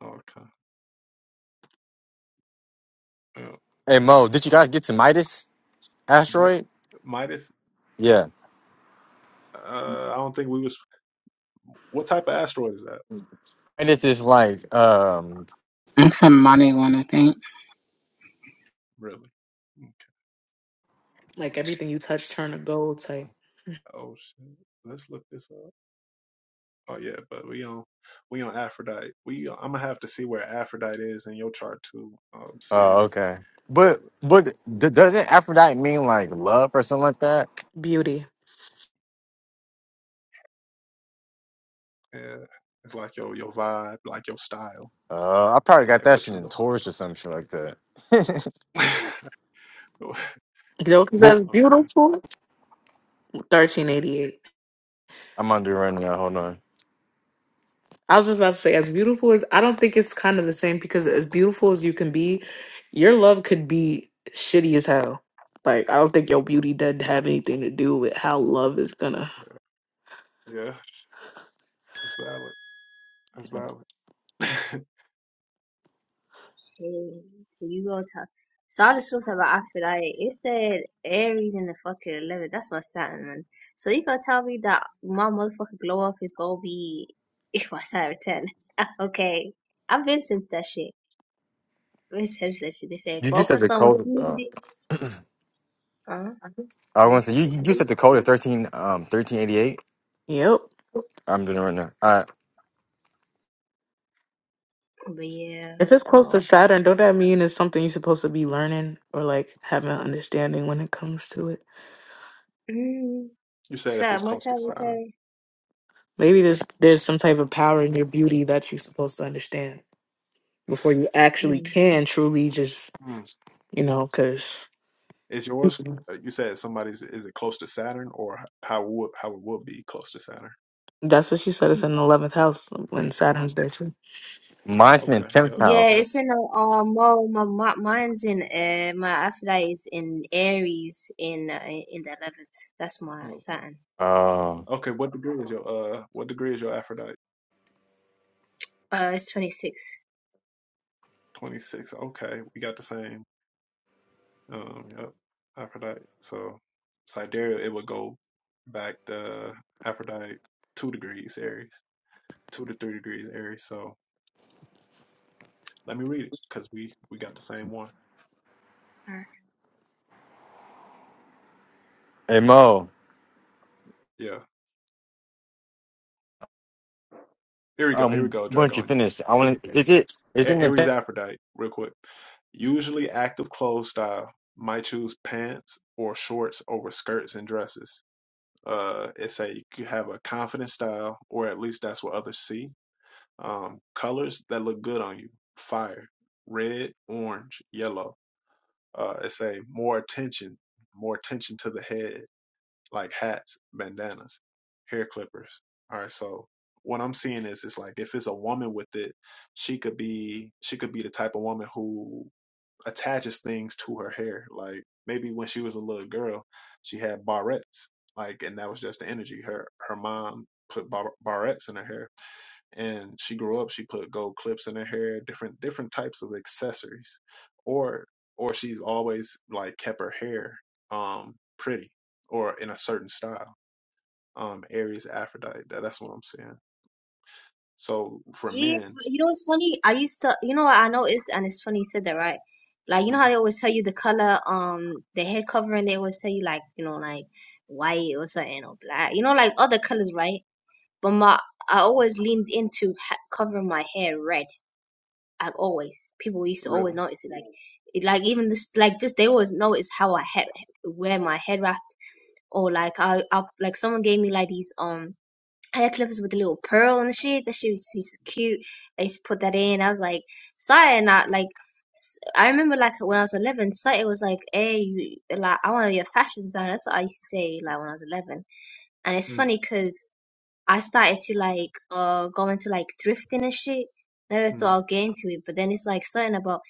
A: okay. Yeah.
E: Mo, did you guys get to Midas
A: Mi-
E: asteroid?
A: Midas.
E: Yeah,
A: Uh, I don't think we was. What type of asteroid is that?
E: Midas is like um
D: and some money one i think
A: Really? Okay.
H: like
A: Let's.
H: everything you touch turn to gold type
A: Oh shit. Let's look this up. Oh yeah, but we on we on Aphrodite. We I'm gonna have to see where Aphrodite is in your chart too. Um,
E: Oh,
A: CZ.
E: okay. But but d- doesn't Aphrodite mean like love or something like that?
H: beauty.
A: Yeah, it's like your your vibe, like your style,
E: Uh, I probably got
A: like
E: that
A: what
E: shit
A: you
E: in
A: know.
E: Taurus or some shit like that. *laughs*
A: *laughs*
H: You know, because
E: but
H: as
A: okay,
H: beautiful, thirteen eighty eight.
E: I'm under right now. Hold on.
H: I was just about to say, as beautiful as I don't think it's kind of the same because as beautiful as you can be, your love could be shitty as hell. Like I don't think your beauty doesn't have anything to do with how love is gonna.
A: yeah, it's valid. It's valid.
J: Hey, so you go to. So I just looked about Aphrodite. It said Aries in the fucking eleven. That's my Saturn, man. So you gonna tell me that my motherfucking glow up is gonna be *laughs* if my Saturn ten? *laughs* okay, I've been since that shit. I've been since that shit. They say
E: You just said
J: focus
E: the
J: on what
E: code.
J: you need to
E: Uh,
J: do. Uh, what
E: I
J: did you
E: want to say
J: say?
E: you you you said the code is thirteen um thirteen eighty eight.
H: Yep.
E: I'm doing it right now. All right,
J: But yeah,
H: If it's close to
J: so
H: Saturn, don't that mean it's something you're supposed to be learning or like having an understanding when it comes to it?
J: mm,
A: *laughs* you said if
J: so
A: it's
J: my
A: close to Saturn,
J: secretary.
H: Maybe there's there's some type of power in your beauty that you're supposed to understand before you actually
J: Mm.
H: can truly just
A: mm.
H: you know because
A: is yours? uh, You said somebody's. Is it close to Saturn, or how would how it would be close to Saturn?
H: that's what she said. It's in the eleventh house when Saturn's there too.
E: mine's in the
A: Okay,
E: tenth
A: yep,
J: Yeah,
A: yep.
E: house.
J: it's in a uh, mo my, my mine's in uh my Aphrodite is in Aries in uh, in the eleventh. That's my
A: Okay,
J: Saturn.
E: Um,
A: okay. What degree is your uh? What degree is your Aphrodite?
J: Uh, it's twenty six.
A: Twenty six. Okay, we got the same. Um, yep, Aphrodite. So Sidereal, it would go back to Aphrodite two degrees Aries, two to three degrees Aries. So let me read it because we we got the same one.
E: hey Mo,
A: Yeah, here we go. Here we
E: um,
A: go.
E: once you
A: Dragonia.
E: finish, I
A: Aries,
E: want to. Is it is it in
A: A-
E: the
A: Aries
E: tenth?
A: Aphrodite, real quick. Usually active clothes style might choose pants or shorts over skirts and dresses. Uh, it's a you have a confident style, or at least that's what others see Um, colors that look good on you. Fire. Red, orange, yellow. Uh, it's a more attention, more attention to the head, like hats, bandanas, hair clippers. All right. So what I'm seeing is, it's like if it's a woman with it, she could be, she could be the type of woman who attaches things to her hair. Like maybe when she was a little girl, she had barrettes, like, and that was just the energy. Her, her mom put bar- barrettes in her hair and she grew up she put gold clips in her hair different different types of accessories or or she's always like kept her hair um pretty or in a certain style um aries aphrodite that, that's what i'm saying so for
J: Yeah,
A: men
J: but you know what's funny? I used to, you know what I noticed, and it's funny you said that, right? Like you know
A: mhm,
J: how they always tell you the color, um, the head covering. They always tell you like you know like white or something or black. You know like other colors, right? But my I always leaned in to ha- cover my hair red. Like always, people used to always
A: really
J: notice it. Like, it, like even this, like this, they always notice how I ha- wear my head wrap. Or like I, I, like someone gave me like these um hair clippers with a little pearl and shit. That shit was, was cute. I used to put that in. I was like, Saya, and I like. s- I remember, like when I was eleven, Saito was like, "Hey, you, like I want to be a fashion designer." That's what I used to say, like when I was eleven. And it's
A: mm,
J: funny because. I started to like uh go into like thrifting and shit. Never thought
A: mm,
J: I'll get into it, but then it's like something about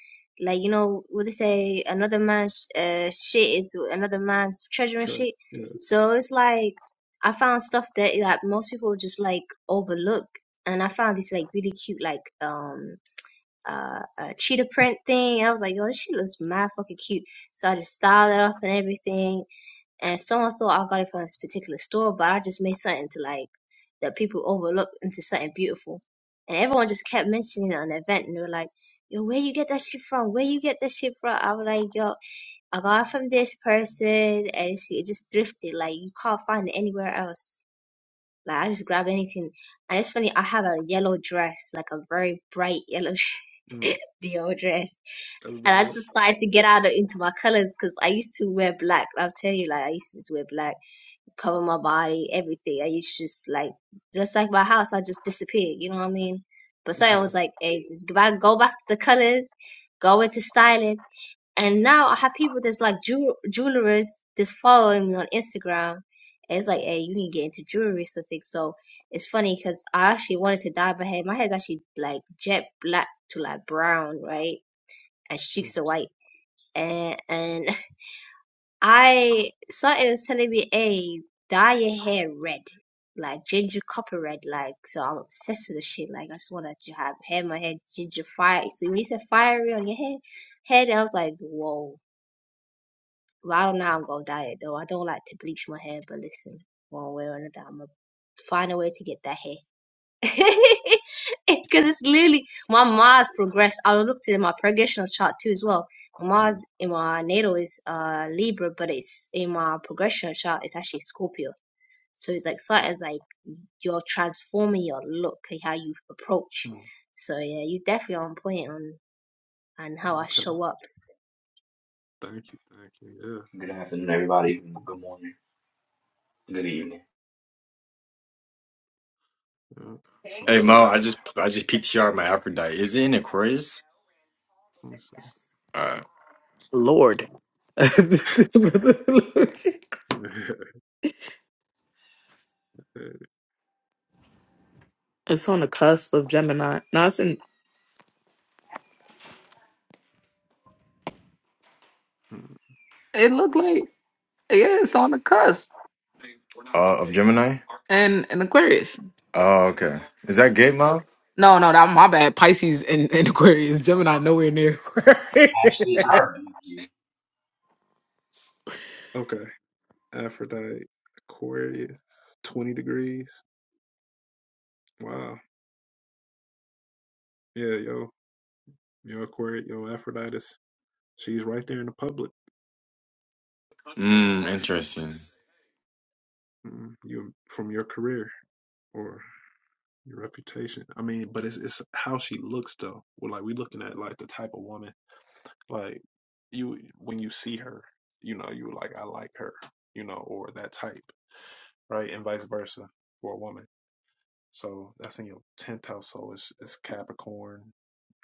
J: like you know what they say another man's uh shit is another man's treasure and
A: true
J: shit.
A: yeah
J: So it's like I found stuff that like most people just like overlook, and I found this like really cute like um uh, uh cheetah print thing. I was like, yo, this shit looks mad fucking cute. So I just styled it up and everything and someone thought I got it from this particular store, but I just made something to like that people overlook into something beautiful. And everyone just kept mentioning it on the event, and they were like, "Yo, where you get that shit from? Where you get that shit from?" I was like, "Yo, I got it from this person, and she just thrifted. Like you can't find it anywhere else. Like I just grab anything, and it's funny. I have a yellow dress, like a very bright yellow."
A: mm,
J: *laughs* yellow dress,
A: that's
J: and I
A: valid
J: just started to get out of into my colors because I used to wear black. I'll tell you, like I used to just wear black cover my body, everything. I used to just like, just like my house, I just disappeared. You know what I mean? But
A: *laughs*
J: so I was
A: mm,
J: like, hey, just go back, go back to the colors, go into styling. And now I have people that's like jew- jewelers that's following me on Instagram. And it's like, hey, you need to get into jewelry or something. So it's funny because I actually wanted to dye my hair. My hair's actually like jet black to like brown, right? And streaks of white and and *laughs* I saw it was telling me, hey, dye your hair red, like ginger copper red. Like, so I'm obsessed with the shit. Like, I just want to have hair, my hair ginger fire. So when you said fiery on your hair, head, I was like, whoa. Well, I don't know how I'm gonna dye it though. I don't like to bleach my hair, but listen, one way or another, I'm gonna find a way to get that hair. *laughs* because it's literally my Mars progressed. I looked at my progressional chart too as well. My
A: mm,
J: Mars in my natal is uh Libra, but it's in my progressional chart it's actually Scorpio. So it's like Saturn's like you're transforming your look and how you approach.
A: mm,
J: So yeah, you definitely on point on on how I
A: okay
J: show up
A: thank you thank you
K: Good afternoon, everybody. Good morning. Good evening.
A: yeah, yeah. so
E: Hey
A: that's
E: Mo, I just I just PTR my Aphrodite. Is it in Aquarius?
A: let me see.
E: Uh,
A: *laughs*
H: Lord, *laughs* it's on the
A: cool.
H: cusp of Gemini. No, it's in.
A: Mm.
H: It looked like yeah, it's on the cusp
E: Uh, of Gemini.
H: and and Aquarius.
E: Oh, okay. Is that Gate Mob?
H: No, no, that my bad. Pisces and, and *laughs* Aquarius. Gemini nowhere near
K: Ashley, I
H: Aquarius.
K: rebuke you.
A: *laughs* Okay. Aphrodite, Aquarius, 20 degrees. Wow. Yeah, yo, yo, Aquarius, yo, Aphrodite, she's right there in the public.
E: Mm, interesting.
A: Mm, You from your career or your reputation. I mean, but it's it's how she looks though. Well, like we looking at like the type of woman. Like you when you see her, you know, you like I like her, you know, or that type, right? And vice versa for a woman. So that's in your tenth house. So it's it's Capricorn,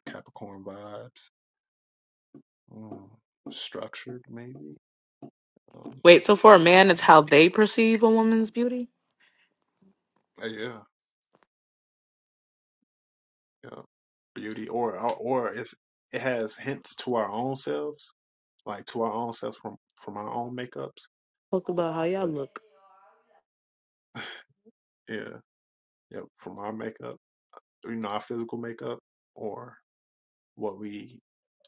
A: Capricorn vibes mm, structured maybe um,
H: *laughs* Wait, so for a man, it's how they perceive a woman's beauty?
A: uh, yeah yeah beauty or or or it's it has hints to our own selves like to our own selves from from our own makeups
H: Talk about how y'all
A: but
H: look.
A: yeah yeah from our makeup you know our physical makeup or what we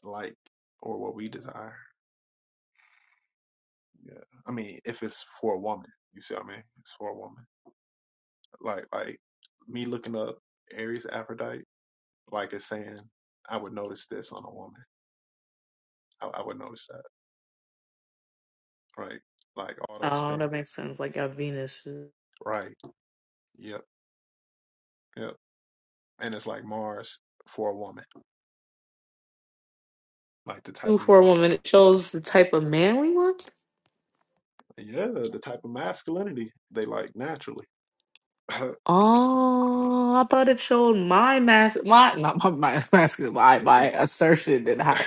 A: like or what we desire yeah i mean if it's for a woman you see what i mean it's for a woman like like me looking up aries aphrodite like it's saying i would notice this on a woman i, I would notice that right? Like all those
H: Oh,
A: things,
H: that makes sense. Like y'all Venus. is-
A: right? Yep, yep. And it's like Mars for a woman, like the type
H: Ooh,
A: of ma-
H: For a woman, it shows the type of man we want.
A: yeah, the type of masculinity they like naturally. *laughs* it,
H: Oh, I thought it showed my mass. My Not my my *laughs* masculine, my
A: it,
H: my assertion and how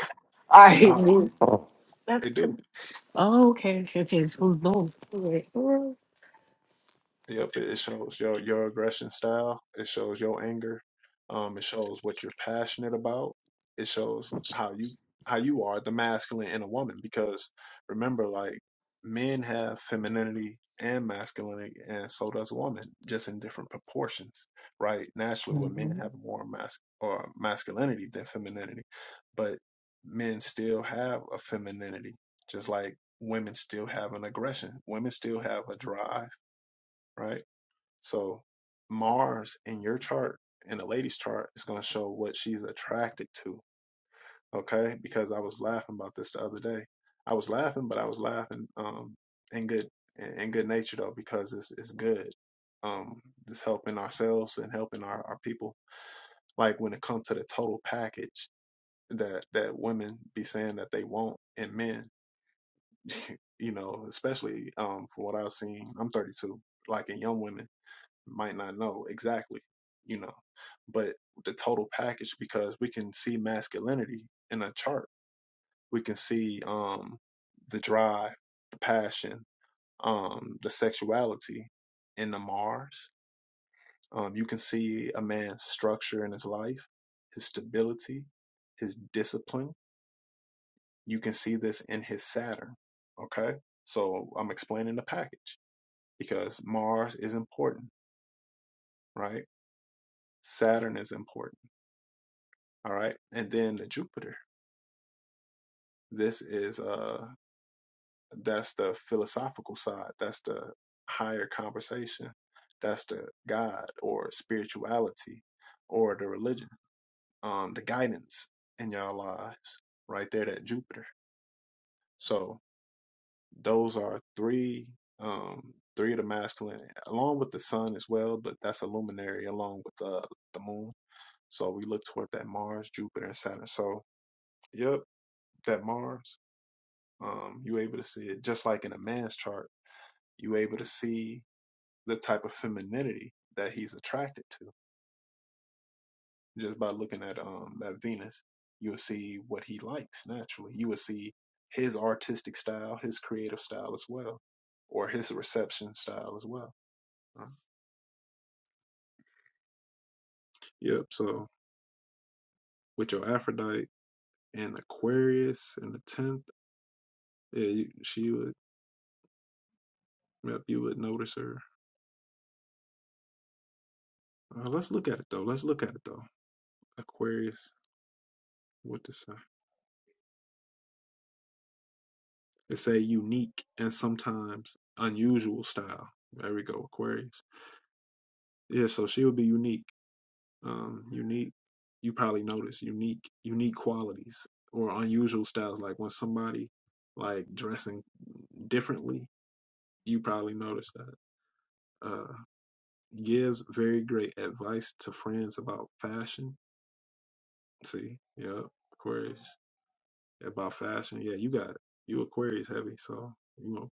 H: I
A: no,
H: move. that's
A: they do.
H: true. Oh, okay, okay, okay. It was both. All right.
A: Yep, it it shows your your aggression style. It shows your anger. Um, it shows what you're passionate about. It shows how you how you are the masculine in a woman. Because remember, like men have femininity and masculinity, and so does a woman, just in different proportions, right? Naturally, would men have more mas or masculinity than femininity, but men still have a femininity, just like women still have an aggression. Women still have a drive, right? So Mars in your chart, in the lady's chart, is going to show what she's attracted to. Okay, because I was laughing about this the other day. I was laughing, but I was laughing um in good in in good nature though because it's it's good. Um, it's helping ourselves and helping our our people. Like when it comes to the total package that that women be saying that they want in men, you know, especially um from what I've seen. I'm 32. Like in young women might not know exactly, you know, but the total package because we can see masculinity in a chart. We can see um the drive, the passion, um, the sexuality in the Mars. Um, you can see a man's structure in his life, his stability, his discipline. You can see this in his Saturn. Okay. So I'm explaining the package because Mars is important, right? Saturn is important All right. And then Jupiter. This is uh that's the philosophical side. That's the higher conversation. That's the God or spirituality or the religion. Um the guidance in y'all lives right there that Jupiter. So those are three um three of the masculine along with the sun as well, but that's a luminary along with the the moon. So we look toward that Mars, Jupiter, and Saturn. So yep, that Mars. Um, you able to see it just like in a man's chart. You able to see the type of femininity that he's attracted to just by looking at um that Venus. You'll see what he likes naturally. You will see his artistic style, his creative style as well, or his reception style as well. Um, Yep. So with your Aphrodite and Aquarius in the tenth, yeah, you, she would. Yep, you would notice her. Uh, let's look at it though. Let's look at it though. Aquarius. What to say? It's a unique and sometimes unusual style. There we go, Aquarius. Yeah, so she would be unique. Um, unique. You probably notice unique, unique qualities or unusual styles. Like when somebody like dressing differently, you probably notice that. Uh, gives very great advice to friends about fashion. See, yeah, Aquarius about fashion. Yeah, you got it. You Aquarius heavy, so you know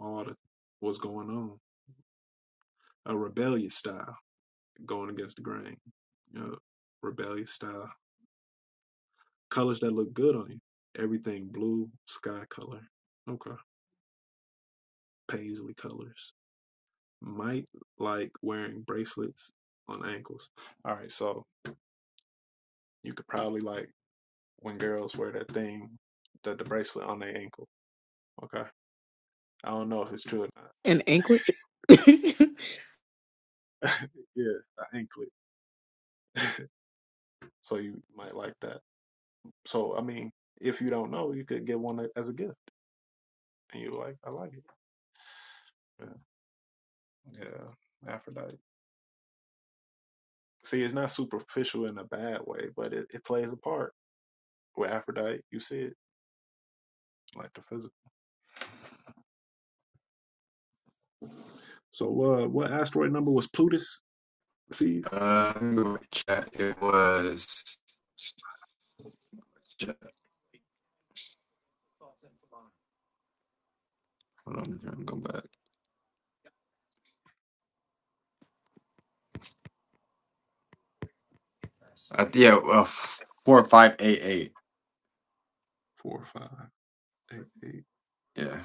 A: all the what's going on. A rebellious style. going against the grain, you know, rebellious style, colors that look good on you. Everything blue, sky color, okay, paisley colors. Might like wearing bracelets on ankles. All right, so you could probably like when girls wear that thing, that the bracelet on their ankle. Okay, I don't know if it's true or not.
H: And anklets. *laughs*
A: Yeah, the anklet. *laughs* so you might like that. So I mean, if you don't know, you could get one as a gift, and you like, I like it. Yeah, yeah, Aphrodite. See, it's not superficial in a bad way, but it, it plays a part. With Aphrodite, you see it, like the physical. So, uh, what asteroid number was Plutus? Sees
E: Uh, let me go back to chat. It was. Hold on, I'm gonna go back. I, th- yeah, uh, f- four five eight eight.
A: four, five, eight, eight.
E: Yeah,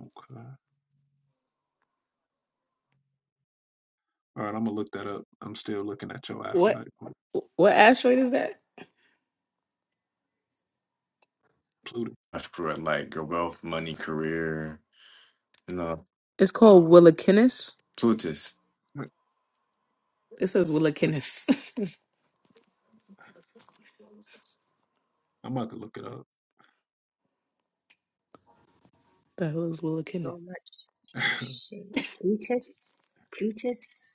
A: Okay. All right, I'm gonna look that up. I'm still looking at your
H: What?
A: Aphrodite on
H: Wh- What asteroid is that?
A: Pluto.
E: I screw it. Like your wealth, money, career, you know,
H: It's called Willakinnis.
E: Plutus.
H: It says Willa *laughs*
A: I'm about to look it up.
H: the hell is Willa Kennis?
J: so much. Shit. Plutus, Plutus.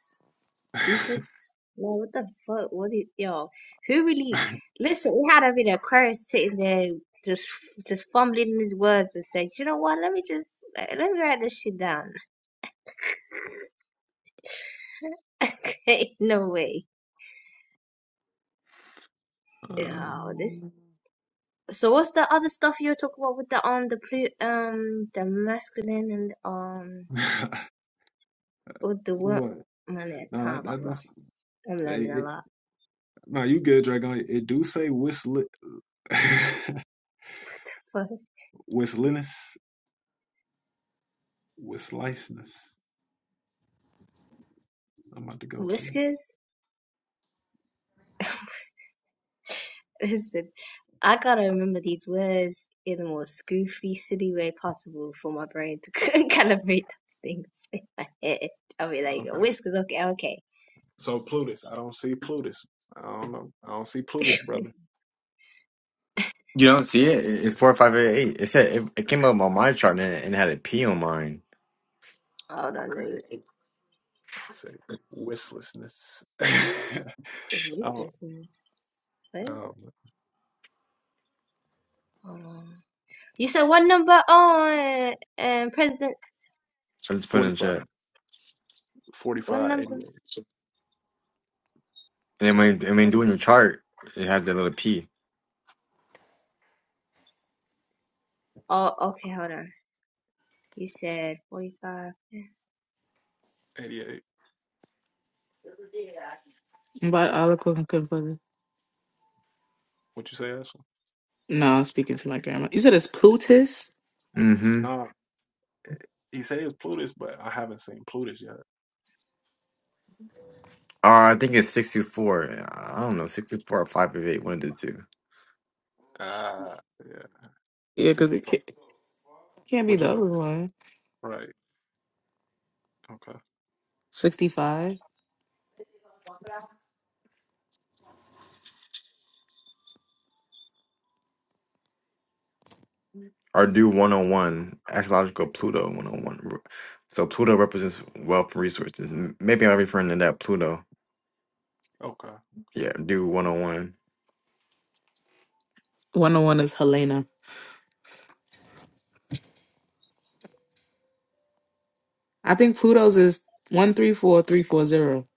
J: Putus. Man, what the fuck? What did you Who really listen? It had to be the Aquarius sitting there just just fumbling his words and saying, "You know what? Let me just let me write this shit down." *laughs* okay, no way.
A: *laughs*
J: Oh, this.
H: Um,
J: So what's the other stuff you were talking about with the um the plu- um the masculine and um
A: uh,
J: with
A: *laughs*
J: the wo
A: what?
J: Man, I
A: No,
J: kind of
A: that,
J: got
A: that that's
J: lost. I'm learning
A: it,
J: a
A: it-
J: lot.
A: no. You good, Dragon? It do say Wisli *laughs*
J: *laughs* Fuck.
A: Wislinus Wislicenus. I'm about to go to it.
J: Whiskers. *laughs* Listen, I gotta remember these words in the most goofy, silly way possible for my brain to *laughs* calibrate those things in my head. I'll be like,
A: Okay.
J: whiskers, okay, okay.
A: So Plutus, I don't see Plutus. I don't know. I don't see
J: *laughs*
A: Plutus, brother.
E: You don't see it. It- It's four five eight eight. It said it, it came up on my chart and it, and it had a P on mine.
J: Hold on, let me.
A: Say wistlessness. *laughs*
J: Voice
A: oh,
J: lessons. What?
A: um,
J: Hold on. You said one number on um, President.
E: I just put it in
A: 45,
E: chat. And
J: One
A: 45, eighty-eight,
J: number.
E: then when and when
J: 40.
E: doing your chart, it has that little P.
J: Oh, okay, hold on. You said 45. yeah.
A: eighty-eight.
H: but I look looking good for
A: What you say, Ashley?
H: No, I'm speaking to my grandma. You said it's Plutus?
E: Mm-hmm.
A: No, eh, he says it's Plutus, but I haven't seen Plutus yet.
E: Uh, I think it's 64. I don't know, 64 or five of eight, one of the two.
A: Ah, uh, yeah.
H: Yeah, because
A: Six.
H: It can't, can't be
A: What you
H: the other
A: say?
H: one.
A: Right. Okay.
H: 65.
E: Or do 101, astrological Pluto 101. So Pluto represents wealth and resources. M- Maybe I'm referring to that Pluto.
A: Okay. Okay.
E: Yeah, do 101.
H: 101 is Helena. I think Pluto's is 134340.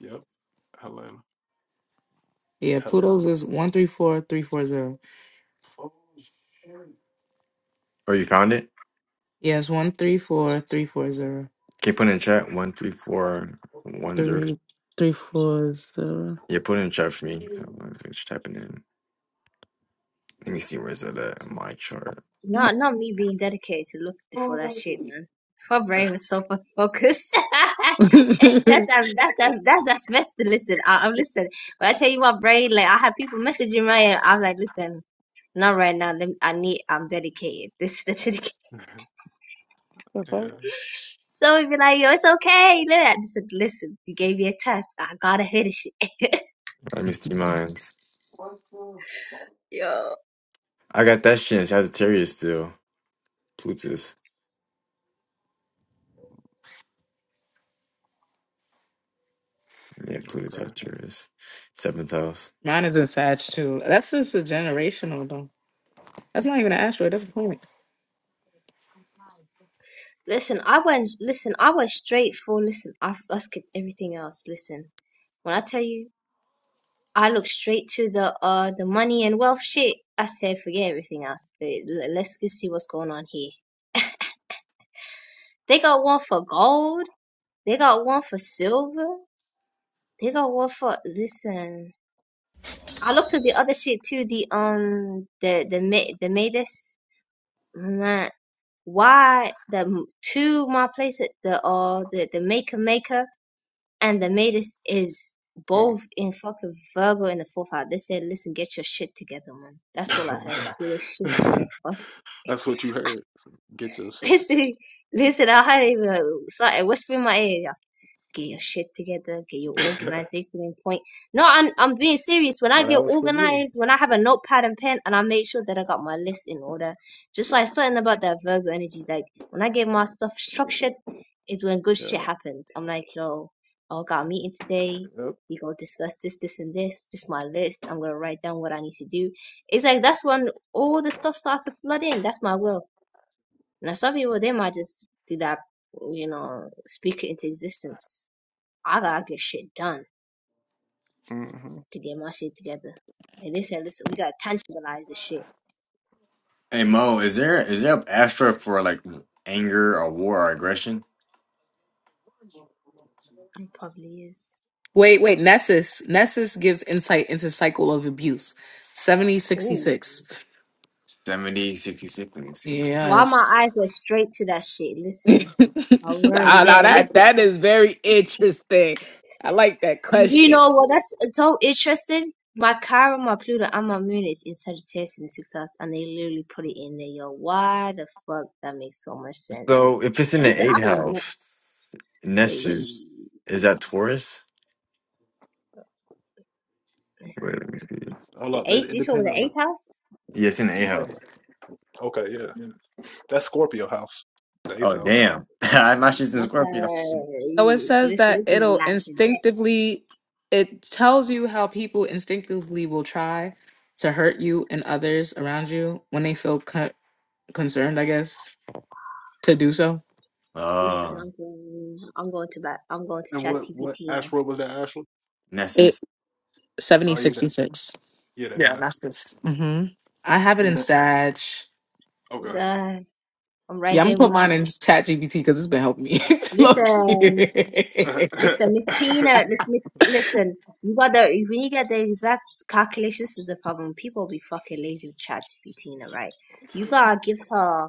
A: Yep. Helena.
H: Yeah,
A: Helen.
H: Pluto's is 134340.
E: Or you found it?
H: Yes, 134340. zero.
E: Can you put it in chat? 13410.
H: Three three four zero.
E: Yeah, put it in chat for me. So I'm Just typing in. Let me see where's that at my chart.
J: Not not me being dedicated to look for that shit, man. My
A: *laughs*
J: brain was so fucking focused. *laughs*
H: *laughs* The
J: that's um, that's um, that's that's best to listen. I, I'm listening. When I tell you my brain, like I have people messaging me, and I am like, listen, not right now. Let me, I need. I'm dedicated. *laughs* This is the dedication.
H: fuck?
A: yeah.
J: So we be like, yo, it's okay. Look, I just said, listen. You gave me a test. I gotta hit this shit.
E: Let me see mine.
J: *laughs* Yo,
E: I got that shit in Sagittarius still. Plutus. Yeah, Pluto
A: Okay.
E: Sagittarius. Seventh house.
H: Mine is in Sag too. That's just a generational though. That's not even an asteroid. That's a planet.
J: listen. I went. Listen, I went straight for. Listen, I I skipped everything else. Listen, when I tell you. I look straight to the uh the money and wealth shit. I said, forget everything else. They- le- Let's just see what's going on here. They got one for gold. They got one for silver. They got one for listen. I looked at the other shit too. The um the the ma- the Matus man. Why the m- to my place at the uh the the maker maker And the maid is, is
A: Mm.
J: both in fucking Virgo and the fourth house. They said, listen, get your shit together, man. That's all I heard. Get your shit together.
A: *laughs* That's what you heard. So, Get your
J: *laughs*
A: shit
J: listen, listen, I heard it even start whispering in my ear get your shit together, get your
A: *laughs*
J: organization in point. No, I'm I'm being serious. When I
A: Well,
J: get
A: that was for you.
J: organized, when I have a notepad and pen and I make sure that I got my list in order, just like something about that Virgo energy, like when I get my stuff structured, is when good shit
A: Yeah.
J: happens. I'm like, yo, I got a meeting today.
A: Yep.
J: We gonna discuss this, this, and this. This is my list. I'm gonna write down what I need to do. It's like that's when all the stuff starts to flood in. That's my will. Now some people they might just do that, you know, speak it into existence. I gotta get shit done
A: hmm
J: to get my shit together. and they said, listen, we gotta tangibilize this shit.
E: Hey Mo, is there is there an astra for like anger or war or aggression?
J: It probably is.
H: Wait, wait. Nessus. Nessus gives insight into cycle of abuse. Seventy sixty
J: Ooh.
H: six.
E: Seventy sixty six 66, let me see.
J: Why my
H: Yes.
J: eyes went straight to that shit?
H: *laughs*
J: Listen, I was already
H: Ah, now
J: there.
H: that
J: Listen,
H: that is very interesting. I like that
J: you
H: question.
J: know what? That's it's so interesting. My Chiron, my Pluto, and my Moon is in Sagittarius in the sixth house, and they literally put it in there, yo. Why the fuck? That makes so much sense.
E: So if it's in the
J: Listen, I
E: eighth
J: go
E: house,
J: nuts.
E: Nessus,
J: Wait,
E: is that Taurus?
J: this
E: Wait, let me
J: is
E: see.
A: Hold
J: the
A: up. It,
J: eighth.
A: it
J: This one
A: depends
J: me the
A: on the.
J: eighth house.
E: Yeah, it's in the
A: It
E: eighth
A: depends. on-
E: house.
A: *laughs* Okay. Yeah. That's Scorpio house, the eighth
E: Oh
A: house.
J: That's
E: damn. *laughs* I'm not just in
J: that's
E: Scorpio.
J: uh,
H: So it says
J: listen,
H: that
J: this is
H: it'll
J: life and death.
H: instinctively, it tells you how people instinctively will try to hurt you and others around you when they feel co- concerned, I guess. to do so.
J: Listen,
E: Oh,
J: I'm going, I'm going to bat, I'm going to
A: And
J: chat
A: what what
J: TBT
A: asteroid was that? Ashley?
H: It
E: Nessus.
A: Oh yeah. That,
H: 7066.
A: yeah. That
H: Yeah,
A: NASA.
H: that's this. hmm I have it in
A: Yeah.
H: Sag.
J: now. Uh, I'm right
H: Yeah, I'm
J: there
H: gonna put
J: with you,
H: mine in
J: man.
H: Chat GPT because it's been helping me. *laughs*
J: Listen.
H: mm-hmm.
A: That,
J: Listen, Miss
A: okay.
J: Tina, lis- listen, you got the, when you get the exact calculations, is the problem. People be fucking lazy with ChatGPT, Tina, right? You gotta give her,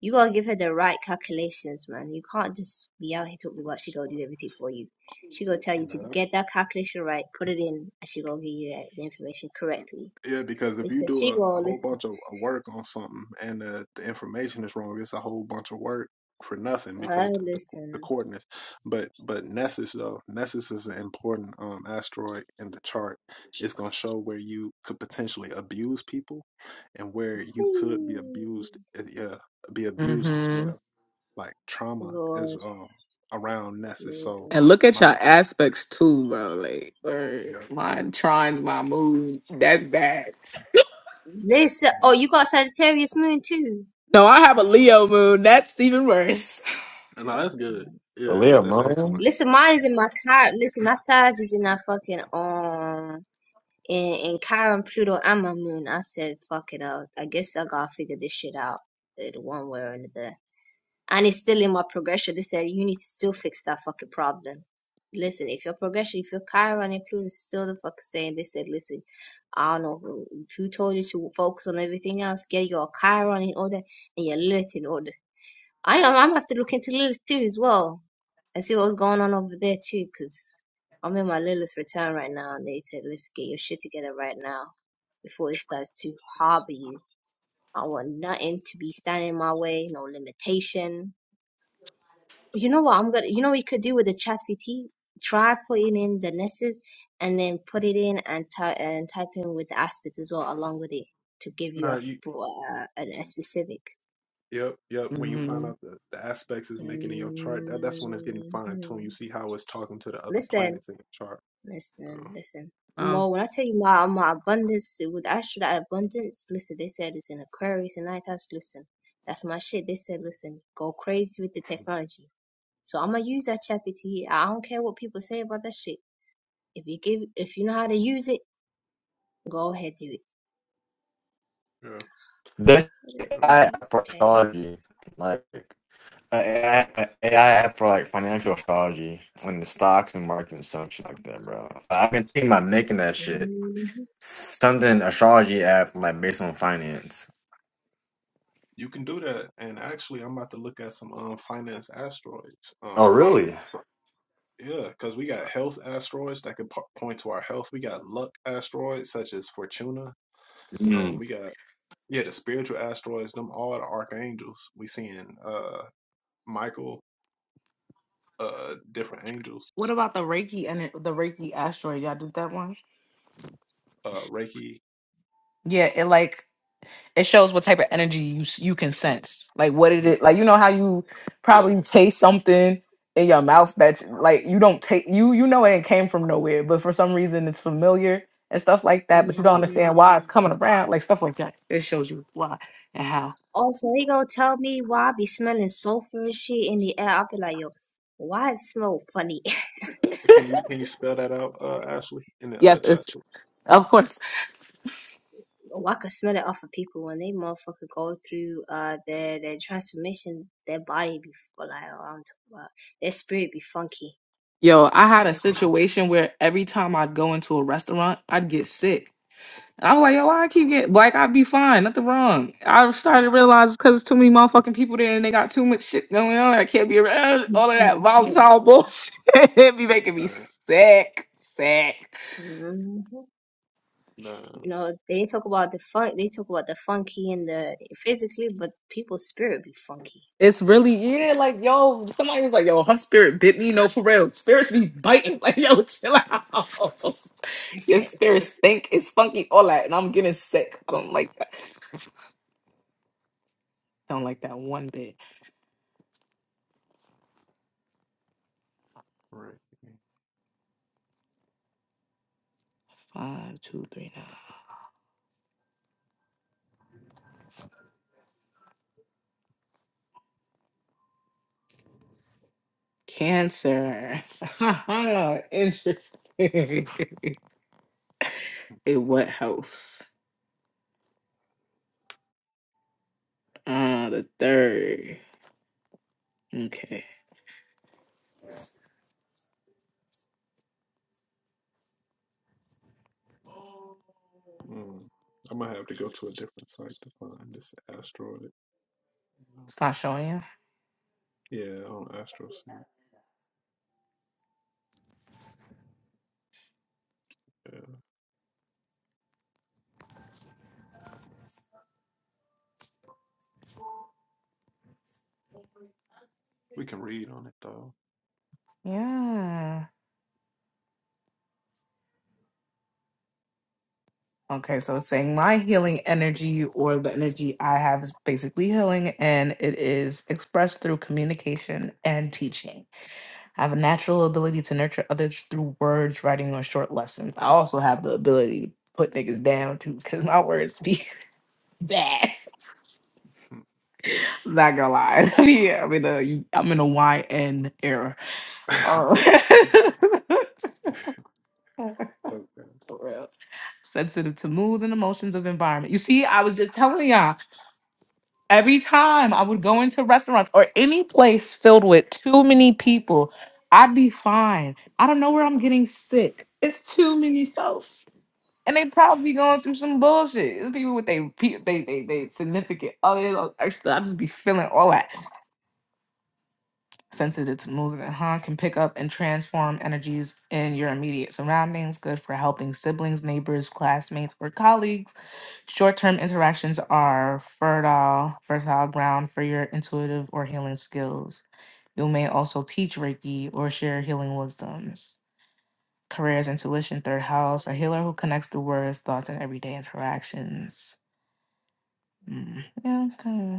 J: you gotta give her the right calculations, man. You can't just be out here talking about she gonna do everything for you. She gonna
A: *laughs*
J: tell you to
A: yeah.
J: get that calculation right, put it in, and she gonna give you that- the information correctly.
A: Yeah, because if you
J: Listen,
A: do
J: she
A: a, a
J: gonna
A: whole
J: listen.
A: bunch of of work on something and the, the information is wrong, it's a whole bunch of work for nothing because
J: Oh,
A: the, the, the
J: listen.
A: coordinates. But but Nessus though, Nessus is an important um, asteroid in the chart. It's gonna show where you could potentially abuse people and where you could be
J: Whee!
A: abused. uh, Yeah, be abused as well. Like trauma is
J: Lord,
A: um around Nessus.
J: Lord,
A: So
J: Lord,
H: And
J: Lord.
H: look at your
A: my
H: aspects too, bro. Like, word.
A: yeah,
H: mine trines my moon. That's bad.
J: Listen, oh, you got Sagittarius moon too.
H: No, I have a
J: Fucking,
H: Leo moon. That's even worse.
A: and no, that's good.
J: fucking.
A: Yeah, that,
E: Leo
A: that's
E: Mo.
A: excellent.
J: Listen, mine is in my car. Listen, that Sag is in that fucking um in in Chiron, Pluto, and my moon. I said, fuck it out. I guess I gotta figure this shit out, eh, the one way or another. and it's still in my progression. They said you need to still fix that fucking problem. Listen, if your progression, if your Chiron and Pluto is still the fucking same, they said, listen, I don't know who, who told you to focus on everything else. Get your Chiron in order and your Lilith in order. I I'm gonna have to look into Lilith too as well and see what's going on over there too, because I'm in my Lilith return right now, and they said, let's get your shit together right now before it starts to harbor you. I want nothing to be standing in my way, no limitation, you know what I'm gonna you know what you could do with the ChatGPT? Try putting in the nesses and then put it in and ty and type in with the aspects as well along with it to give you a
A: No,
J: f-
A: you
J: uh, an- a specific.
A: Yep, yep. When you find
H: hmm
A: out the, the aspects it's making in your chart, that, that's when it's getting fine tuned. You
J: Mhm.
A: see how it's talking to the other
J: Listen,
A: planets in your chart.
J: listen,
A: Yeah,
J: listen.
H: Oh.
J: More when I tell you my my abundance with Astro that abundance, listen, they said it's in Aquarius and Night House. listen. That's my shit. They said, listen, go crazy with the technology. So I'm gonna use that ChatGPT. I don't care what people say about that shit. If you give, if you know how to use it, go ahead do it.
A: yeah,
E: That
J: How the
A: yeah.
J: hell do
E: I
J: you-
E: for
J: Okay.
E: astrology. Like an a AI app for like financial astrology on the stocks and market and some shit like that, bro. I've been thinking about making that shit
J: Mhm.
E: something astrology app like based on finance.
A: You can do that. And actually, I'm about to look at some um finance asteroids.
E: Oh,
A: Um,
E: really?
A: yeah, because we got health asteroids that can po- point to our health. We got luck asteroids such as Fortuna. Um, we got yeah the spiritual asteroids. Them all the archangels. We seeing uh Michael, uh different angels,
H: What about the Reiki and it, the Reiki asteroid? Y'all did that one?
A: uh Reiki.
H: Yeah, it like it shows what type of energy you you can sense like what it
A: Mm,
H: is like you know how you
A: Yeah,
H: probably taste something in your mouth that like you don't take you you know it came from nowhere but for some reason it's familiar and stuff like that but you don't
A: yeah.
H: understand why it's coming
J: Mhm.
H: around like stuff like that it shows you why and how
J: Also, he gonna tell me why I be smelling sulfur and shit in the air. I'll be like, yo, why it smell funny? *laughs*
A: Can you can you spell that out, uh, Ashley, in the uh,
H: yes
A: chat?
H: it's of course
J: Well, I could smell it off of people when they motherfucker go through uh their their transformation. Their body be f- like, oh, I'm talking about their spirit be funky.
H: yo i had a
J: I think.
H: situation where every time i'd go into a restaurant i'd get sick I'm like, yo, why I keep getting like I'd be fine, nothing wrong. I started to realize because there's too many motherfucking people there and they got too much shit going on. I can't be around all of that volatile bullshit. *laughs* it be making me
A: No,
H: sick, sick.
J: *laughs*
A: no,
J: You know, they talk about the fun, they talk about the funky and the physically, but people's spirit be funky.
H: It's really yeah,
J: It's-
H: like yo, somebody was like, yo, her spirit bit me. No, for real, spirits be biting. *laughs* Like yo, chill out. Your
J: *laughs*
H: spirits stink. It's funky, all that, and I'm getting sick. I don't like that. Don't like that one bit.
A: right.
H: Five, two, three, nine. Cancer. *laughs* Interesting. *laughs* A what house? Uh, the third. Okay.
A: Mm. I'm gonna have to go to a different site to find this asteroid.
H: It's not showing you.
A: Yeah, on AstroSeek. Yeah, we can read on it though.
H: Yeah. Okay, so it's saying my healing energy or the energy I have is basically healing and it is expressed through communication and teaching. I have a natural ability to nurture others through words, writing, or short lessons. I also have the ability to put niggas down too because my words be *laughs* bad. Not gonna lie. *laughs* yeah, I'm in a I'm in a YN era.
A: Hmm.
H: Uh, *laughs*
A: *laughs* okay.
H: for real. Sensitive to moods and emotions of environment. You see, I was just telling y'all, every time I would go into restaurants or any place filled with too many people, I'd be fine. I don't know where I'm getting sick. It's too many folks. And they probably be going through some bullshit. It's people with they pe- they they they significant other. Actually, I just be feeling all that sensitive to movement, huh? Can pick up and transform energies in your immediate surroundings. Good for helping siblings, neighbors, classmates, or colleagues. Short term interactions are fertile, fertile ground for your intuitive or healing skills. You may also teach Reiki or share healing wisdoms. Careers, intuition, third house, a healer who connects the words, thoughts, and everyday interactions. Mm, Yeah, okay.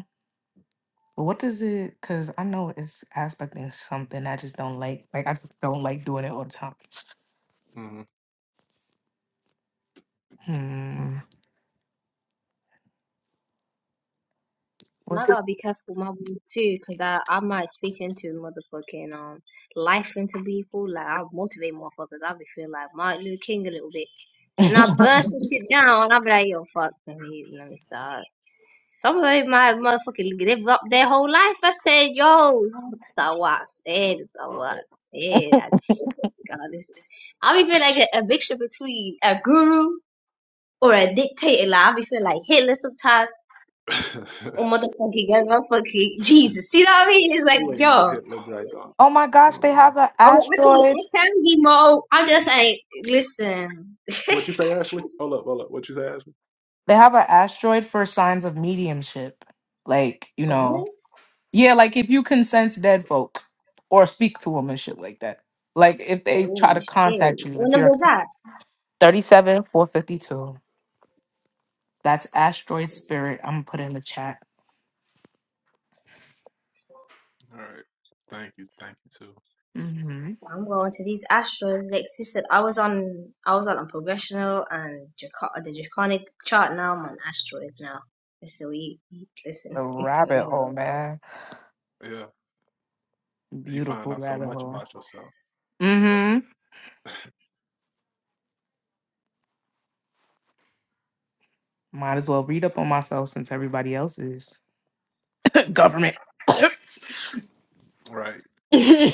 H: But what does it? Because I know it's aspecting something I just don't like. Like I just don't like doing it all the time. Hmm.
J: So I
H: What's it?
J: gotta be careful with my words too, cause I I might speak into motherfucking um life into people. Like I'll motivate motherfuckers. I'll be feeling like Martin Luther King a little bit. Then I
H: *laughs*
J: burst some shit down, and I'll be like, yo, fuck, let me let me start. Some of them might motherfucking give up their whole life. I said, yo, that's not what I said. That's not what I said. I God, this I'll be feeling like a, a mixture between a guru or a dictator. Like I'll be feeling like Hitler sometimes.
A: Mm-hmm.
J: Oh motherfucking God, motherfucking Jesus. You know what I mean? It's
A: *laughs*
J: like,
A: you ain't no
J: yo.
A: Hitler dragon.
H: oh my
A: You
H: gosh,
A: ain't
H: they have
A: no-
H: an
J: Oh, I tell you,
H: asteroid.
J: I tell you more. I'm just like, listen.
A: What you say, Ashley?
J: Oh,
A: Hold up, hold up. What you say, Ashley?
H: They have an asteroid for signs of mediumship. Like you know,
J: What?
H: yeah, like if you can sense dead folk or speak to them and shit like that. Like if they try
J: Oh
H: to
J: shit.
H: contact you,
J: What
H: if
J: number
H: you're
J: is that?
H: thirty-seven four fifty-two. That's asteroid spirit. I'm gonna put it in the chat.
A: All right. Thank you, thank you too.
H: Mm-hmm.
J: I'm going to these Astros. Like she said, I was on, I was on a progressional and Draco- the Draconic chart. Now I'm on Astros now. Listen, we we- listen.
H: A
J: *laughs* we
H: rabbit hole,
J: gonna
H: man.
A: Yeah, you find
H: Beautiful
A: out so
H: rabbit
A: much
H: hole.
A: about yourself. Yeah,
H: Mm-hmm. Might as well read up on myself since everybody else is *laughs*
A: yeah.
H: government.
A: right.
H: *laughs* I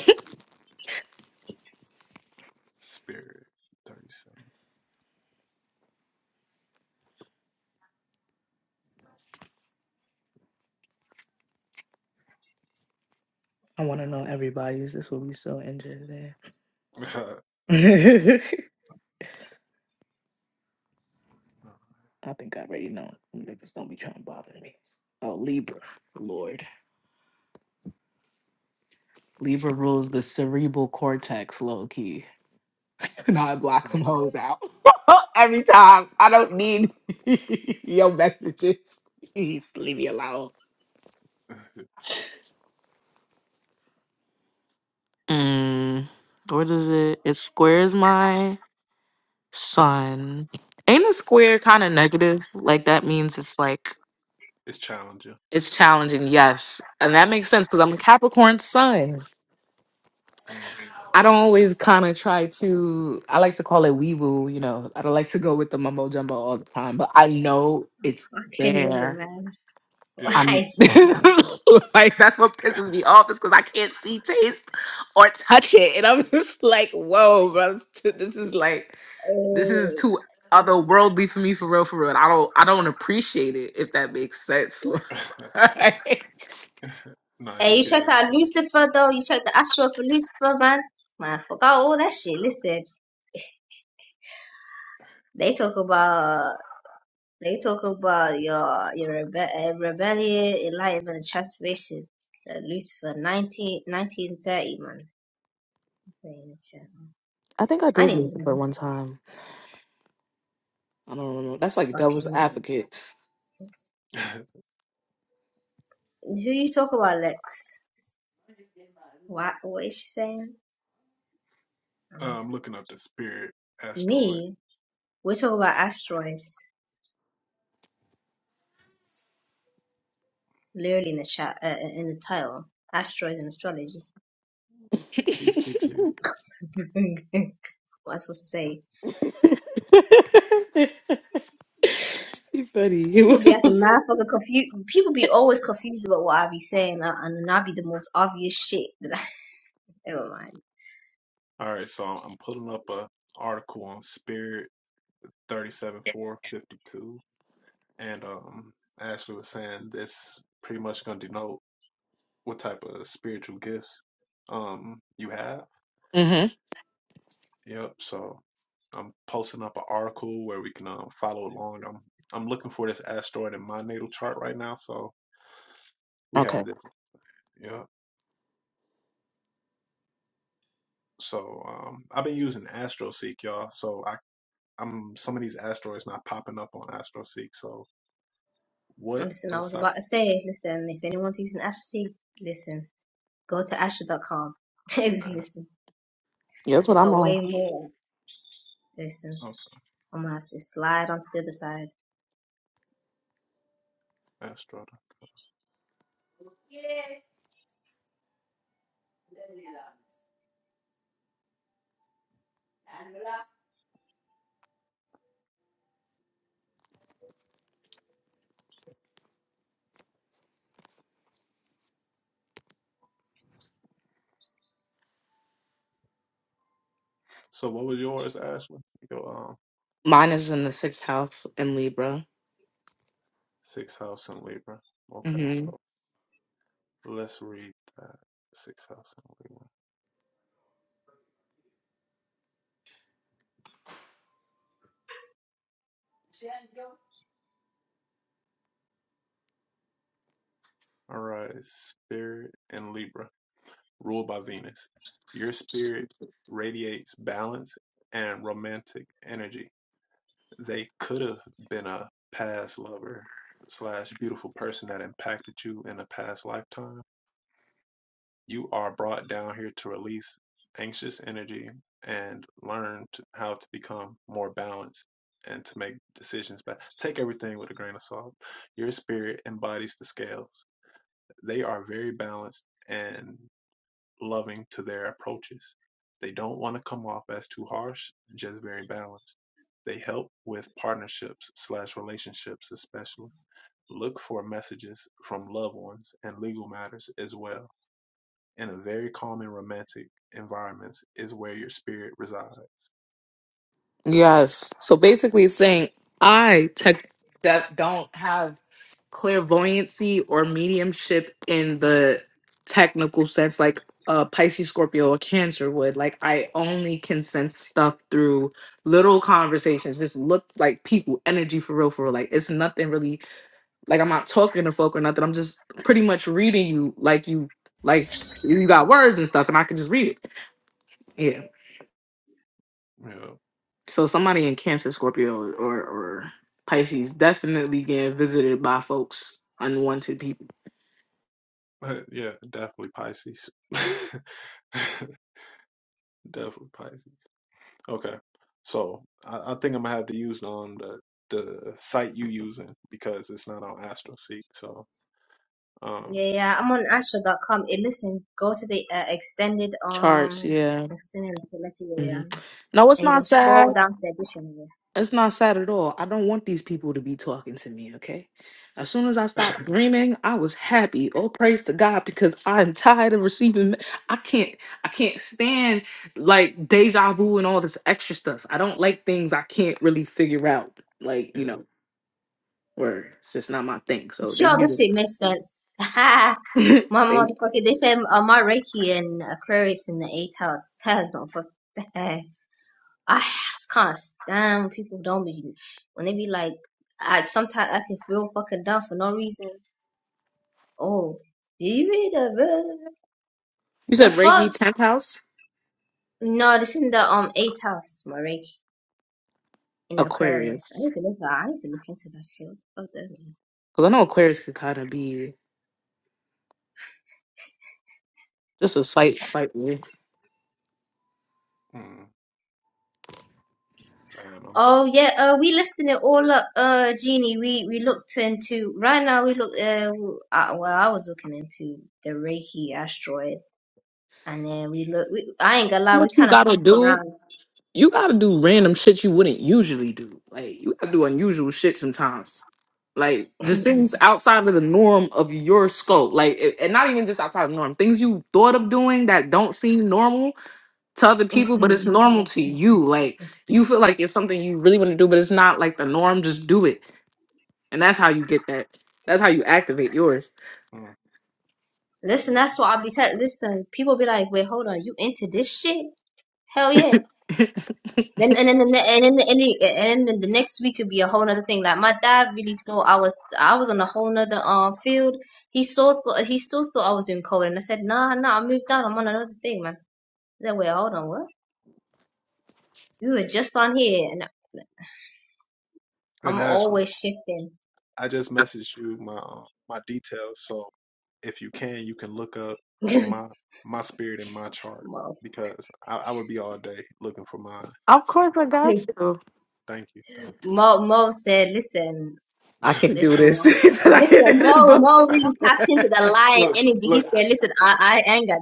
A: Spirit 37.
H: want to know everybody's. This will be so interesting.
A: *laughs*
H: *laughs* I think I already know. Niggas don't be trying to bother me. Oh, Libra. Lord. Libra rules the cerebral cortex low key. *laughs* Now I block them hoes out *laughs* every time. I don't need *laughs* your messages. Please leave me alone. Mm, where does it? It squares my Sun Ain't a square kind of negative? Like that means it's like
A: it's challenging.
H: it's challenging, yes. And that makes sense because I'm a Capricorn sun.
A: Mm,
H: I don't always kind of try to I like to call it wee woo, you know. I don't like to go with the mumbo jumbo all the time, but I know it's
J: fucking knew it,
H: there.
J: man. *laughs*
A: yeah.
H: I'm
J: Why?
H: *laughs* like that's what pisses me off is because I can't see, taste, or touch it, and I'm *laughs* just like, whoa, bro, this is like this is too otherworldly for me, for real, for real. And I don't, I don't appreciate it if that makes sense. *laughs*
A: *laughs*
H: Like,
A: nah,
J: Hey,
A: you
J: you checked
A: good. *laughs*
J: out Lucifer though. You check the Astro for Lucifer, man. Man, I forgot all that shit. Listen, they talk about they talk about your your rebe- uh, rebellion, enlightenment, and transformation. Uh, Lucifer, 19, 1930, man.
H: I think I
J: I
H: did
J: need to
H: leave
J: look
H: but
J: into.
H: one time. I don't remember. That's
J: I
H: like devil's
J: fucking knew
H: advocate.
J: it. Who you talk about, Lex? What what is she saying? I'm wait-
A: I'm looking up the Spirit asteroid.
J: Me, we talk about asteroids, literally in the chat, uh, in the title, asteroids and astrology.
H: *laughs* He
A: Peace, T T.
J: *laughs* what I was supposed to say.
H: funny.
J: People be
H: It
J: acting
H: was.
J: mad fucking confused. People be always confused about what I be saying, uh, and I be the most obvious shit that I. *laughs* Never mind.
A: All right, so I'm pulling up a article on Spirit thirty seven four fifty two, and um, Ashley was saying this pretty much gonna denote what type of spiritual gifts um you have.
H: *laughs* hmm
A: Yep. So I'm posting up an article where we can um, follow along. I'm I'm looking for this asteroid in my natal chart right now, so we have
H: okay.
A: this. Yeah. So um, I've been using AstroSeek, y'all. So I I'm some of these asteroids not popping up on AstroSeek. So what
J: And Listen, I was
A: website?
J: about to say, listen, if anyone's using Asher C, listen, go to asha dot com. *laughs*
A: Ast-
J: listen,
H: Yeah, that's what
J: it's
A: Okay,
H: I'm
J: got
H: on.
J: way more. Listen,
A: okay,
J: I'm gonna have to slide onto the other side.
A: Astro. So what was yours, Ashley? Your um
H: Mine is in the sixth house in Libra.
A: sixth house in Libra. Okay, so let's read that sixth house in Libra. All right, Spirit in Libra. ruled by Venus. Your spirit radiates balance and romantic energy. They could have been a past lover slash beautiful person that impacted you in a past lifetime. You are brought down here to release anxious energy and learn to, how to become more balanced and to make decisions. But take everything with a grain of salt. Your spirit embodies the scales. They are very balanced and loving to their approaches. They don't want to come off as too harsh, just very balanced. They help with partnerships slash relationships, especially. Look for messages from loved ones and legal matters as well. In a very calm and romantic environments is where your spirit resides.
H: Yes. So basically it's saying I tech that don't have clairvoyancy or mediumship in the technical sense like a Pisces, Scorpio, or Cancer would. Like I only can sense stuff through little conversations. Just look like people, energy for real, for real. Like it's nothing really like I'm not talking to folk or nothing. I'm just pretty much reading you like you like you got words and stuff and I can just read it. Yeah.
A: Mm,
H: So somebody in Cancer, Scorpio, or, or, or Pisces definitely getting visited by folks, unwanted people.
A: Yeah, *laughs* yeah, definitely Pisces. *laughs* definitely Pisces. Okay. So I, I think I'm gonna have to use um the the site you using because it's not on AstroSeek. So um
J: Yeah, yeah, I'm on Astra.com. It listen, go to the uh, extended
H: Charts,
J: um
H: yeah.
J: extended select yeah,
H: hmm
J: yeah,
H: No, it's
J: and you go
H: not
J: scroll
H: sad.
J: down to the dictionary.
H: It's not sad at all. I don't want these people to be talking to me, okay? As soon as I
A: *laughs*
H: stopped dreaming, I was happy. Oh, praise to God, because I'm tired of receiving. me- I can't, I can't stand like deja vu and all this extra stuff. I don't like things I can't really figure out. Like, you
A: yeah.
H: know, where It's just not my thing. So they
J: Sure, this
H: muted.
J: shit makes sense. *laughs* my
H: *laughs* Same.
J: motherfucker, they said uh, my Reiki and Aquarius in the eighth house. *laughs* Hell, don't fuck. that. I just can't stand when people don't be when they be like, I sometimes acting real fucking dumb for no reason. Oh, do you read the
H: you
J: the
H: said
J: fuck?
H: Reiki 10th house?
J: No, this in the um eighth house, my Reiki. in Aquarius. I
H: Aquarius.
J: need to look that. I need to look into that shield. Oh, definitely.
H: Because I know Aquarius could kind of be just a slight, slightly.
A: Mm, damn. I'm,
J: Oh yeah, uh, we listed it all up, uh, Jeannie. We we looked into right now. We look, uh, I, well, I was looking into the Reiki asteroid, and then we look. We, I ain't gonna lie,
H: What
J: we
H: you
J: kind of
H: gotta
J: hopped
H: do?
J: around.
H: You gotta do random shit you wouldn't usually do. Like, you gotta do unusual shit sometimes. Like, just things outside of the norm of your scope. Like, a- and not even just outside of the norm. Things you thought of doing that don't seem normal to other people, but it's normal to you. Like,
J: *laughs*
H: you feel like it's something you really want to do, but it's not like the norm. Just do it. And that's how you get that. That's how you activate yours.
A: mm,
J: Listen,
A: yeah.
J: that's what I'll be telling. Listen, people be like, wait, hold on, you into this shit? Hell yeah. Then and then the ne- and then the, and the, and then the next week could be a whole nother thing. Like my dad really thought I was I was on a whole nother um field. He still thought he still thought I was doing coding. and I said, Nah, nah, I moved on. I'm on another thing, man. He said, Wait, hold on, what? You were just on here, and
A: And
J: I'm
A: Ashley,
J: always shifting.
A: I just messaged you my um, my details. So if you can, you can look up
J: *laughs*
A: my my spirit and my chart
J: Mo,
A: because I, I would be all day looking for mine.
H: Of
A: So
H: course, I got you.
A: thank you. Thank you.
J: Mo, Mo said, Listen,
H: I can't. do
J: listen,
H: this.
J: Mo.
H: *laughs* I
J: Listen,
H: can't do this,
J: Mo, Mo
H: boss.
J: really tapped into the lion
A: Look,
J: energy. He
A: look, I
J: said, "Listen, I, I ain't got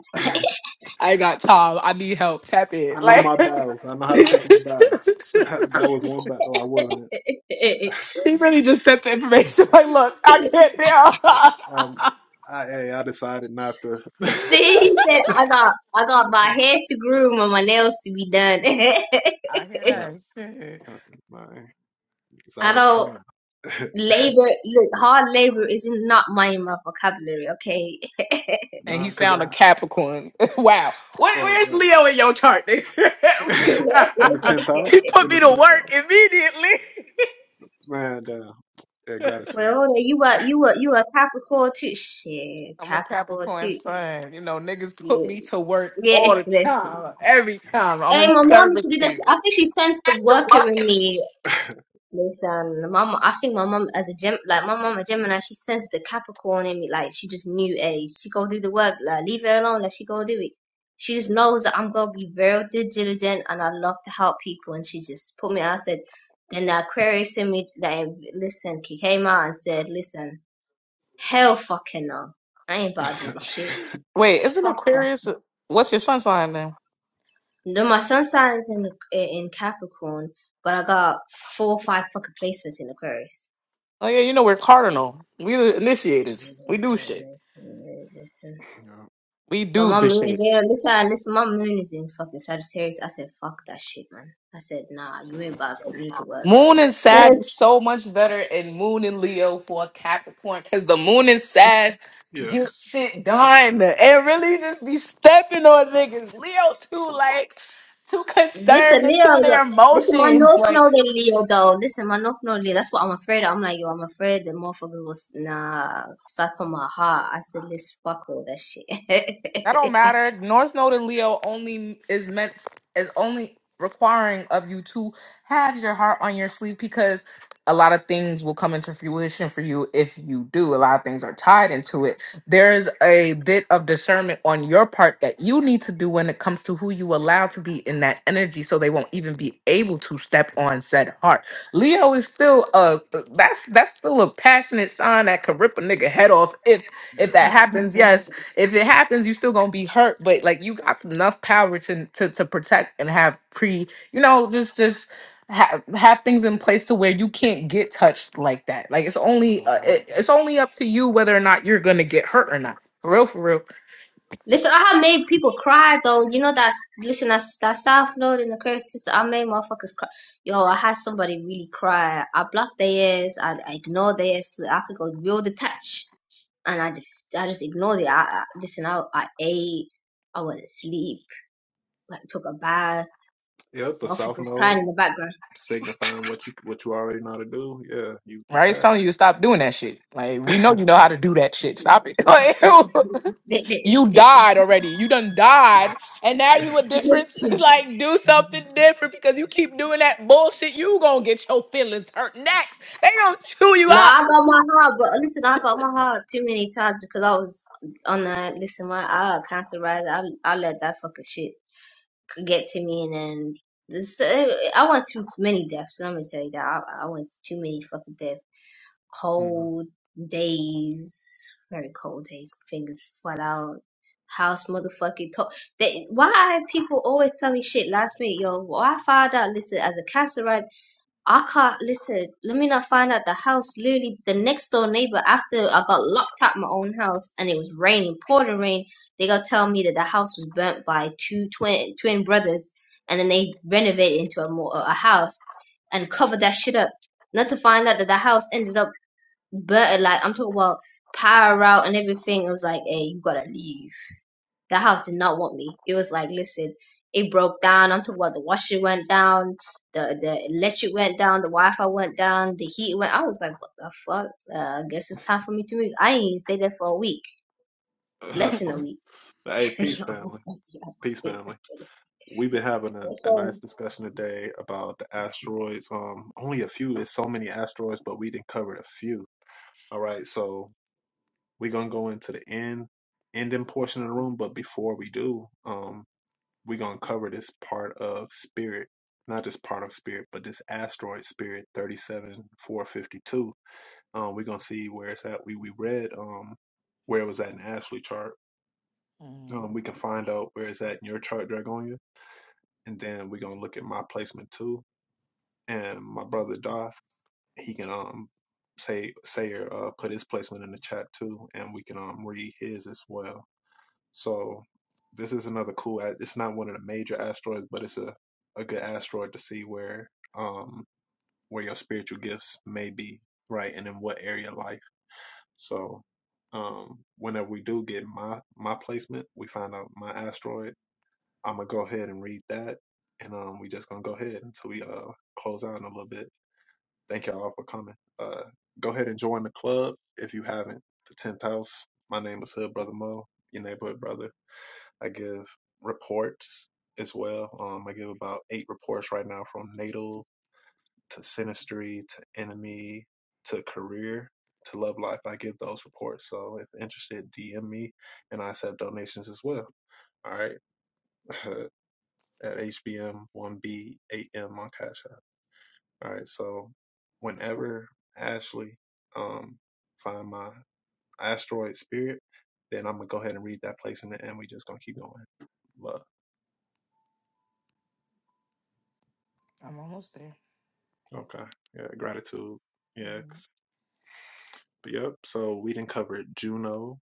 H: I ain't got time. I need help. Tap in.
A: I know
H: Like
A: my battles. I know
H: *laughs*
A: how to
H: he
A: pick my battles. *laughs* that was one battle I wasn't. in.
J: time." *laughs*
H: really just sent the information. *laughs* Like, look, I can't deal.
A: Um,
H: *laughs*
A: I hey, I decided not to. *laughs*
J: He said, "I got, I got my hair to groom and my nails to be done. *laughs*
H: I hear
A: not,
H: that shit.
A: uh, my, 'cause I
J: I
A: was
J: don't
A: trying,
J: labor. Look, hard labor is not my in my vocabulary. Okay.
H: And he
A: nah, cause
H: found a
A: I
H: Capricorn. *laughs* wow. What,
A: right,
H: where's Leo in your chart? nigga?
J: *laughs*
A: right. *laughs* in the tenth
H: *laughs*
A: house,
H: he put
A: in the
H: me to
A: tenth
H: work
A: house,
H: immediately. *laughs*
A: man. Uh, yeah, gratitude.
J: well, hold on, you a, you a, you a Capricorn too? Shit,
H: I'm a
J: Capricorn
H: Capricorn
J: too.
H: sun. You know, niggas put
J: Look,
H: me to work
J: Yeah,
H: all the
J: *laughs* listen.
H: time. Every time I'm
J: Hey,
H: in
J: my mom used to do that. shit.
H: servitude.
J: I think she sensed the
H: That's the
J: worker
H: luck
J: in
H: in the-
J: me.
A: *laughs*
J: Listen, my mom, I think my mom as a gem, like my mom a Gemini, she sensed the Capricorn in me. Like she just knew, hey, she go do the work. Like leave her alone, let she go do it. She just knows that I'm gonna be very diligent and I love to help people. And she just put me. I said, then the Aquarius in me, like listen, he came out and said, listen, hell fucking no, I ain't about to
A: yeah,
J: do this shit.
H: Wait, isn't
J: Fuck that
H: Aquarius?
J: shit.
H: What's your sun sign then?
J: No, my sun sign is in in Capricorn, but I got four or five fucking placements in Aquarius.
H: Oh yeah, you know we're cardinal. We the initiators. We do shit.
J: Listen, listen, listen.
H: We
J: But
H: do
J: my
H: the
J: moon is
H: shit.
J: yeah, listen, listen, my moon is in fucking Sagittarius. I said, fuck that shit, man. I said, nah, you ain't about to put me to work.
H: Moon and
J: *laughs*
H: Sag is so much better in Moon and Leo for a Capricorn because the Moon and Sag
A: yeah,
H: get shit done and really just be stepping on niggas. Leo too like too
J: listen,
H: concerned and
J: Leo,
H: too in their
J: that, listen, my
H: emotions.
J: North
H: Like
J: Node in Leo, though. Listen, my North Node in Leo, that's what I'm afraid of. I'm like, yo, I'm afraid the motherfucker was, nah, suck on my heart. I said, let's fuck all that shit. *laughs*
H: That don't matter. North Node and Leo only is meant is only requiring of you to have your heart on your sleeve because a lot of things will come into fruition for you if you do. A lot of things are tied into it. There's a bit of discernment on your part that you need to do when it comes to who you allow to be in that energy so they won't even be able to step on said heart. Leo is still a that's that's still a passionate sign that could rip a nigga head off if if
A: yeah.
H: that happens. Yes if it happens, you still gonna be hurt, but like you got enough power to to to protect and have pre, you know, just just have have things in place to where you can't get touched like that. Like it's only
A: so,
H: uh, it, it's only up to you whether or not you're gonna get hurt or not. For real, for real.
J: Listen, I have made people cry though. You know that's listen that's that South Florida and the curse. Listen, I made motherfuckers cry. Yo, I had somebody really cry. I blocked their ass. I, I ignored their ass. I could go real detached, and I just I just ignored it. I, I listen. I I ate. I went to sleep. I took a bath.
A: yeah. The south
J: Motherfuckers crying
A: node
J: in the background.
A: signifying what you what you already know how to do. Yeah, you
H: Right? It's
A: detach.
H: telling you to stop doing that shit. Like we know
A: *laughs*
H: you know how to do that shit. Stop it. *laughs* Like, You died already. You done died, and now you a difference. *laughs* like, do
J: *laughs*
H: something different because you keep doing that bullshit. You gonna get your feelings hurt next. They gonna chew you
J: No,
H: up.
J: I got my heart, but listen, I got my heart too many times because I was on a listen. My I cancer rider. I I let that fucking shit get to me, and then this. eh, I went through too many deaths. Let me tell you that I, I went through too many fucking deaths.
A: Mhm.
J: Cold days, very cold days. Fingers flat out. House motherfucking talk. They, why people always tell me shit last minute, yo? Well, I found out. Listen, as a cancer rider. I can't listen. Let me not find out the house. Literally, the next door neighbor. After I got locked out my own house, and it was raining, pouring rain. They got tell me that the house was burnt by two twin twin brothers, and then they renovated into a more a house and covered that shit up. Not to find out that the house ended up burnt. Like I'm talking about power out and everything. It was like, hey, you gotta leave. The house did not want me. It was like, listen, it broke down. I'm talking about the washer went down, the the electric went down, the Wi-Fi went down, the heat went. I was like, what the fuck? Uh, I guess it's time for me to move. I ain't even stay there for a week,
A: That's
J: less than a
A: funny.
J: week.
A: Hey,
J: *laughs*
A: peace,
J: Yo,
A: family. Peace,
J: yo.
A: family. We've been having a,
J: what's
A: a
J: going?
A: nice
J: on?
A: discussion today about the asteroids. Um, only a few. There's so many asteroids, but we didn't cover a few. All right, so we're gonna go into the end ending portion of the room, but before we do, um, we're gonna cover this part of spirit, not just part of spirit, but this asteroid spirit thirty-seven four fifty-two. Um, we're gonna see where it's at. We we read um where it was at in Ashley chart.
H: Mhm.
A: Um, we can find out where it's at in your chart, Dragonia, and then we're gonna look at my placement too and my brother Darth, he can um say say or uh, put his placement in the chat too, and we can um read his as well. So this is another cool. a- It's not one of the major asteroids, but it's a a good asteroid to see where um where your spiritual gifts may be right, and in what area of life. So um whenever we do get my my placement, we find out my asteroid. I'm gonna go ahead and read that, and um we just gonna go ahead until we uh close out in a little bit. Thank y'all for coming. Uh, go ahead and join the club if you haven't. The tenth house. My name is Hood Brother Mo, your neighborhood brother. I give reports as well. Um, I give about eight reports right now from natal to sinistry to enemy to career to love life. I give those reports. So if interested, DM me, and I accept donations as well. All right, *laughs* at HBM1B8M on Cash App. All right, so whenever Ashley um find my asteroid spirit, then I'm gonna go ahead and read that place in the end. We just gonna keep going. Love.
H: I'm almost there.
A: Okay. Yeah, gratitude. Yeah.
H: Mhm.
A: 'cause- but Yep. So we didn't cover Juno.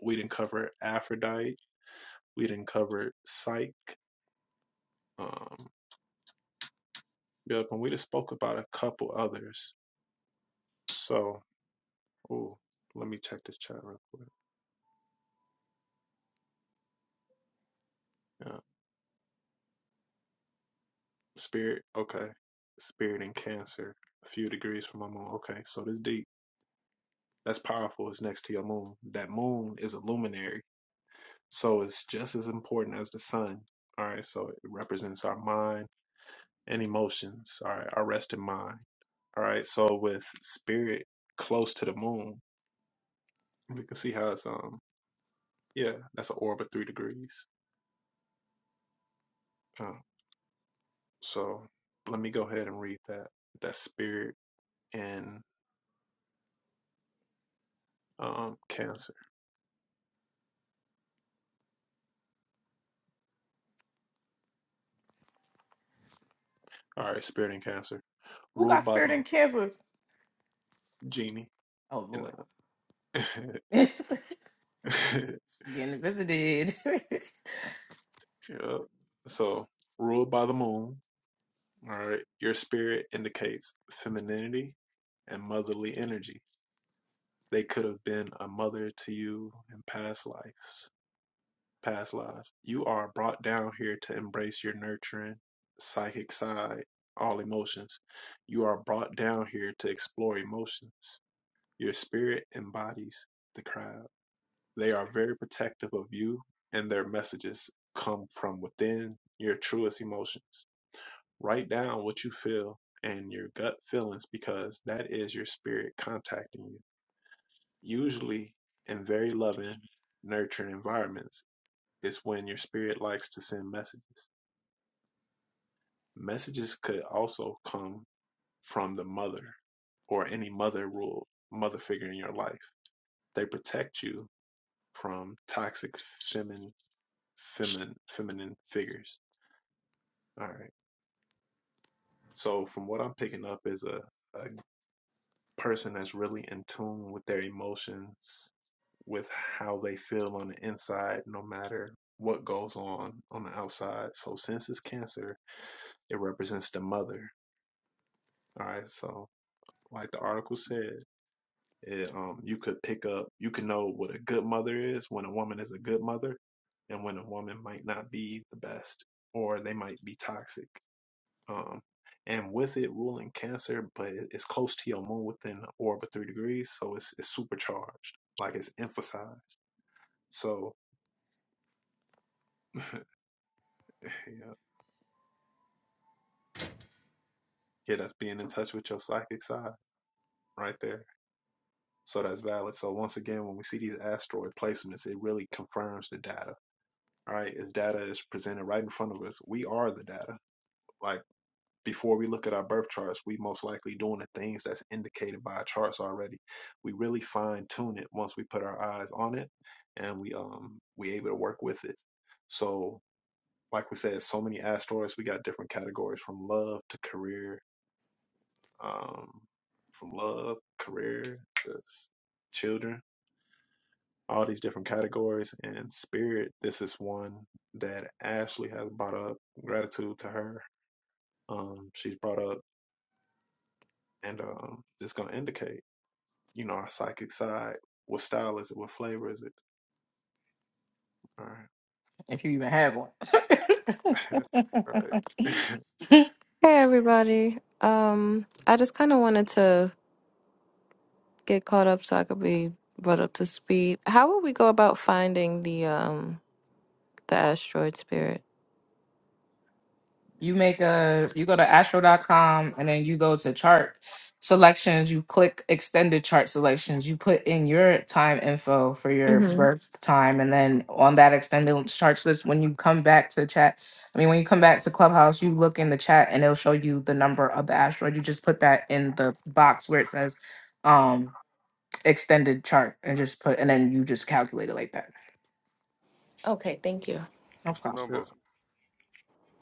A: We didn't cover Aphrodite. We didn't cover Psyche. Um. Yep. And we just spoke about a couple others. So, ooh, let me check this chat real quick. Yeah. Spirit, okay. Spirit and Cancer, a few degrees from my moon. Okay, so this deep. That's powerful. It's next to your moon. That moon is a luminary, so it's just as important as the sun. All right, so it represents our mind and emotions. All right, our rest in mind. All right, so with spirit close to the moon, we can see how it's um yeah, that's an orb of three degrees. Uh, so let me go ahead and read that. That spirit and um Cancer. All right, spirit and Cancer.
H: Who
A: ruled
H: got
A: by the
H: spirit and cancer?
A: genie,
H: Oh
A: and
H: Lord,
A: uh, *laughs*
H: *laughs* Getting visited. *laughs*
A: yeah. so ruled by the moon. All right, your spirit indicates femininity and motherly energy. They could have been a mother to you in past lives. Past lives. You are brought down here to embrace your nurturing psychic side, all emotions. You are brought down here to explore emotions. Your spirit embodies the crowd. They are very protective of you, and their messages come from within your truest emotions. Write down what you feel and your gut feelings because that is your spirit contacting you. Usually, in very loving, nurturing environments, is when your spirit likes to send messages. Messages could also come from the mother or any mother rule, mother figure in your life. They protect you from toxic feminine feminine feminine figures All right. So from what I'm picking up is a, a person that's really in tune with their emotions, with how they feel on the inside, no matter what goes on on the outside. So since it's cancer, it represents the mother. All right. So like the article said, it, um, you could pick up, you can know what a good mother is when a woman is a good mother, and when a woman might not be the best, or they might be toxic. um, and with it ruling Cancer, but it- it's close to your moon within the orb of three degrees, so it's it's supercharged, like it's emphasized. So *laughs* yeah, yeah, that's being in touch with your psychic side right there. So that's valid. So once again, when we see these asteroid placements, it really confirms the data. All right, it's data is presented right in front of us. We are the data. Like before we look at our birth charts, we most likely doing the things that's indicated by our charts already. We really fine tune it once we put our eyes on it and we um we able to work with it. So like we said, so many asteroids, we got different categories from love to career, um, from love, career to children, all these different categories and spirit. This is one that Ashley has brought up. Gratitude to her. Um, she's brought up and um, it's gonna indicate. you know, our psychic side. What style is it? What flavor is it? All right.
H: if you even have
A: *laughs*
H: one.
A: All
H: *laughs*
A: right.
L: Hey everybody. Um, I just kind of wanted to get caught up so I could be brought up to speed. How would we go about finding the um the asteroid spirit?
H: You make a you go to astro dot com and then you go to chart selections, you click extended chart selections, you put in your time info for your
L: Mm-hmm.
H: birth time and then on that extended charts list when you come back to chat, I mean when you come back to Clubhouse, you look in the chat and it'll show you the number of the asteroid. You just put that in the box where it says um extended chart and just put and then you just calculate it like that.
L: Okay, thank you.
H: No
I: What's the
H: problem.
A: *laughs*
I: number?
A: yeah.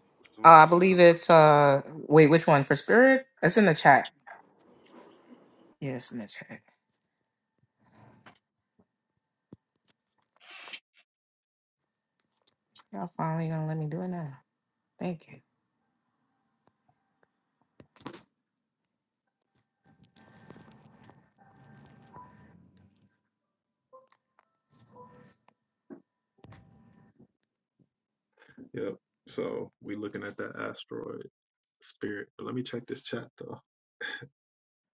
I: What's the
H: Uh, I
I: number?
H: believe it's uh wait, which one for spirit? It's in the chat. Yes, in the chat. Y'all finally gonna let me do it now. Thank you.
A: yeah. So we looking at that asteroid spirit. But let me check this chat though.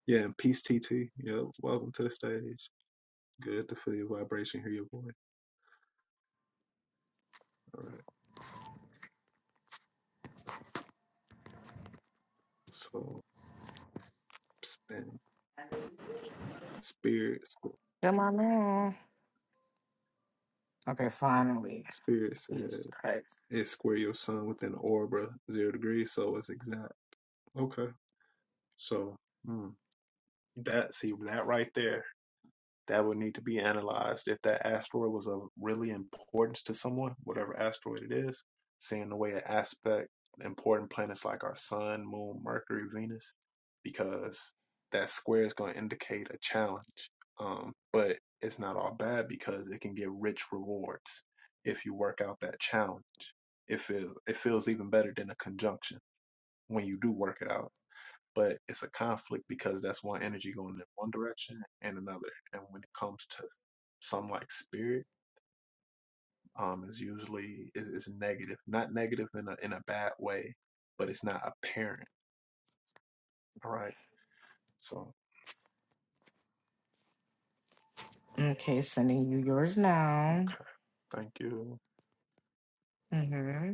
A: Yeah, and peace TT. Yep. Welcome to the stage. Good to feel your vibration, hear your voice. All right. So spin spirit sp-
H: Come on now. Okay, finally.
A: spirit said
H: Jesus Christ.
A: it square your sun within orbit zero degrees, so it's exact. Okay. So mm, that see that right there. that would need to be analyzed if that asteroid was of really importance to someone, whatever asteroid it is, seeing the way it aspect important planets like our sun, moon, Mercury, Venus, because that square is going to indicate a challenge. Um, but it's not all bad because it can get rich rewards if you work out that challenge. It feels it feels even better than a conjunction when you do work it out but it's a conflict because that's one energy going in one direction and another. And when it comes to some like spirit, um, is usually is, is negative, not negative in a in a bad way, but it's not apparent. All right. So
H: Okay, sending you yours now.
A: okay, thank you.
H: Mm-hmm.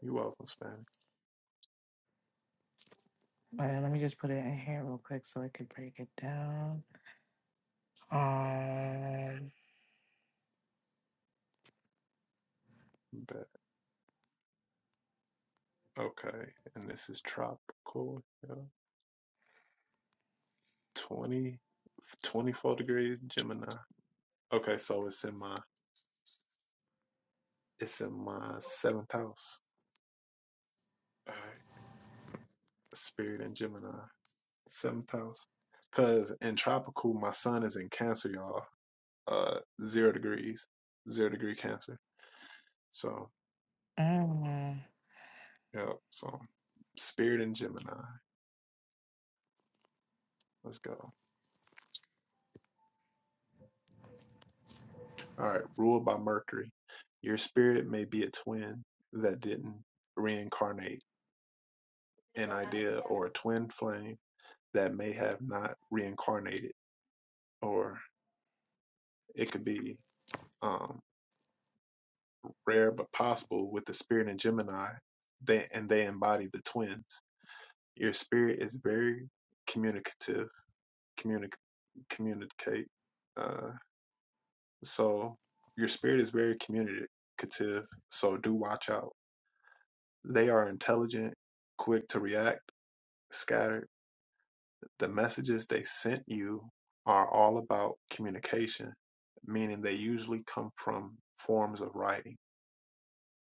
A: You welcome, Spanish.
H: All right, let me just put it in here real quick so I can break it down. Um,
A: But okay, and this is tropical. Yeah. 20, twenty-four degree Gemini. Okay, so it's in my it's in my seventh house. All right, spirit and Gemini. Seventh house. Cause in tropical, my sun is in Cancer, y'all. Uh, zero degrees, zero degree Cancer. So,
H: mm.
A: yep. So, spirit in Gemini. Let's go. All right. Ruled by Mercury, your spirit may be a twin that didn't reincarnate, an idea or a twin flame that may have not reincarnated, or it could be um, rare but possible with the spirit in Gemini. They and they embody the twins. Your spirit is very communicative, communic communicate. Uh, so your spirit is very communicative. So do watch out. They are intelligent, quick to react, scattered. The messages they sent you are all about communication, meaning they usually come from forms of writing.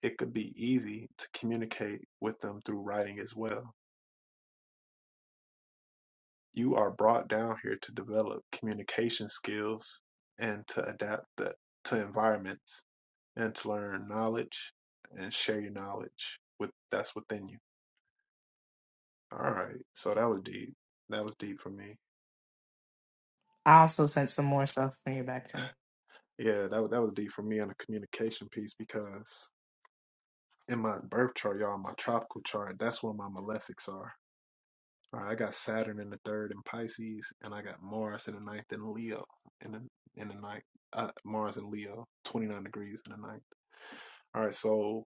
A: It could be easy to communicate with them through writing as well You are brought down here to develop communication skills and to adapt the, to environments and to learn knowledge and share your knowledge with that's within you. All right. So that was deep. That was deep for me.
H: I also sent some more stuff for you back to me.
A: Yeah, that was that was deep for me on the communication piece because in my birth chart, y'all, my tropical chart, that's where my malefics are. All right, I got Saturn in the third in Pisces, and I got Mars in the ninth in Leo. In the in the ninth, uh, Mars in Leo, twenty nine degrees in the ninth. All right, so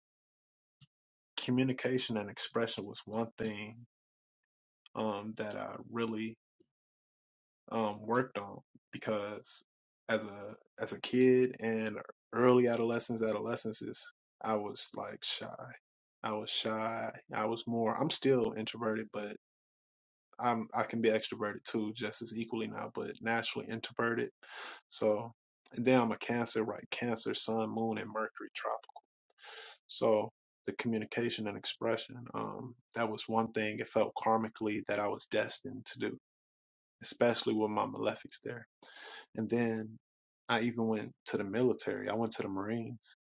A: communication and expression was one thing um, that I really um, worked on because as a as a kid and early adolescence, adolescences, I was like shy. I was shy. I was more. I'm still introverted, but I'm I can be extroverted too, just as equally now. But naturally introverted. So and then I'm a Cancer, right? Cancer, Sun, Moon, and Mercury, tropical. So the communication and expression, um, that was one thing it felt karmically that I was destined to do, especially with my malefics there. And then I even went to the military. I went to the Marines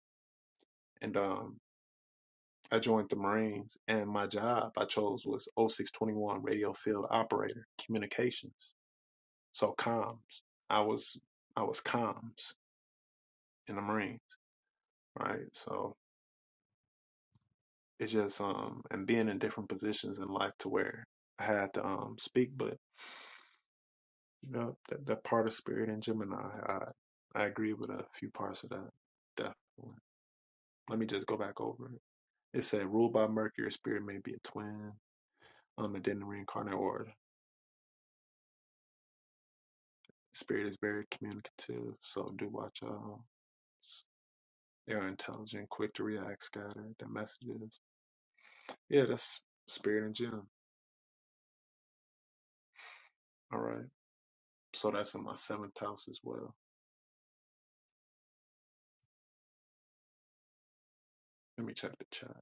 A: and um, I joined the Marines. And my job I chose was O six twenty one radio field operator communications. So comms. I was I was comms in the Marines, right? So It's just um and being in different positions in life to where I had to um speak, but you know that, that part of spirit in Gemini, I I agree with a few parts of that definitely. Let me just go back over it. It said ruled by Mercury, spirit may be a twin, um, and then reincarnate or spirit is very communicative, so do watch out. S- They're intelligent, quick to react, scatter Their messages, yeah, that's spirit in Gemini. All right, so that's in my seventh house as well. Let me check the chat.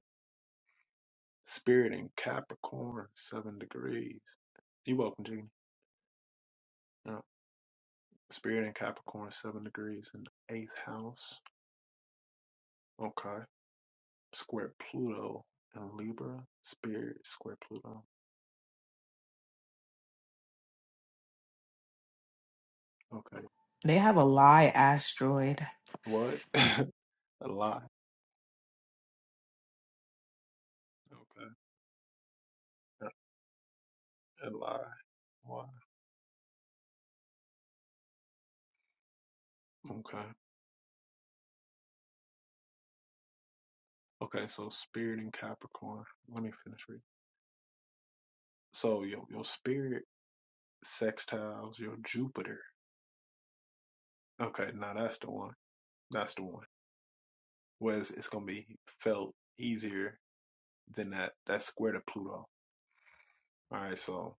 A: Spirit in Capricorn, seven degrees. You're welcome, Genie. Yeah. Spirit in Capricorn, seven degrees in the eighth house. Okay. Square Pluto in Libra. Spirit, square Pluto. Okay.
H: They have a lie asteroid.
A: What? *laughs* A lie. Okay. A lie. Why? Okay. Okay, so spirit in Capricorn. Let me finish reading. So your your spirit sextiles your Jupiter. Okay, now that's the one. That's the one. whereas it's gonna be felt easier than that that square to Pluto. All right, so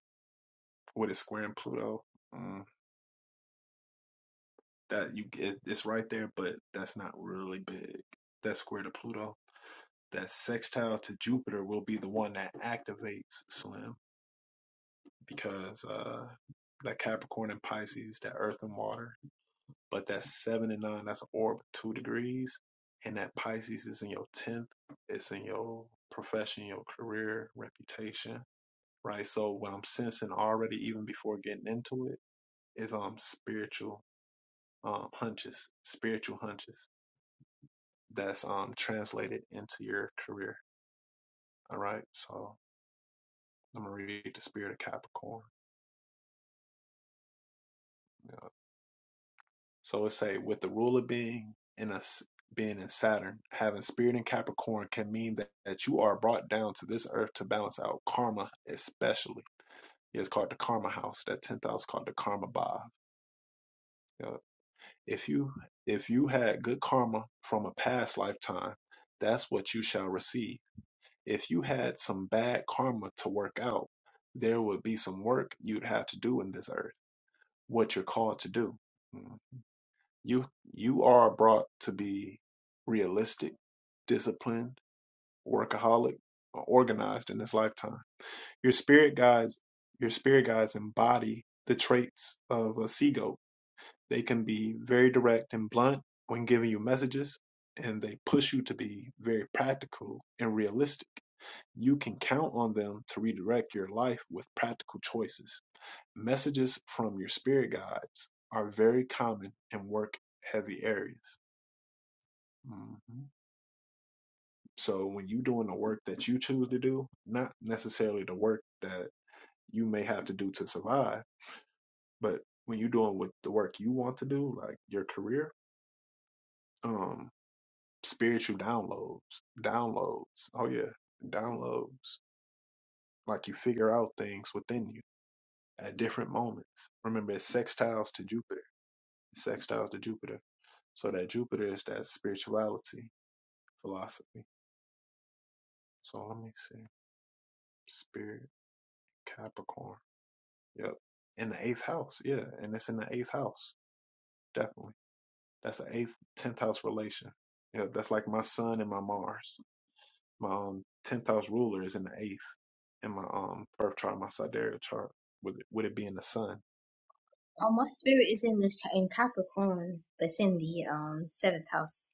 A: with it squaring Pluto, mm, that you it, it's right there, but that's not really big. That square to Pluto, that sextile to Jupiter will be the one that activates Slim because uh that Capricorn and Pisces, that Earth and water, but that seven and nine, that's an orb two degrees, and that Pisces is in your tenth, it's in your profession, your career, reputation right? So what I'm sensing already, even before getting into it, is um spiritual um hunches, spiritual hunches that's um translated into your career. All right. So I'm gonna read the spirit of Capricorn. Yeah. So it say with the ruler being in a being in Saturn, having spirit in Capricorn can mean that, that you are brought down to this earth to balance out karma, especially. Yeah, It's called the karma house. That tenth house called the karma bar. If you if you had good karma from a past lifetime, that's what you shall receive. If you had some bad karma to work out, there would be some work you'd have to do in this earth, what you're called to do. Mm. You you are brought to be realistic, disciplined, workaholic, or organized in this lifetime. Your spirit guides your spirit guides embody the traits of a seagoat they can be very direct and blunt when giving you messages, and they push you to be very practical and realistic. You can count on them to redirect your life with practical choices. Messages from your spirit guides are very common in work heavy areas. hmm So when you're doing the work that you choose to do, not necessarily the work that you may have to do to survive, but when you're doing with the work you want to do, like your career, um. spiritual downloads, downloads. Oh yeah, downloads. Like you figure out things within you at different moments. Remember, it's sextiles to Jupiter. It's sextiles to Jupiter. So that Jupiter is that spirituality philosophy. So let me see. Spirit Capricorn. Yep. In the eighth house. Yeah. And it's in the eighth house. Definitely. That's an eighth, tenth house relation. Yep. That's like my sun and my Mars. My um tenth house ruler is in the eighth in my um birth chart, my sidereal chart, with it, with it being the sun.
J: Oh, my spirit is in the in Capricorn, but it's in the um seventh house.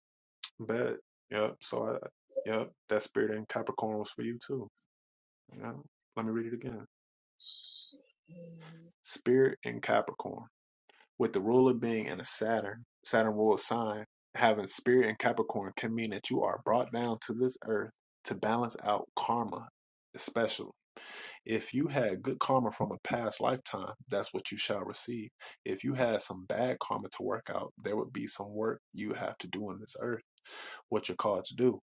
A: But yep, so I yep, that spirit in Capricorn was for you too. Yeah. Let me read it again.
J: Shit.
A: Spirit in Capricorn, with the ruler being in a Saturn, Saturn ruled sign, having spirit in Capricorn can mean that you are brought down to this earth to balance out karma, especially. If you had good karma from a past lifetime, that's what you shall receive. If you had some bad karma to work out, there would be some work you have to do on this earth, what you're called to do.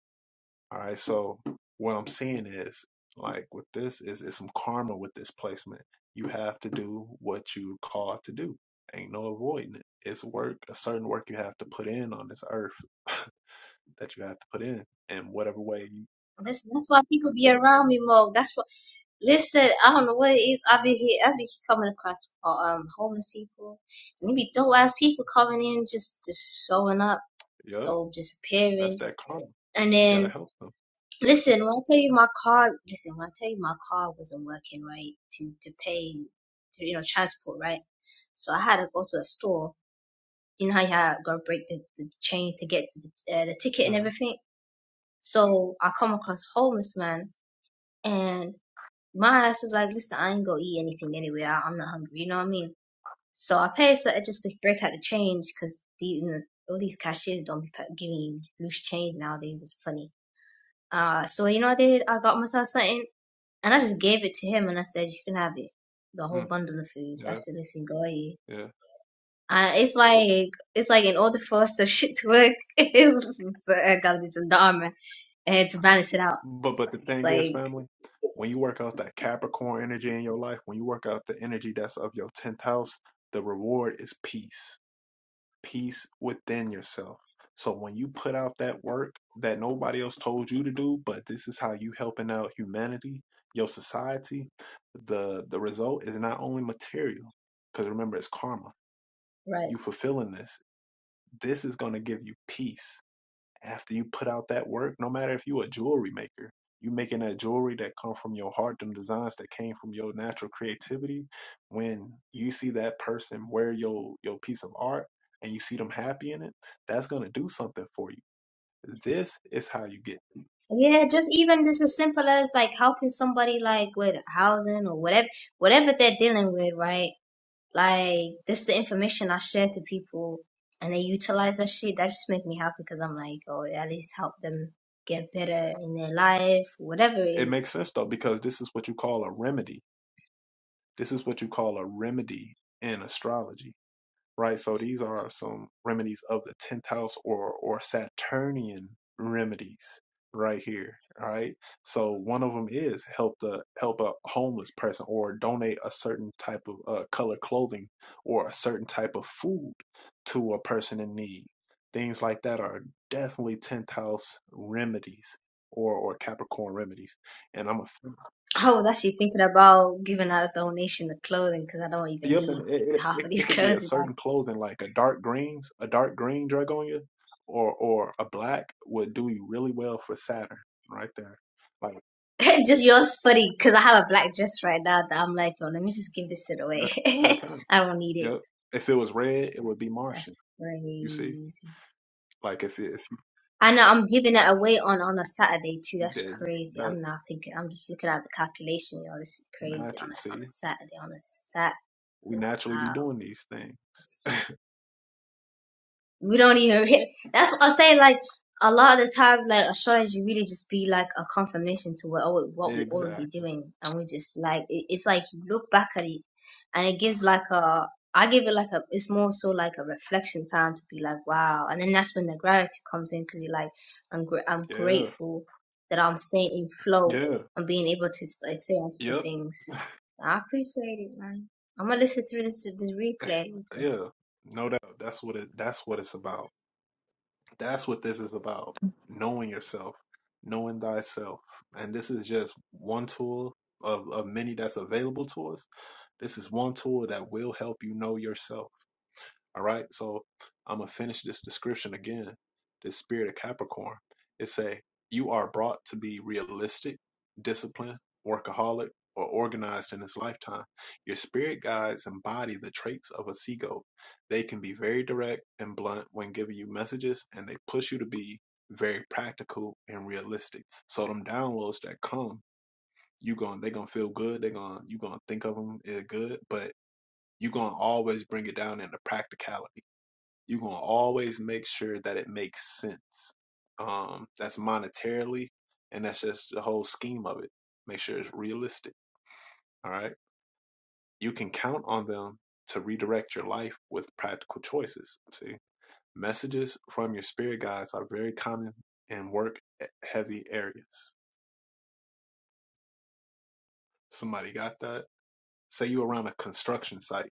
A: All right. So what I'm seeing is like with this is is some karma with this placement. You have to do what you called to do. Ain't no avoiding it. It's work, a certain work you have to put in on this earth *laughs* that you have to put in. And whatever way you
J: Listen, that's why people be around me more. That's what. Listen, I don't know what it is. I be here. I be coming across uh, um homeless people, and it be dope ass people coming in, just just showing up
A: yep,
J: or
A: that's
J: disappearing.
A: that karma.
J: And
A: You gotta
J: then
A: help them.
J: listen, when I tell you my car, listen, when I tell you my car wasn't working right to to pay, to you know transport right, so I had to go to a store. You know how you had to go break the, the chain to get the, uh, the ticket and
A: hmm
J: everything. So I come across a homeless man, and. my ass was like, listen, I ain't gonna eat anything anyway. I, I'm not hungry. You know what I mean? So I paid so just to break out the change because the, you know, all these cashiers don't be giving you loose change nowadays. It's funny. Uh, so you know what I did? I got myself something and I just gave it to him and I said, you can have it. The whole
A: Mm,
J: bundle of food. I
A: yeah,
J: said, listen, go eat.
A: yeah.
J: Uh, it's like it's like in order for us to *laughs* shit to work, *laughs* it's, I gotta do some dharma and to balance it out.
A: But but the thing is,
J: Like
A: family, when you work out that Capricorn energy in your life, when you work out the energy that's of your tenth house, the reward is peace, peace within yourself. So when you put out that work that nobody else told you to do, but this is how you helping out humanity, your society, the the result is not only material, because remember it's karma.
J: right.
A: You fulfilling this, this is going to give you peace after you put out that work, no matter if you a jewelry maker, you making that jewelry that come from your heart, them designs that came from your natural creativity. When you see that person wear your your piece of art and you see them happy in it, that's gonna do something for you. This is how you get.
J: Yeah, just even just as simple as like helping somebody like with housing or whatever whatever they're dealing with, right? Like this the information I share to people and they utilize that shit, that just make me happy because I'm like, oh it at least help them get better in their life, whatever it
A: It
J: is.
A: makes sense though because this is what you call a remedy. This is what you call a remedy in astrology right? So these are some remedies of the 10th house or, or Saturnian remedies right here, all right? So one of them is help the help a homeless person or donate a certain type of uh, color clothing or a certain type of food to a person in need. Things like that are definitely 10th house remedies or or Capricorn remedies. And I'm a.
J: I was actually thinking about giving out a donation of clothing because I don't even
A: Yep,
J: need
A: and it, it,
J: half
A: it
J: of these
A: it could be
J: clothes.
A: a certain clothing, like a dark greens, a dark green dragonia, or or a black would do you really well for Saturn, right there. Like
J: Like, *laughs* just yours funny because I have a black dress right now that I'm like, oh, let me just give this shit away.
A: that's
J: *laughs*
A: Saturn.
J: I don't need it.
A: Yep. If it was red, it would be
J: That's
A: Martian. You see,
J: crazy.
A: like if it- if you
J: I know I'm giving it away on on a Saturday too. That's
A: did
J: crazy.
A: that
J: I'm now thinking. I'm just looking at the calculation. Yo, this is crazy on
A: naturally,
J: a on
A: see,
J: a Saturday. On a Saturday.
A: we naturally be
J: Wow.
A: doing these things.
J: we don't even really, that's what I say like a lot of the time like astrology really just be like a confirmation to what what we're already
A: Exactly.
J: doing and we just like it, it's like you look back at it and it gives like a I give it like a it's more so like a reflection time to be like wow and then that's when the gratitude comes in because you're like I'm gr- I'm
A: Yeah.
J: grateful that I'm staying in flow
A: Yeah.
J: and being able to st- stay on top of
A: Yep.
J: things I appreciate it man I'm gonna listen through this this replay listen
A: Yeah. No doubt. That's what it. That's what it's about. That's what this is about. Knowing yourself, knowing thyself. And this is just one tool of, of many that's available to us. This is one tool that will help you know yourself all right. So I'm gonna finish this description again. This spirit of Capricorn. It say you are brought to be realistic, disciplined, workaholic, or organized in this lifetime. Your spirit guides embody the traits of a seagull. They can be very direct and blunt when giving you messages, and they push you to be very practical and realistic. So them downloads that come, you going they gonna feel good. They gonna you gonna think of them as good, but you gonna always bring it down into practicality you're gonna always make sure that it makes sense. Um, that's monetarily, and that's just the whole scheme of it. Make sure it's realistic. All right, you can count on them to redirect your life with practical choices. See, messages from your spirit guides are very common in work-heavy areas. Somebody got that? say you around a construction site,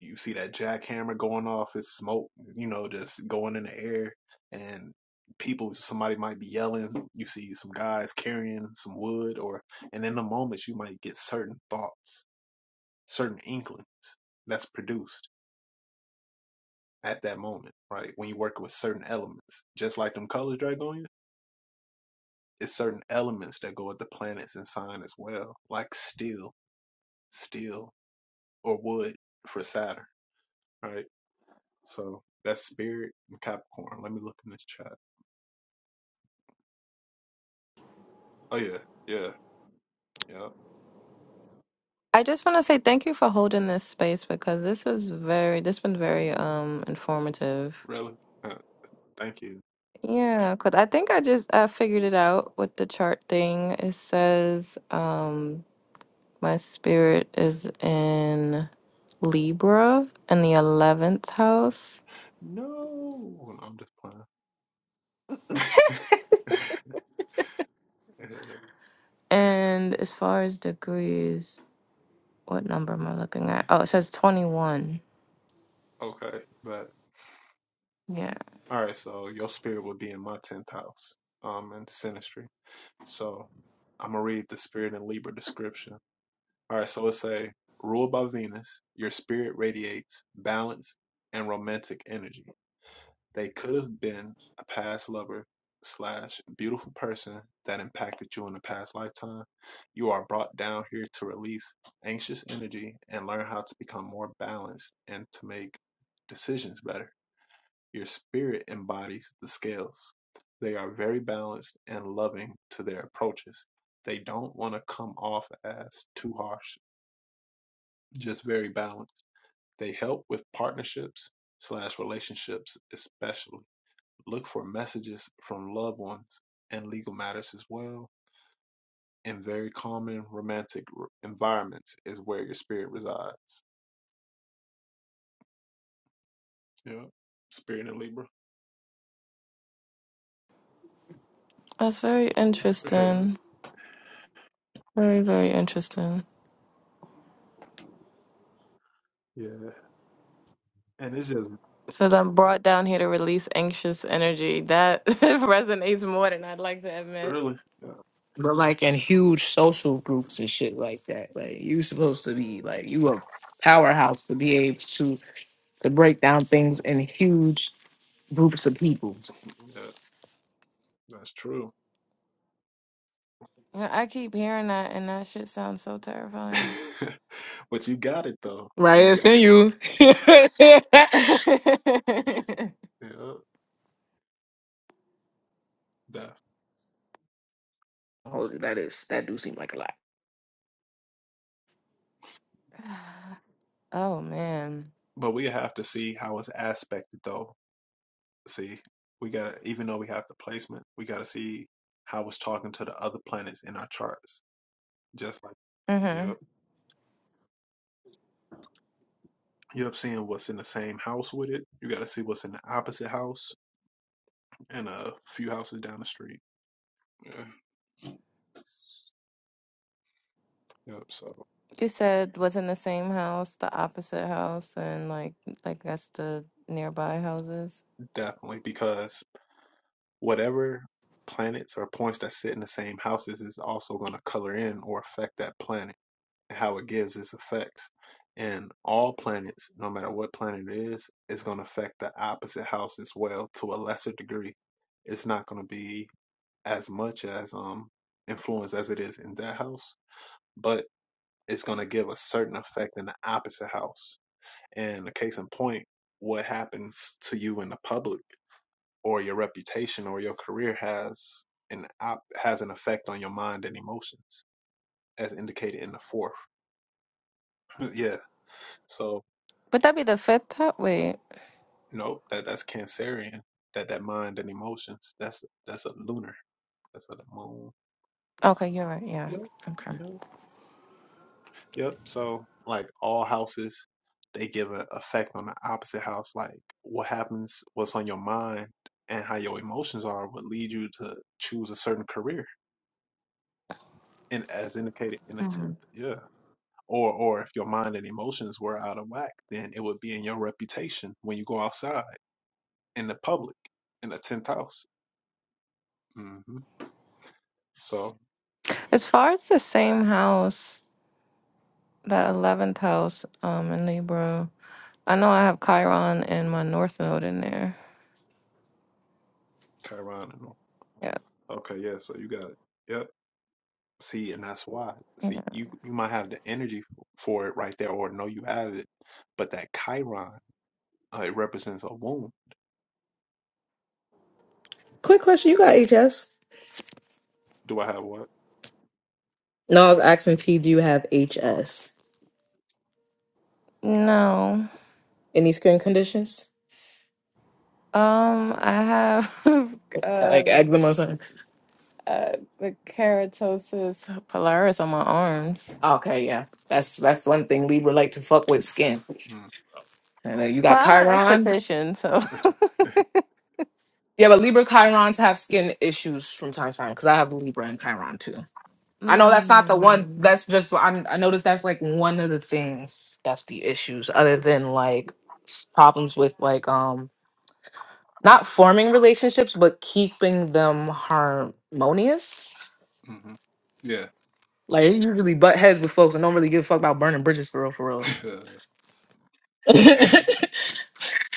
A: you see that jackhammer going off, it's smoke, you know, just going in the air, and people, somebody might be yelling. You see some guys carrying some wood, or and in the moments you might get certain thoughts, certain inklings that's produced at that moment, right? When you work with certain elements, just like them colors dragonia, it's certain elements that go with the planets and sign as well, like steel, steel, or wood for Saturn, right? So that's Spirit and Capricorn. Let me look in this chat. Oh yeah, yeah, yeah.
L: I just want to say thank you for holding this space because this is very this been very um informative.
A: Really? Huh, Thank you.
L: Yeah, cause I think I just I figured it out with the chart thing. It says um my spirit is in Libra in the eleventh house.
A: No, No, I'm just playing. *laughs* Yeah,
L: And as far as degrees, what number am I looking at? Oh, it says 21.
A: Okay, but
L: Yeah.
A: all right. So your spirit would be in my tenth house, um, in Sinistry. So I'm gonna read the spirit in Libra description. All right. So it say, ruled by Venus, your spirit radiates balance and romantic energy. They could have been a past lover slash beautiful person that impacted you in a past lifetime. You are brought down here to release anxious energy and learn how to become more balanced and to make decisions better. Your spirit embodies the scales. They are very balanced and loving to their approaches. They don't want to come off as too harsh, just very balanced. They help with partnerships slash relationships, especially Look for messages from loved ones and legal matters as well. In very common romantic environments is where your spirit resides. Yeah. Spirit in Libra.
L: That's very
A: *laughs*
L: interesting. Very, very interesting.
A: yeah. And it's just
L: It says I'm brought down here to release anxious energy. That *laughs* resonates more than I'd like to admit.
A: really, yeah,
H: But like in huge social groups and shit like that. Like you supposed to be like you a powerhouse to be able to to break down things in huge groups of people.
A: mm, yeah that's true.
L: Yeah, I keep hearing that, and that shit sounds so terrifying.
A: *laughs* but you got it though.
H: Right,
A: You
H: it's
A: got
H: in
A: it.
H: you. *laughs*
L: *laughs*
A: Yeah. def-
H: Oh, that is that do seem like a lot.
L: oh, man.
A: But we have to see how it's aspected though. See, we got to, even though we have the placement, we got to see how it's talking to the other planets in our charts. Just like,
L: hmm
A: yeah. you end up seeing what's in the same house with it. You got to see what's in the opposite house and a few houses down the street. Yeah. Yep. So
L: You said was in the same house, the opposite house, and like, like that's the nearby houses.
A: definitely because whatever planets or points that sit in the same houses is also going to color in or affect that planet and how it gives its effects. And all planets, no matter what planet it is, is going to affect the opposite house as well to a lesser degree. It's not going to be as much as um influence as it is in that house, but it's going to give a certain effect in the opposite house. And a case in point, what happens to you in the public or your reputation or your career has an op- has an effect on your mind and emotions, as indicated in the fourth. *laughs* yeah. So
L: Would that be the fifth house? Wait.
A: nope, that that's Cancerian. That that mind and emotions. That's that's a lunar. That's a moon.
L: Okay, you're right. Yeah.
A: Yep. Yep. Yep. So like all houses, they give an effect on the opposite house. Like what happens, what's on your mind, and how your emotions are would lead you to choose a certain career. And as indicated in the tenth,
L: Mhm.
A: yeah. Or or if your mind and emotions were out of whack, then it would be in your reputation when you go outside in the public in the tenth house. hmm So
L: As far as the same house, that eleventh house, um, in Libra. I know I have Chiron and my North Node in there.
A: Chiron and all.
L: Yeah.
A: Okay, yeah. So you got it. Yep. See, and that's why. See, you you might have the energy f- for it right there, or know you have it, but that Chiron, uh, it represents a womb.
H: Quick question, you got HS?
A: Do I have what?
H: No, I was asking T, do you have
A: Uh,
H: HS?
L: No.
H: Any skin conditions?
L: Um, I have *laughs*
H: Like
L: um
H: eczema or something.
L: uh, the keratosis pilaris on my arms.
H: Okay, yeah. That's that's one thing Libra like to fuck with skin.
A: Mm,
H: And then you got
L: Well, I'm an
H: Chirons.
L: esthetician, so. *laughs*
H: Yeah, but Libra Chirons have skin issues from time to time because I have Libra and Chiron too. I know that's not the one.
L: mm,
H: That's just i I noticed that's like one of the things that's the issues, other than like s- problems with like um not forming relationships, but keeping them harmonious.
A: hmm Yeah.
H: Like it usually butt heads with folks and don't really give a fuck about burning bridges for real, for
A: *laughs*
H: real.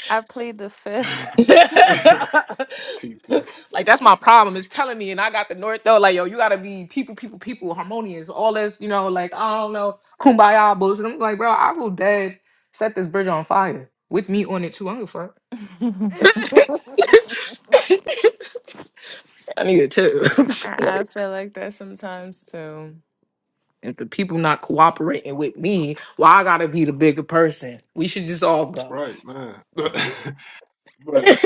L: I plead the fifth.
H: *laughs*
A: see,
H: like that's my problem. It's telling me, and I got the north though. Like yo, you gotta be people, people, people, harmonious, all this. You know, like I don't know, kumbaya bullshit. I'm like, bro, I will dead set this bridge on fire with me on it too. I'm fuck.
L: *laughs* I
H: *laughs* I need it too. *laughs*
L: I
H: like,
L: feel like that sometimes too.
H: if the people not cooperating with me, well, I gotta be the bigger person. We should just all go.
A: right, man. *laughs*
H: *laughs*
A: but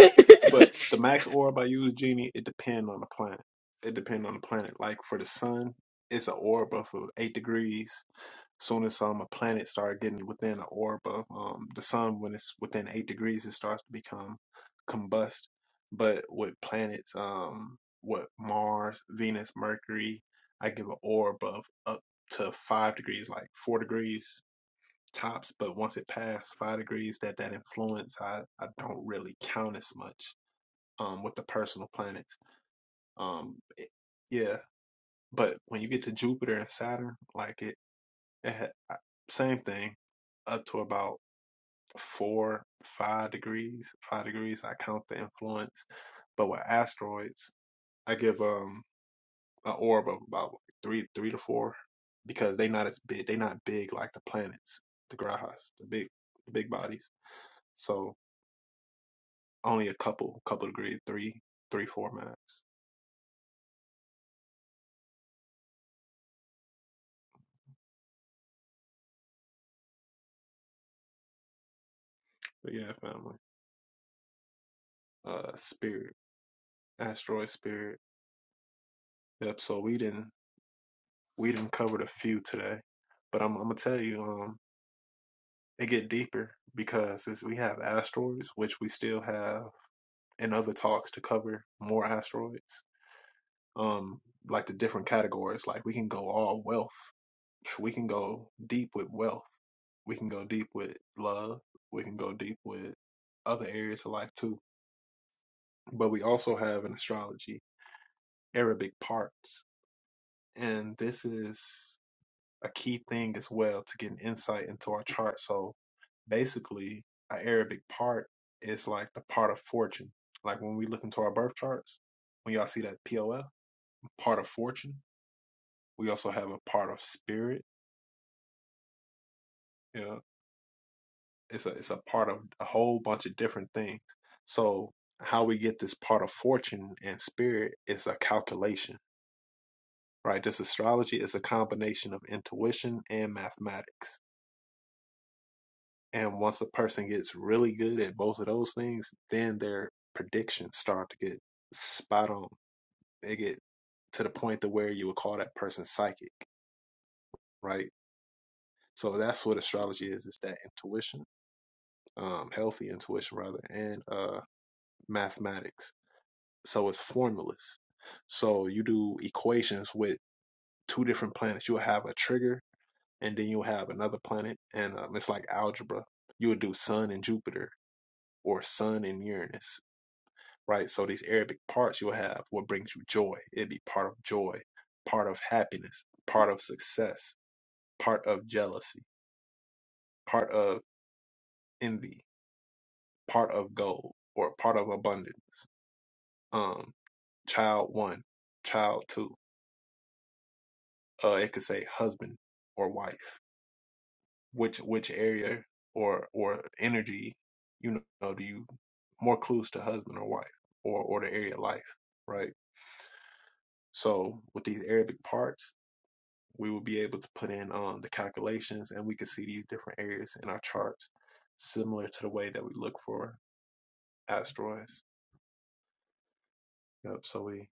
A: but the max orb I use, Genie, it depend on the planet. It depend on the planet. Like for the sun, it's an orb of eight degrees. Soon as um, a planet started getting within the orb of um, the sun, when it's within eight degrees, it starts to become combust. But with planets, um, what Mars, Venus, Mercury, I give an orb of up to five degrees, like four degrees tops. But once it passed five degrees, that that influence, I I don't really count as much um, with the personal planets. Um, it- yeah, but when you get to Jupiter and Saturn, like it. It had, same thing, up to about four, five degrees. Five degrees, I count the influence. But with asteroids, I give um an orb of about three, three to four, because they not as big. They not big like the planets, the grajas, the big, the big bodies. So only a couple, couple degree, three, three, four max. But yeah, family. Uh, spirit, asteroid spirit. Yep. So we didn't, we didn't cover a few today, but I'm, I'm gonna tell you. Um, It get deeper because as we have asteroids, which we still have in other talks to cover more asteroids, um, like the different categories, like we can go all wealth. We can go deep with wealth. We can go deep with love. We can go deep with other areas of life too. But we also have in astrology Arabic parts. And this is a key thing as well to get an insight into our chart. So basically, our Arabic part is like the part of fortune. Like when we look into our birth charts, when y'all see that POL, part of fortune, we also have a part of spirit. You know, it's a it's a part of a whole bunch of different things. So how we get this part of fortune and spirit is a calculation, right? This astrology is a combination of intuition and mathematics And once a person gets really good at both of those things, then their predictions start to get spot on. They get to the point to where you would call that person psychic, right? So that's what astrology is. It's that intuition, um, healthy intuition rather, and uh, mathematics. So it's formulas. So you do equations with two different planets. You'll have a trigger, and then you'll have another planet, and um, it's like algebra. You would do Sun and Jupiter, or Sun and Uranus right? So these Arabic parts you'll have what brings you joy. It'd be part of joy, part of happiness, part of success, part of jealousy, part of envy, part of gold, or part of abundance. Um, child one, child two. Uh, it could say husband or wife. Which which area or or energy, you know, do you more clues to husband or wife or or the area of life, right? So with these Arabic parts, we will be able to put in um, the calculations and we can see these different areas in our charts, similar to the way that we look for asteroids. Yep. So we,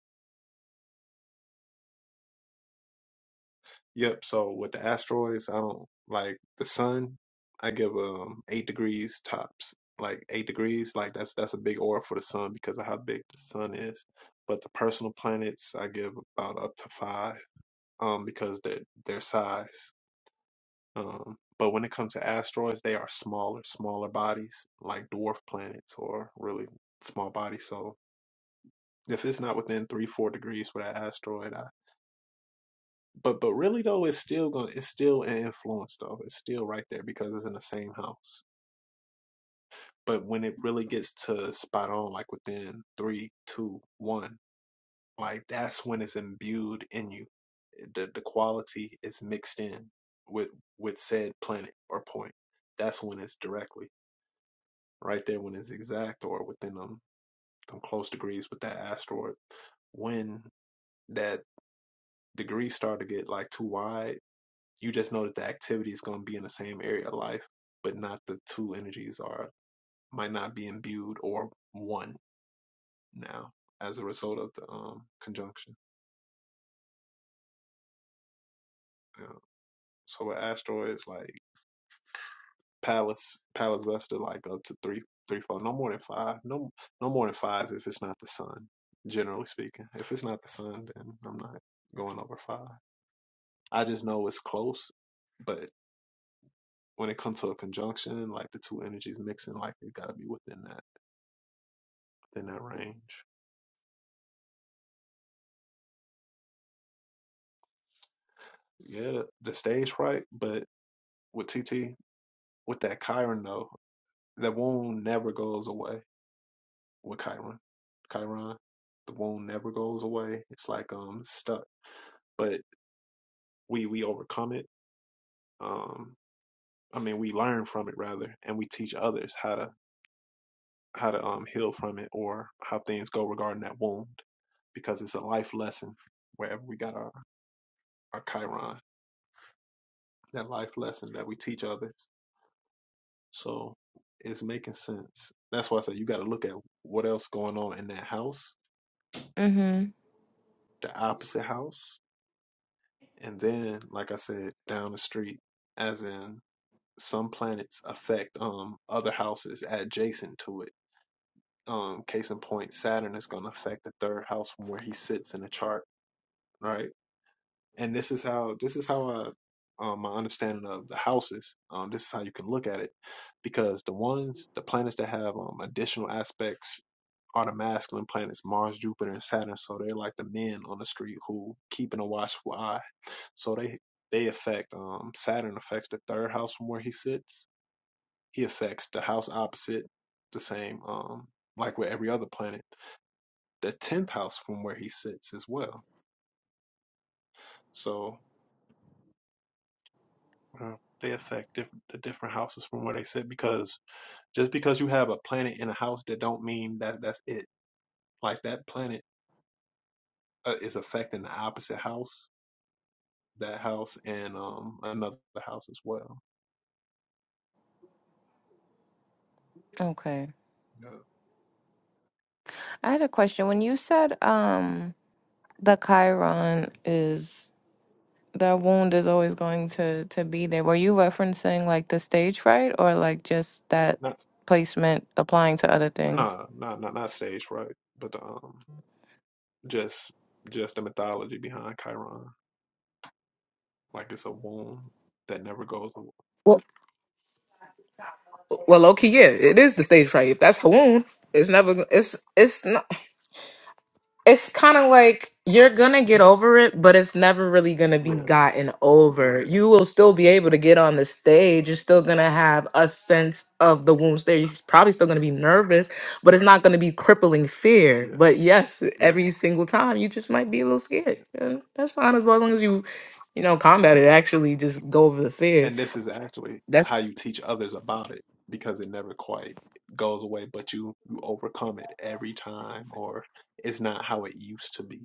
A: yep. So with the asteroids, I don't like the sun. I give um eight degrees tops, like eight degrees. Like that's that's a big order for the sun because of how big the sun is. But the personal planets, I give about up to five, um, because their their size. Um, but when it comes to asteroids, they are smaller, smaller bodies like dwarf planets or really small bodies. So if it's not within three, four degrees for that asteroid, I, but but really though, it's still going to it's still an influence though. It's still right there because it's in the same house. But when it really gets to spot on, like within three, two, one, like that's when it's imbued in you. The the quality is mixed in with with said planet or point. That's when it's directly. right there when it's exact or within them, them close degrees with that asteroid. When that degree start to get like too wide, you just know that the activity is going to be in the same area of life, but not the two energies are might not be imbued or one now as a result of the um, conjunction. Yeah. So with asteroids, like Palace Palace Buster like up to three three four no more than five no no more than five if it's not the sun generally speaking if it's not the sun then I'm not going over five I just know it's close but when it comes to a conjunction like the two energies mixing like it got to be within that within that range yeah the, the stage fright but with TT with that Chiron though that wound never goes away with Chiron Chiron the wound never goes away it's like um stuck but we we overcome it. Um, I mean, we learn from it rather, and we teach others how to how to um, heal from it or how things go regarding that wound, because it's a life lesson. Wherever we got our our Chiron, that life lesson that we teach others. So it's making sense. That's why I say you got to look at what else going on in that house,
L: Mm-hmm.
A: the opposite house, and then, like I said, down the street, as in some planets affect um other houses adjacent to it um case in point saturn is going to affect the third house from where he sits in the chart right and this is how this is how i um, my understanding of the houses um this is how you can look at it because the ones the planets that have um additional aspects are the masculine planets mars jupiter and saturn so they're like the men on the street who keeping a watchful eye so they they affect um saturn affects the third house from where he sits he affects the house opposite the same um like with every other planet the tenth house from where he sits as well. So uh, they affect different the different houses from where they sit because just because you have a planet in a house, that don't mean that that's it. Like that planet uh, is affecting the opposite house, that house, and um another house as well.
L: Okay.
A: Yeah.
L: I had a question. When you said um the Chiron is that wound is always going to to be there, were you referencing like the stage fright or like just that
A: Not
L: placement applying to other things?
A: no not not not stage right, but um just just the mythology behind Chiron, like it's a womb that never goes
H: well, well, okay, yeah, it is the stage fright. If that's Hawoon, it's never. It's it's not. it's kind of like you're gonna get over it, but it's never really gonna be
A: away. Yeah.
H: gotten over.
A: Yes.
H: You will still be able to get on the stage. You're still gonna have a sense of the wounds there. You're probably still gonna be nervous, but it's not gonna be crippling
A: Yeah.
H: fear. But yes, every single time you just might be a little scared, and that's fine as long as you, you know, combat it. Actually, just go over the fear.
A: and this is actually
H: That's
A: how you teach others about it because it never quite goes away but you you overcome it every time or it's not how it used to be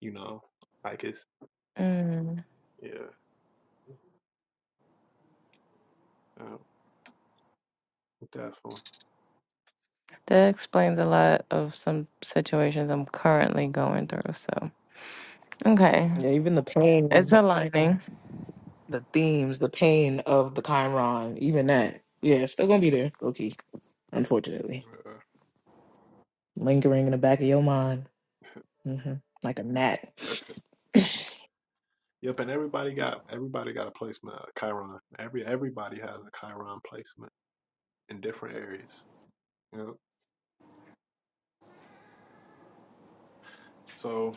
A: you know like it's
L: Mm.
A: yeah um, definitely
L: That explains a lot of some situations I'm currently going through. So okay,
H: yeah, even the
L: it's
H: pain,
L: aligning.
H: the themes, the pain of the Chiron, even that. Yeah, it's still gonna be there, Loki. Unfortunately.
A: yeah.
H: lingering in the back of your mind, hmm like a gnat.
A: *laughs* yep and everybody got everybody got a placement uh, chiron every everybody has a chiron placement in different areas yep so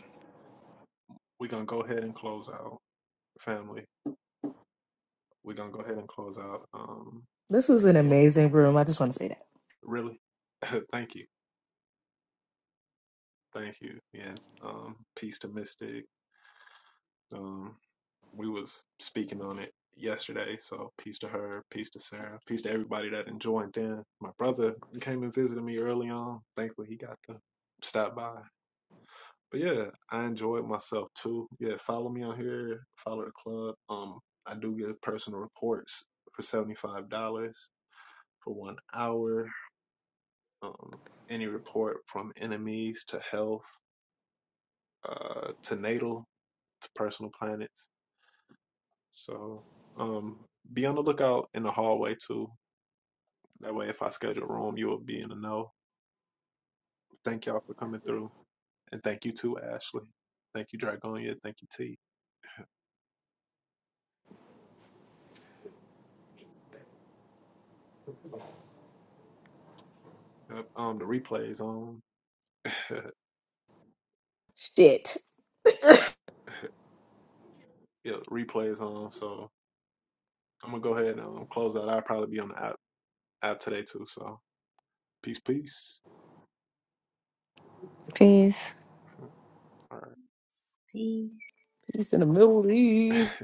A: we're gonna go ahead and close out family we're gonna go ahead and close out um
H: This was
A: yep
H: an
A: go
H: amazing room. I just want to say that.
A: really *laughs* thank you Thank you. Yeah. Um, peace to Mystic. Um, we was speaking on it yesterday, so peace to her, peace to Sarah, peace to everybody that enjoyed them. My brother came and visited me early on. Thankfully he got to stop by. But yeah, I enjoyed myself too. Yeah, follow me on here, follow the club. Um, I do give personal reports for seventy five dollars for one hour. Um, any report from enemies to health, uh, to natal, to personal planets So um, be on the lookout in the hallway too. That way, if I schedule room, you will be in the know. Thank y'all for coming through, and thank you too, Ashley. Thank you, Dragonia. Thank you, T. Yep, um, the replay is on. *laughs*
H: Shit.
A: yeah, replay is on. So I'm gonna go ahead and um, close out. I'll probably be on the app app today too. So peace, peace.
L: Peace.
A: *laughs* All right.
J: peace.
H: Peace in the Middle East.
A: *laughs*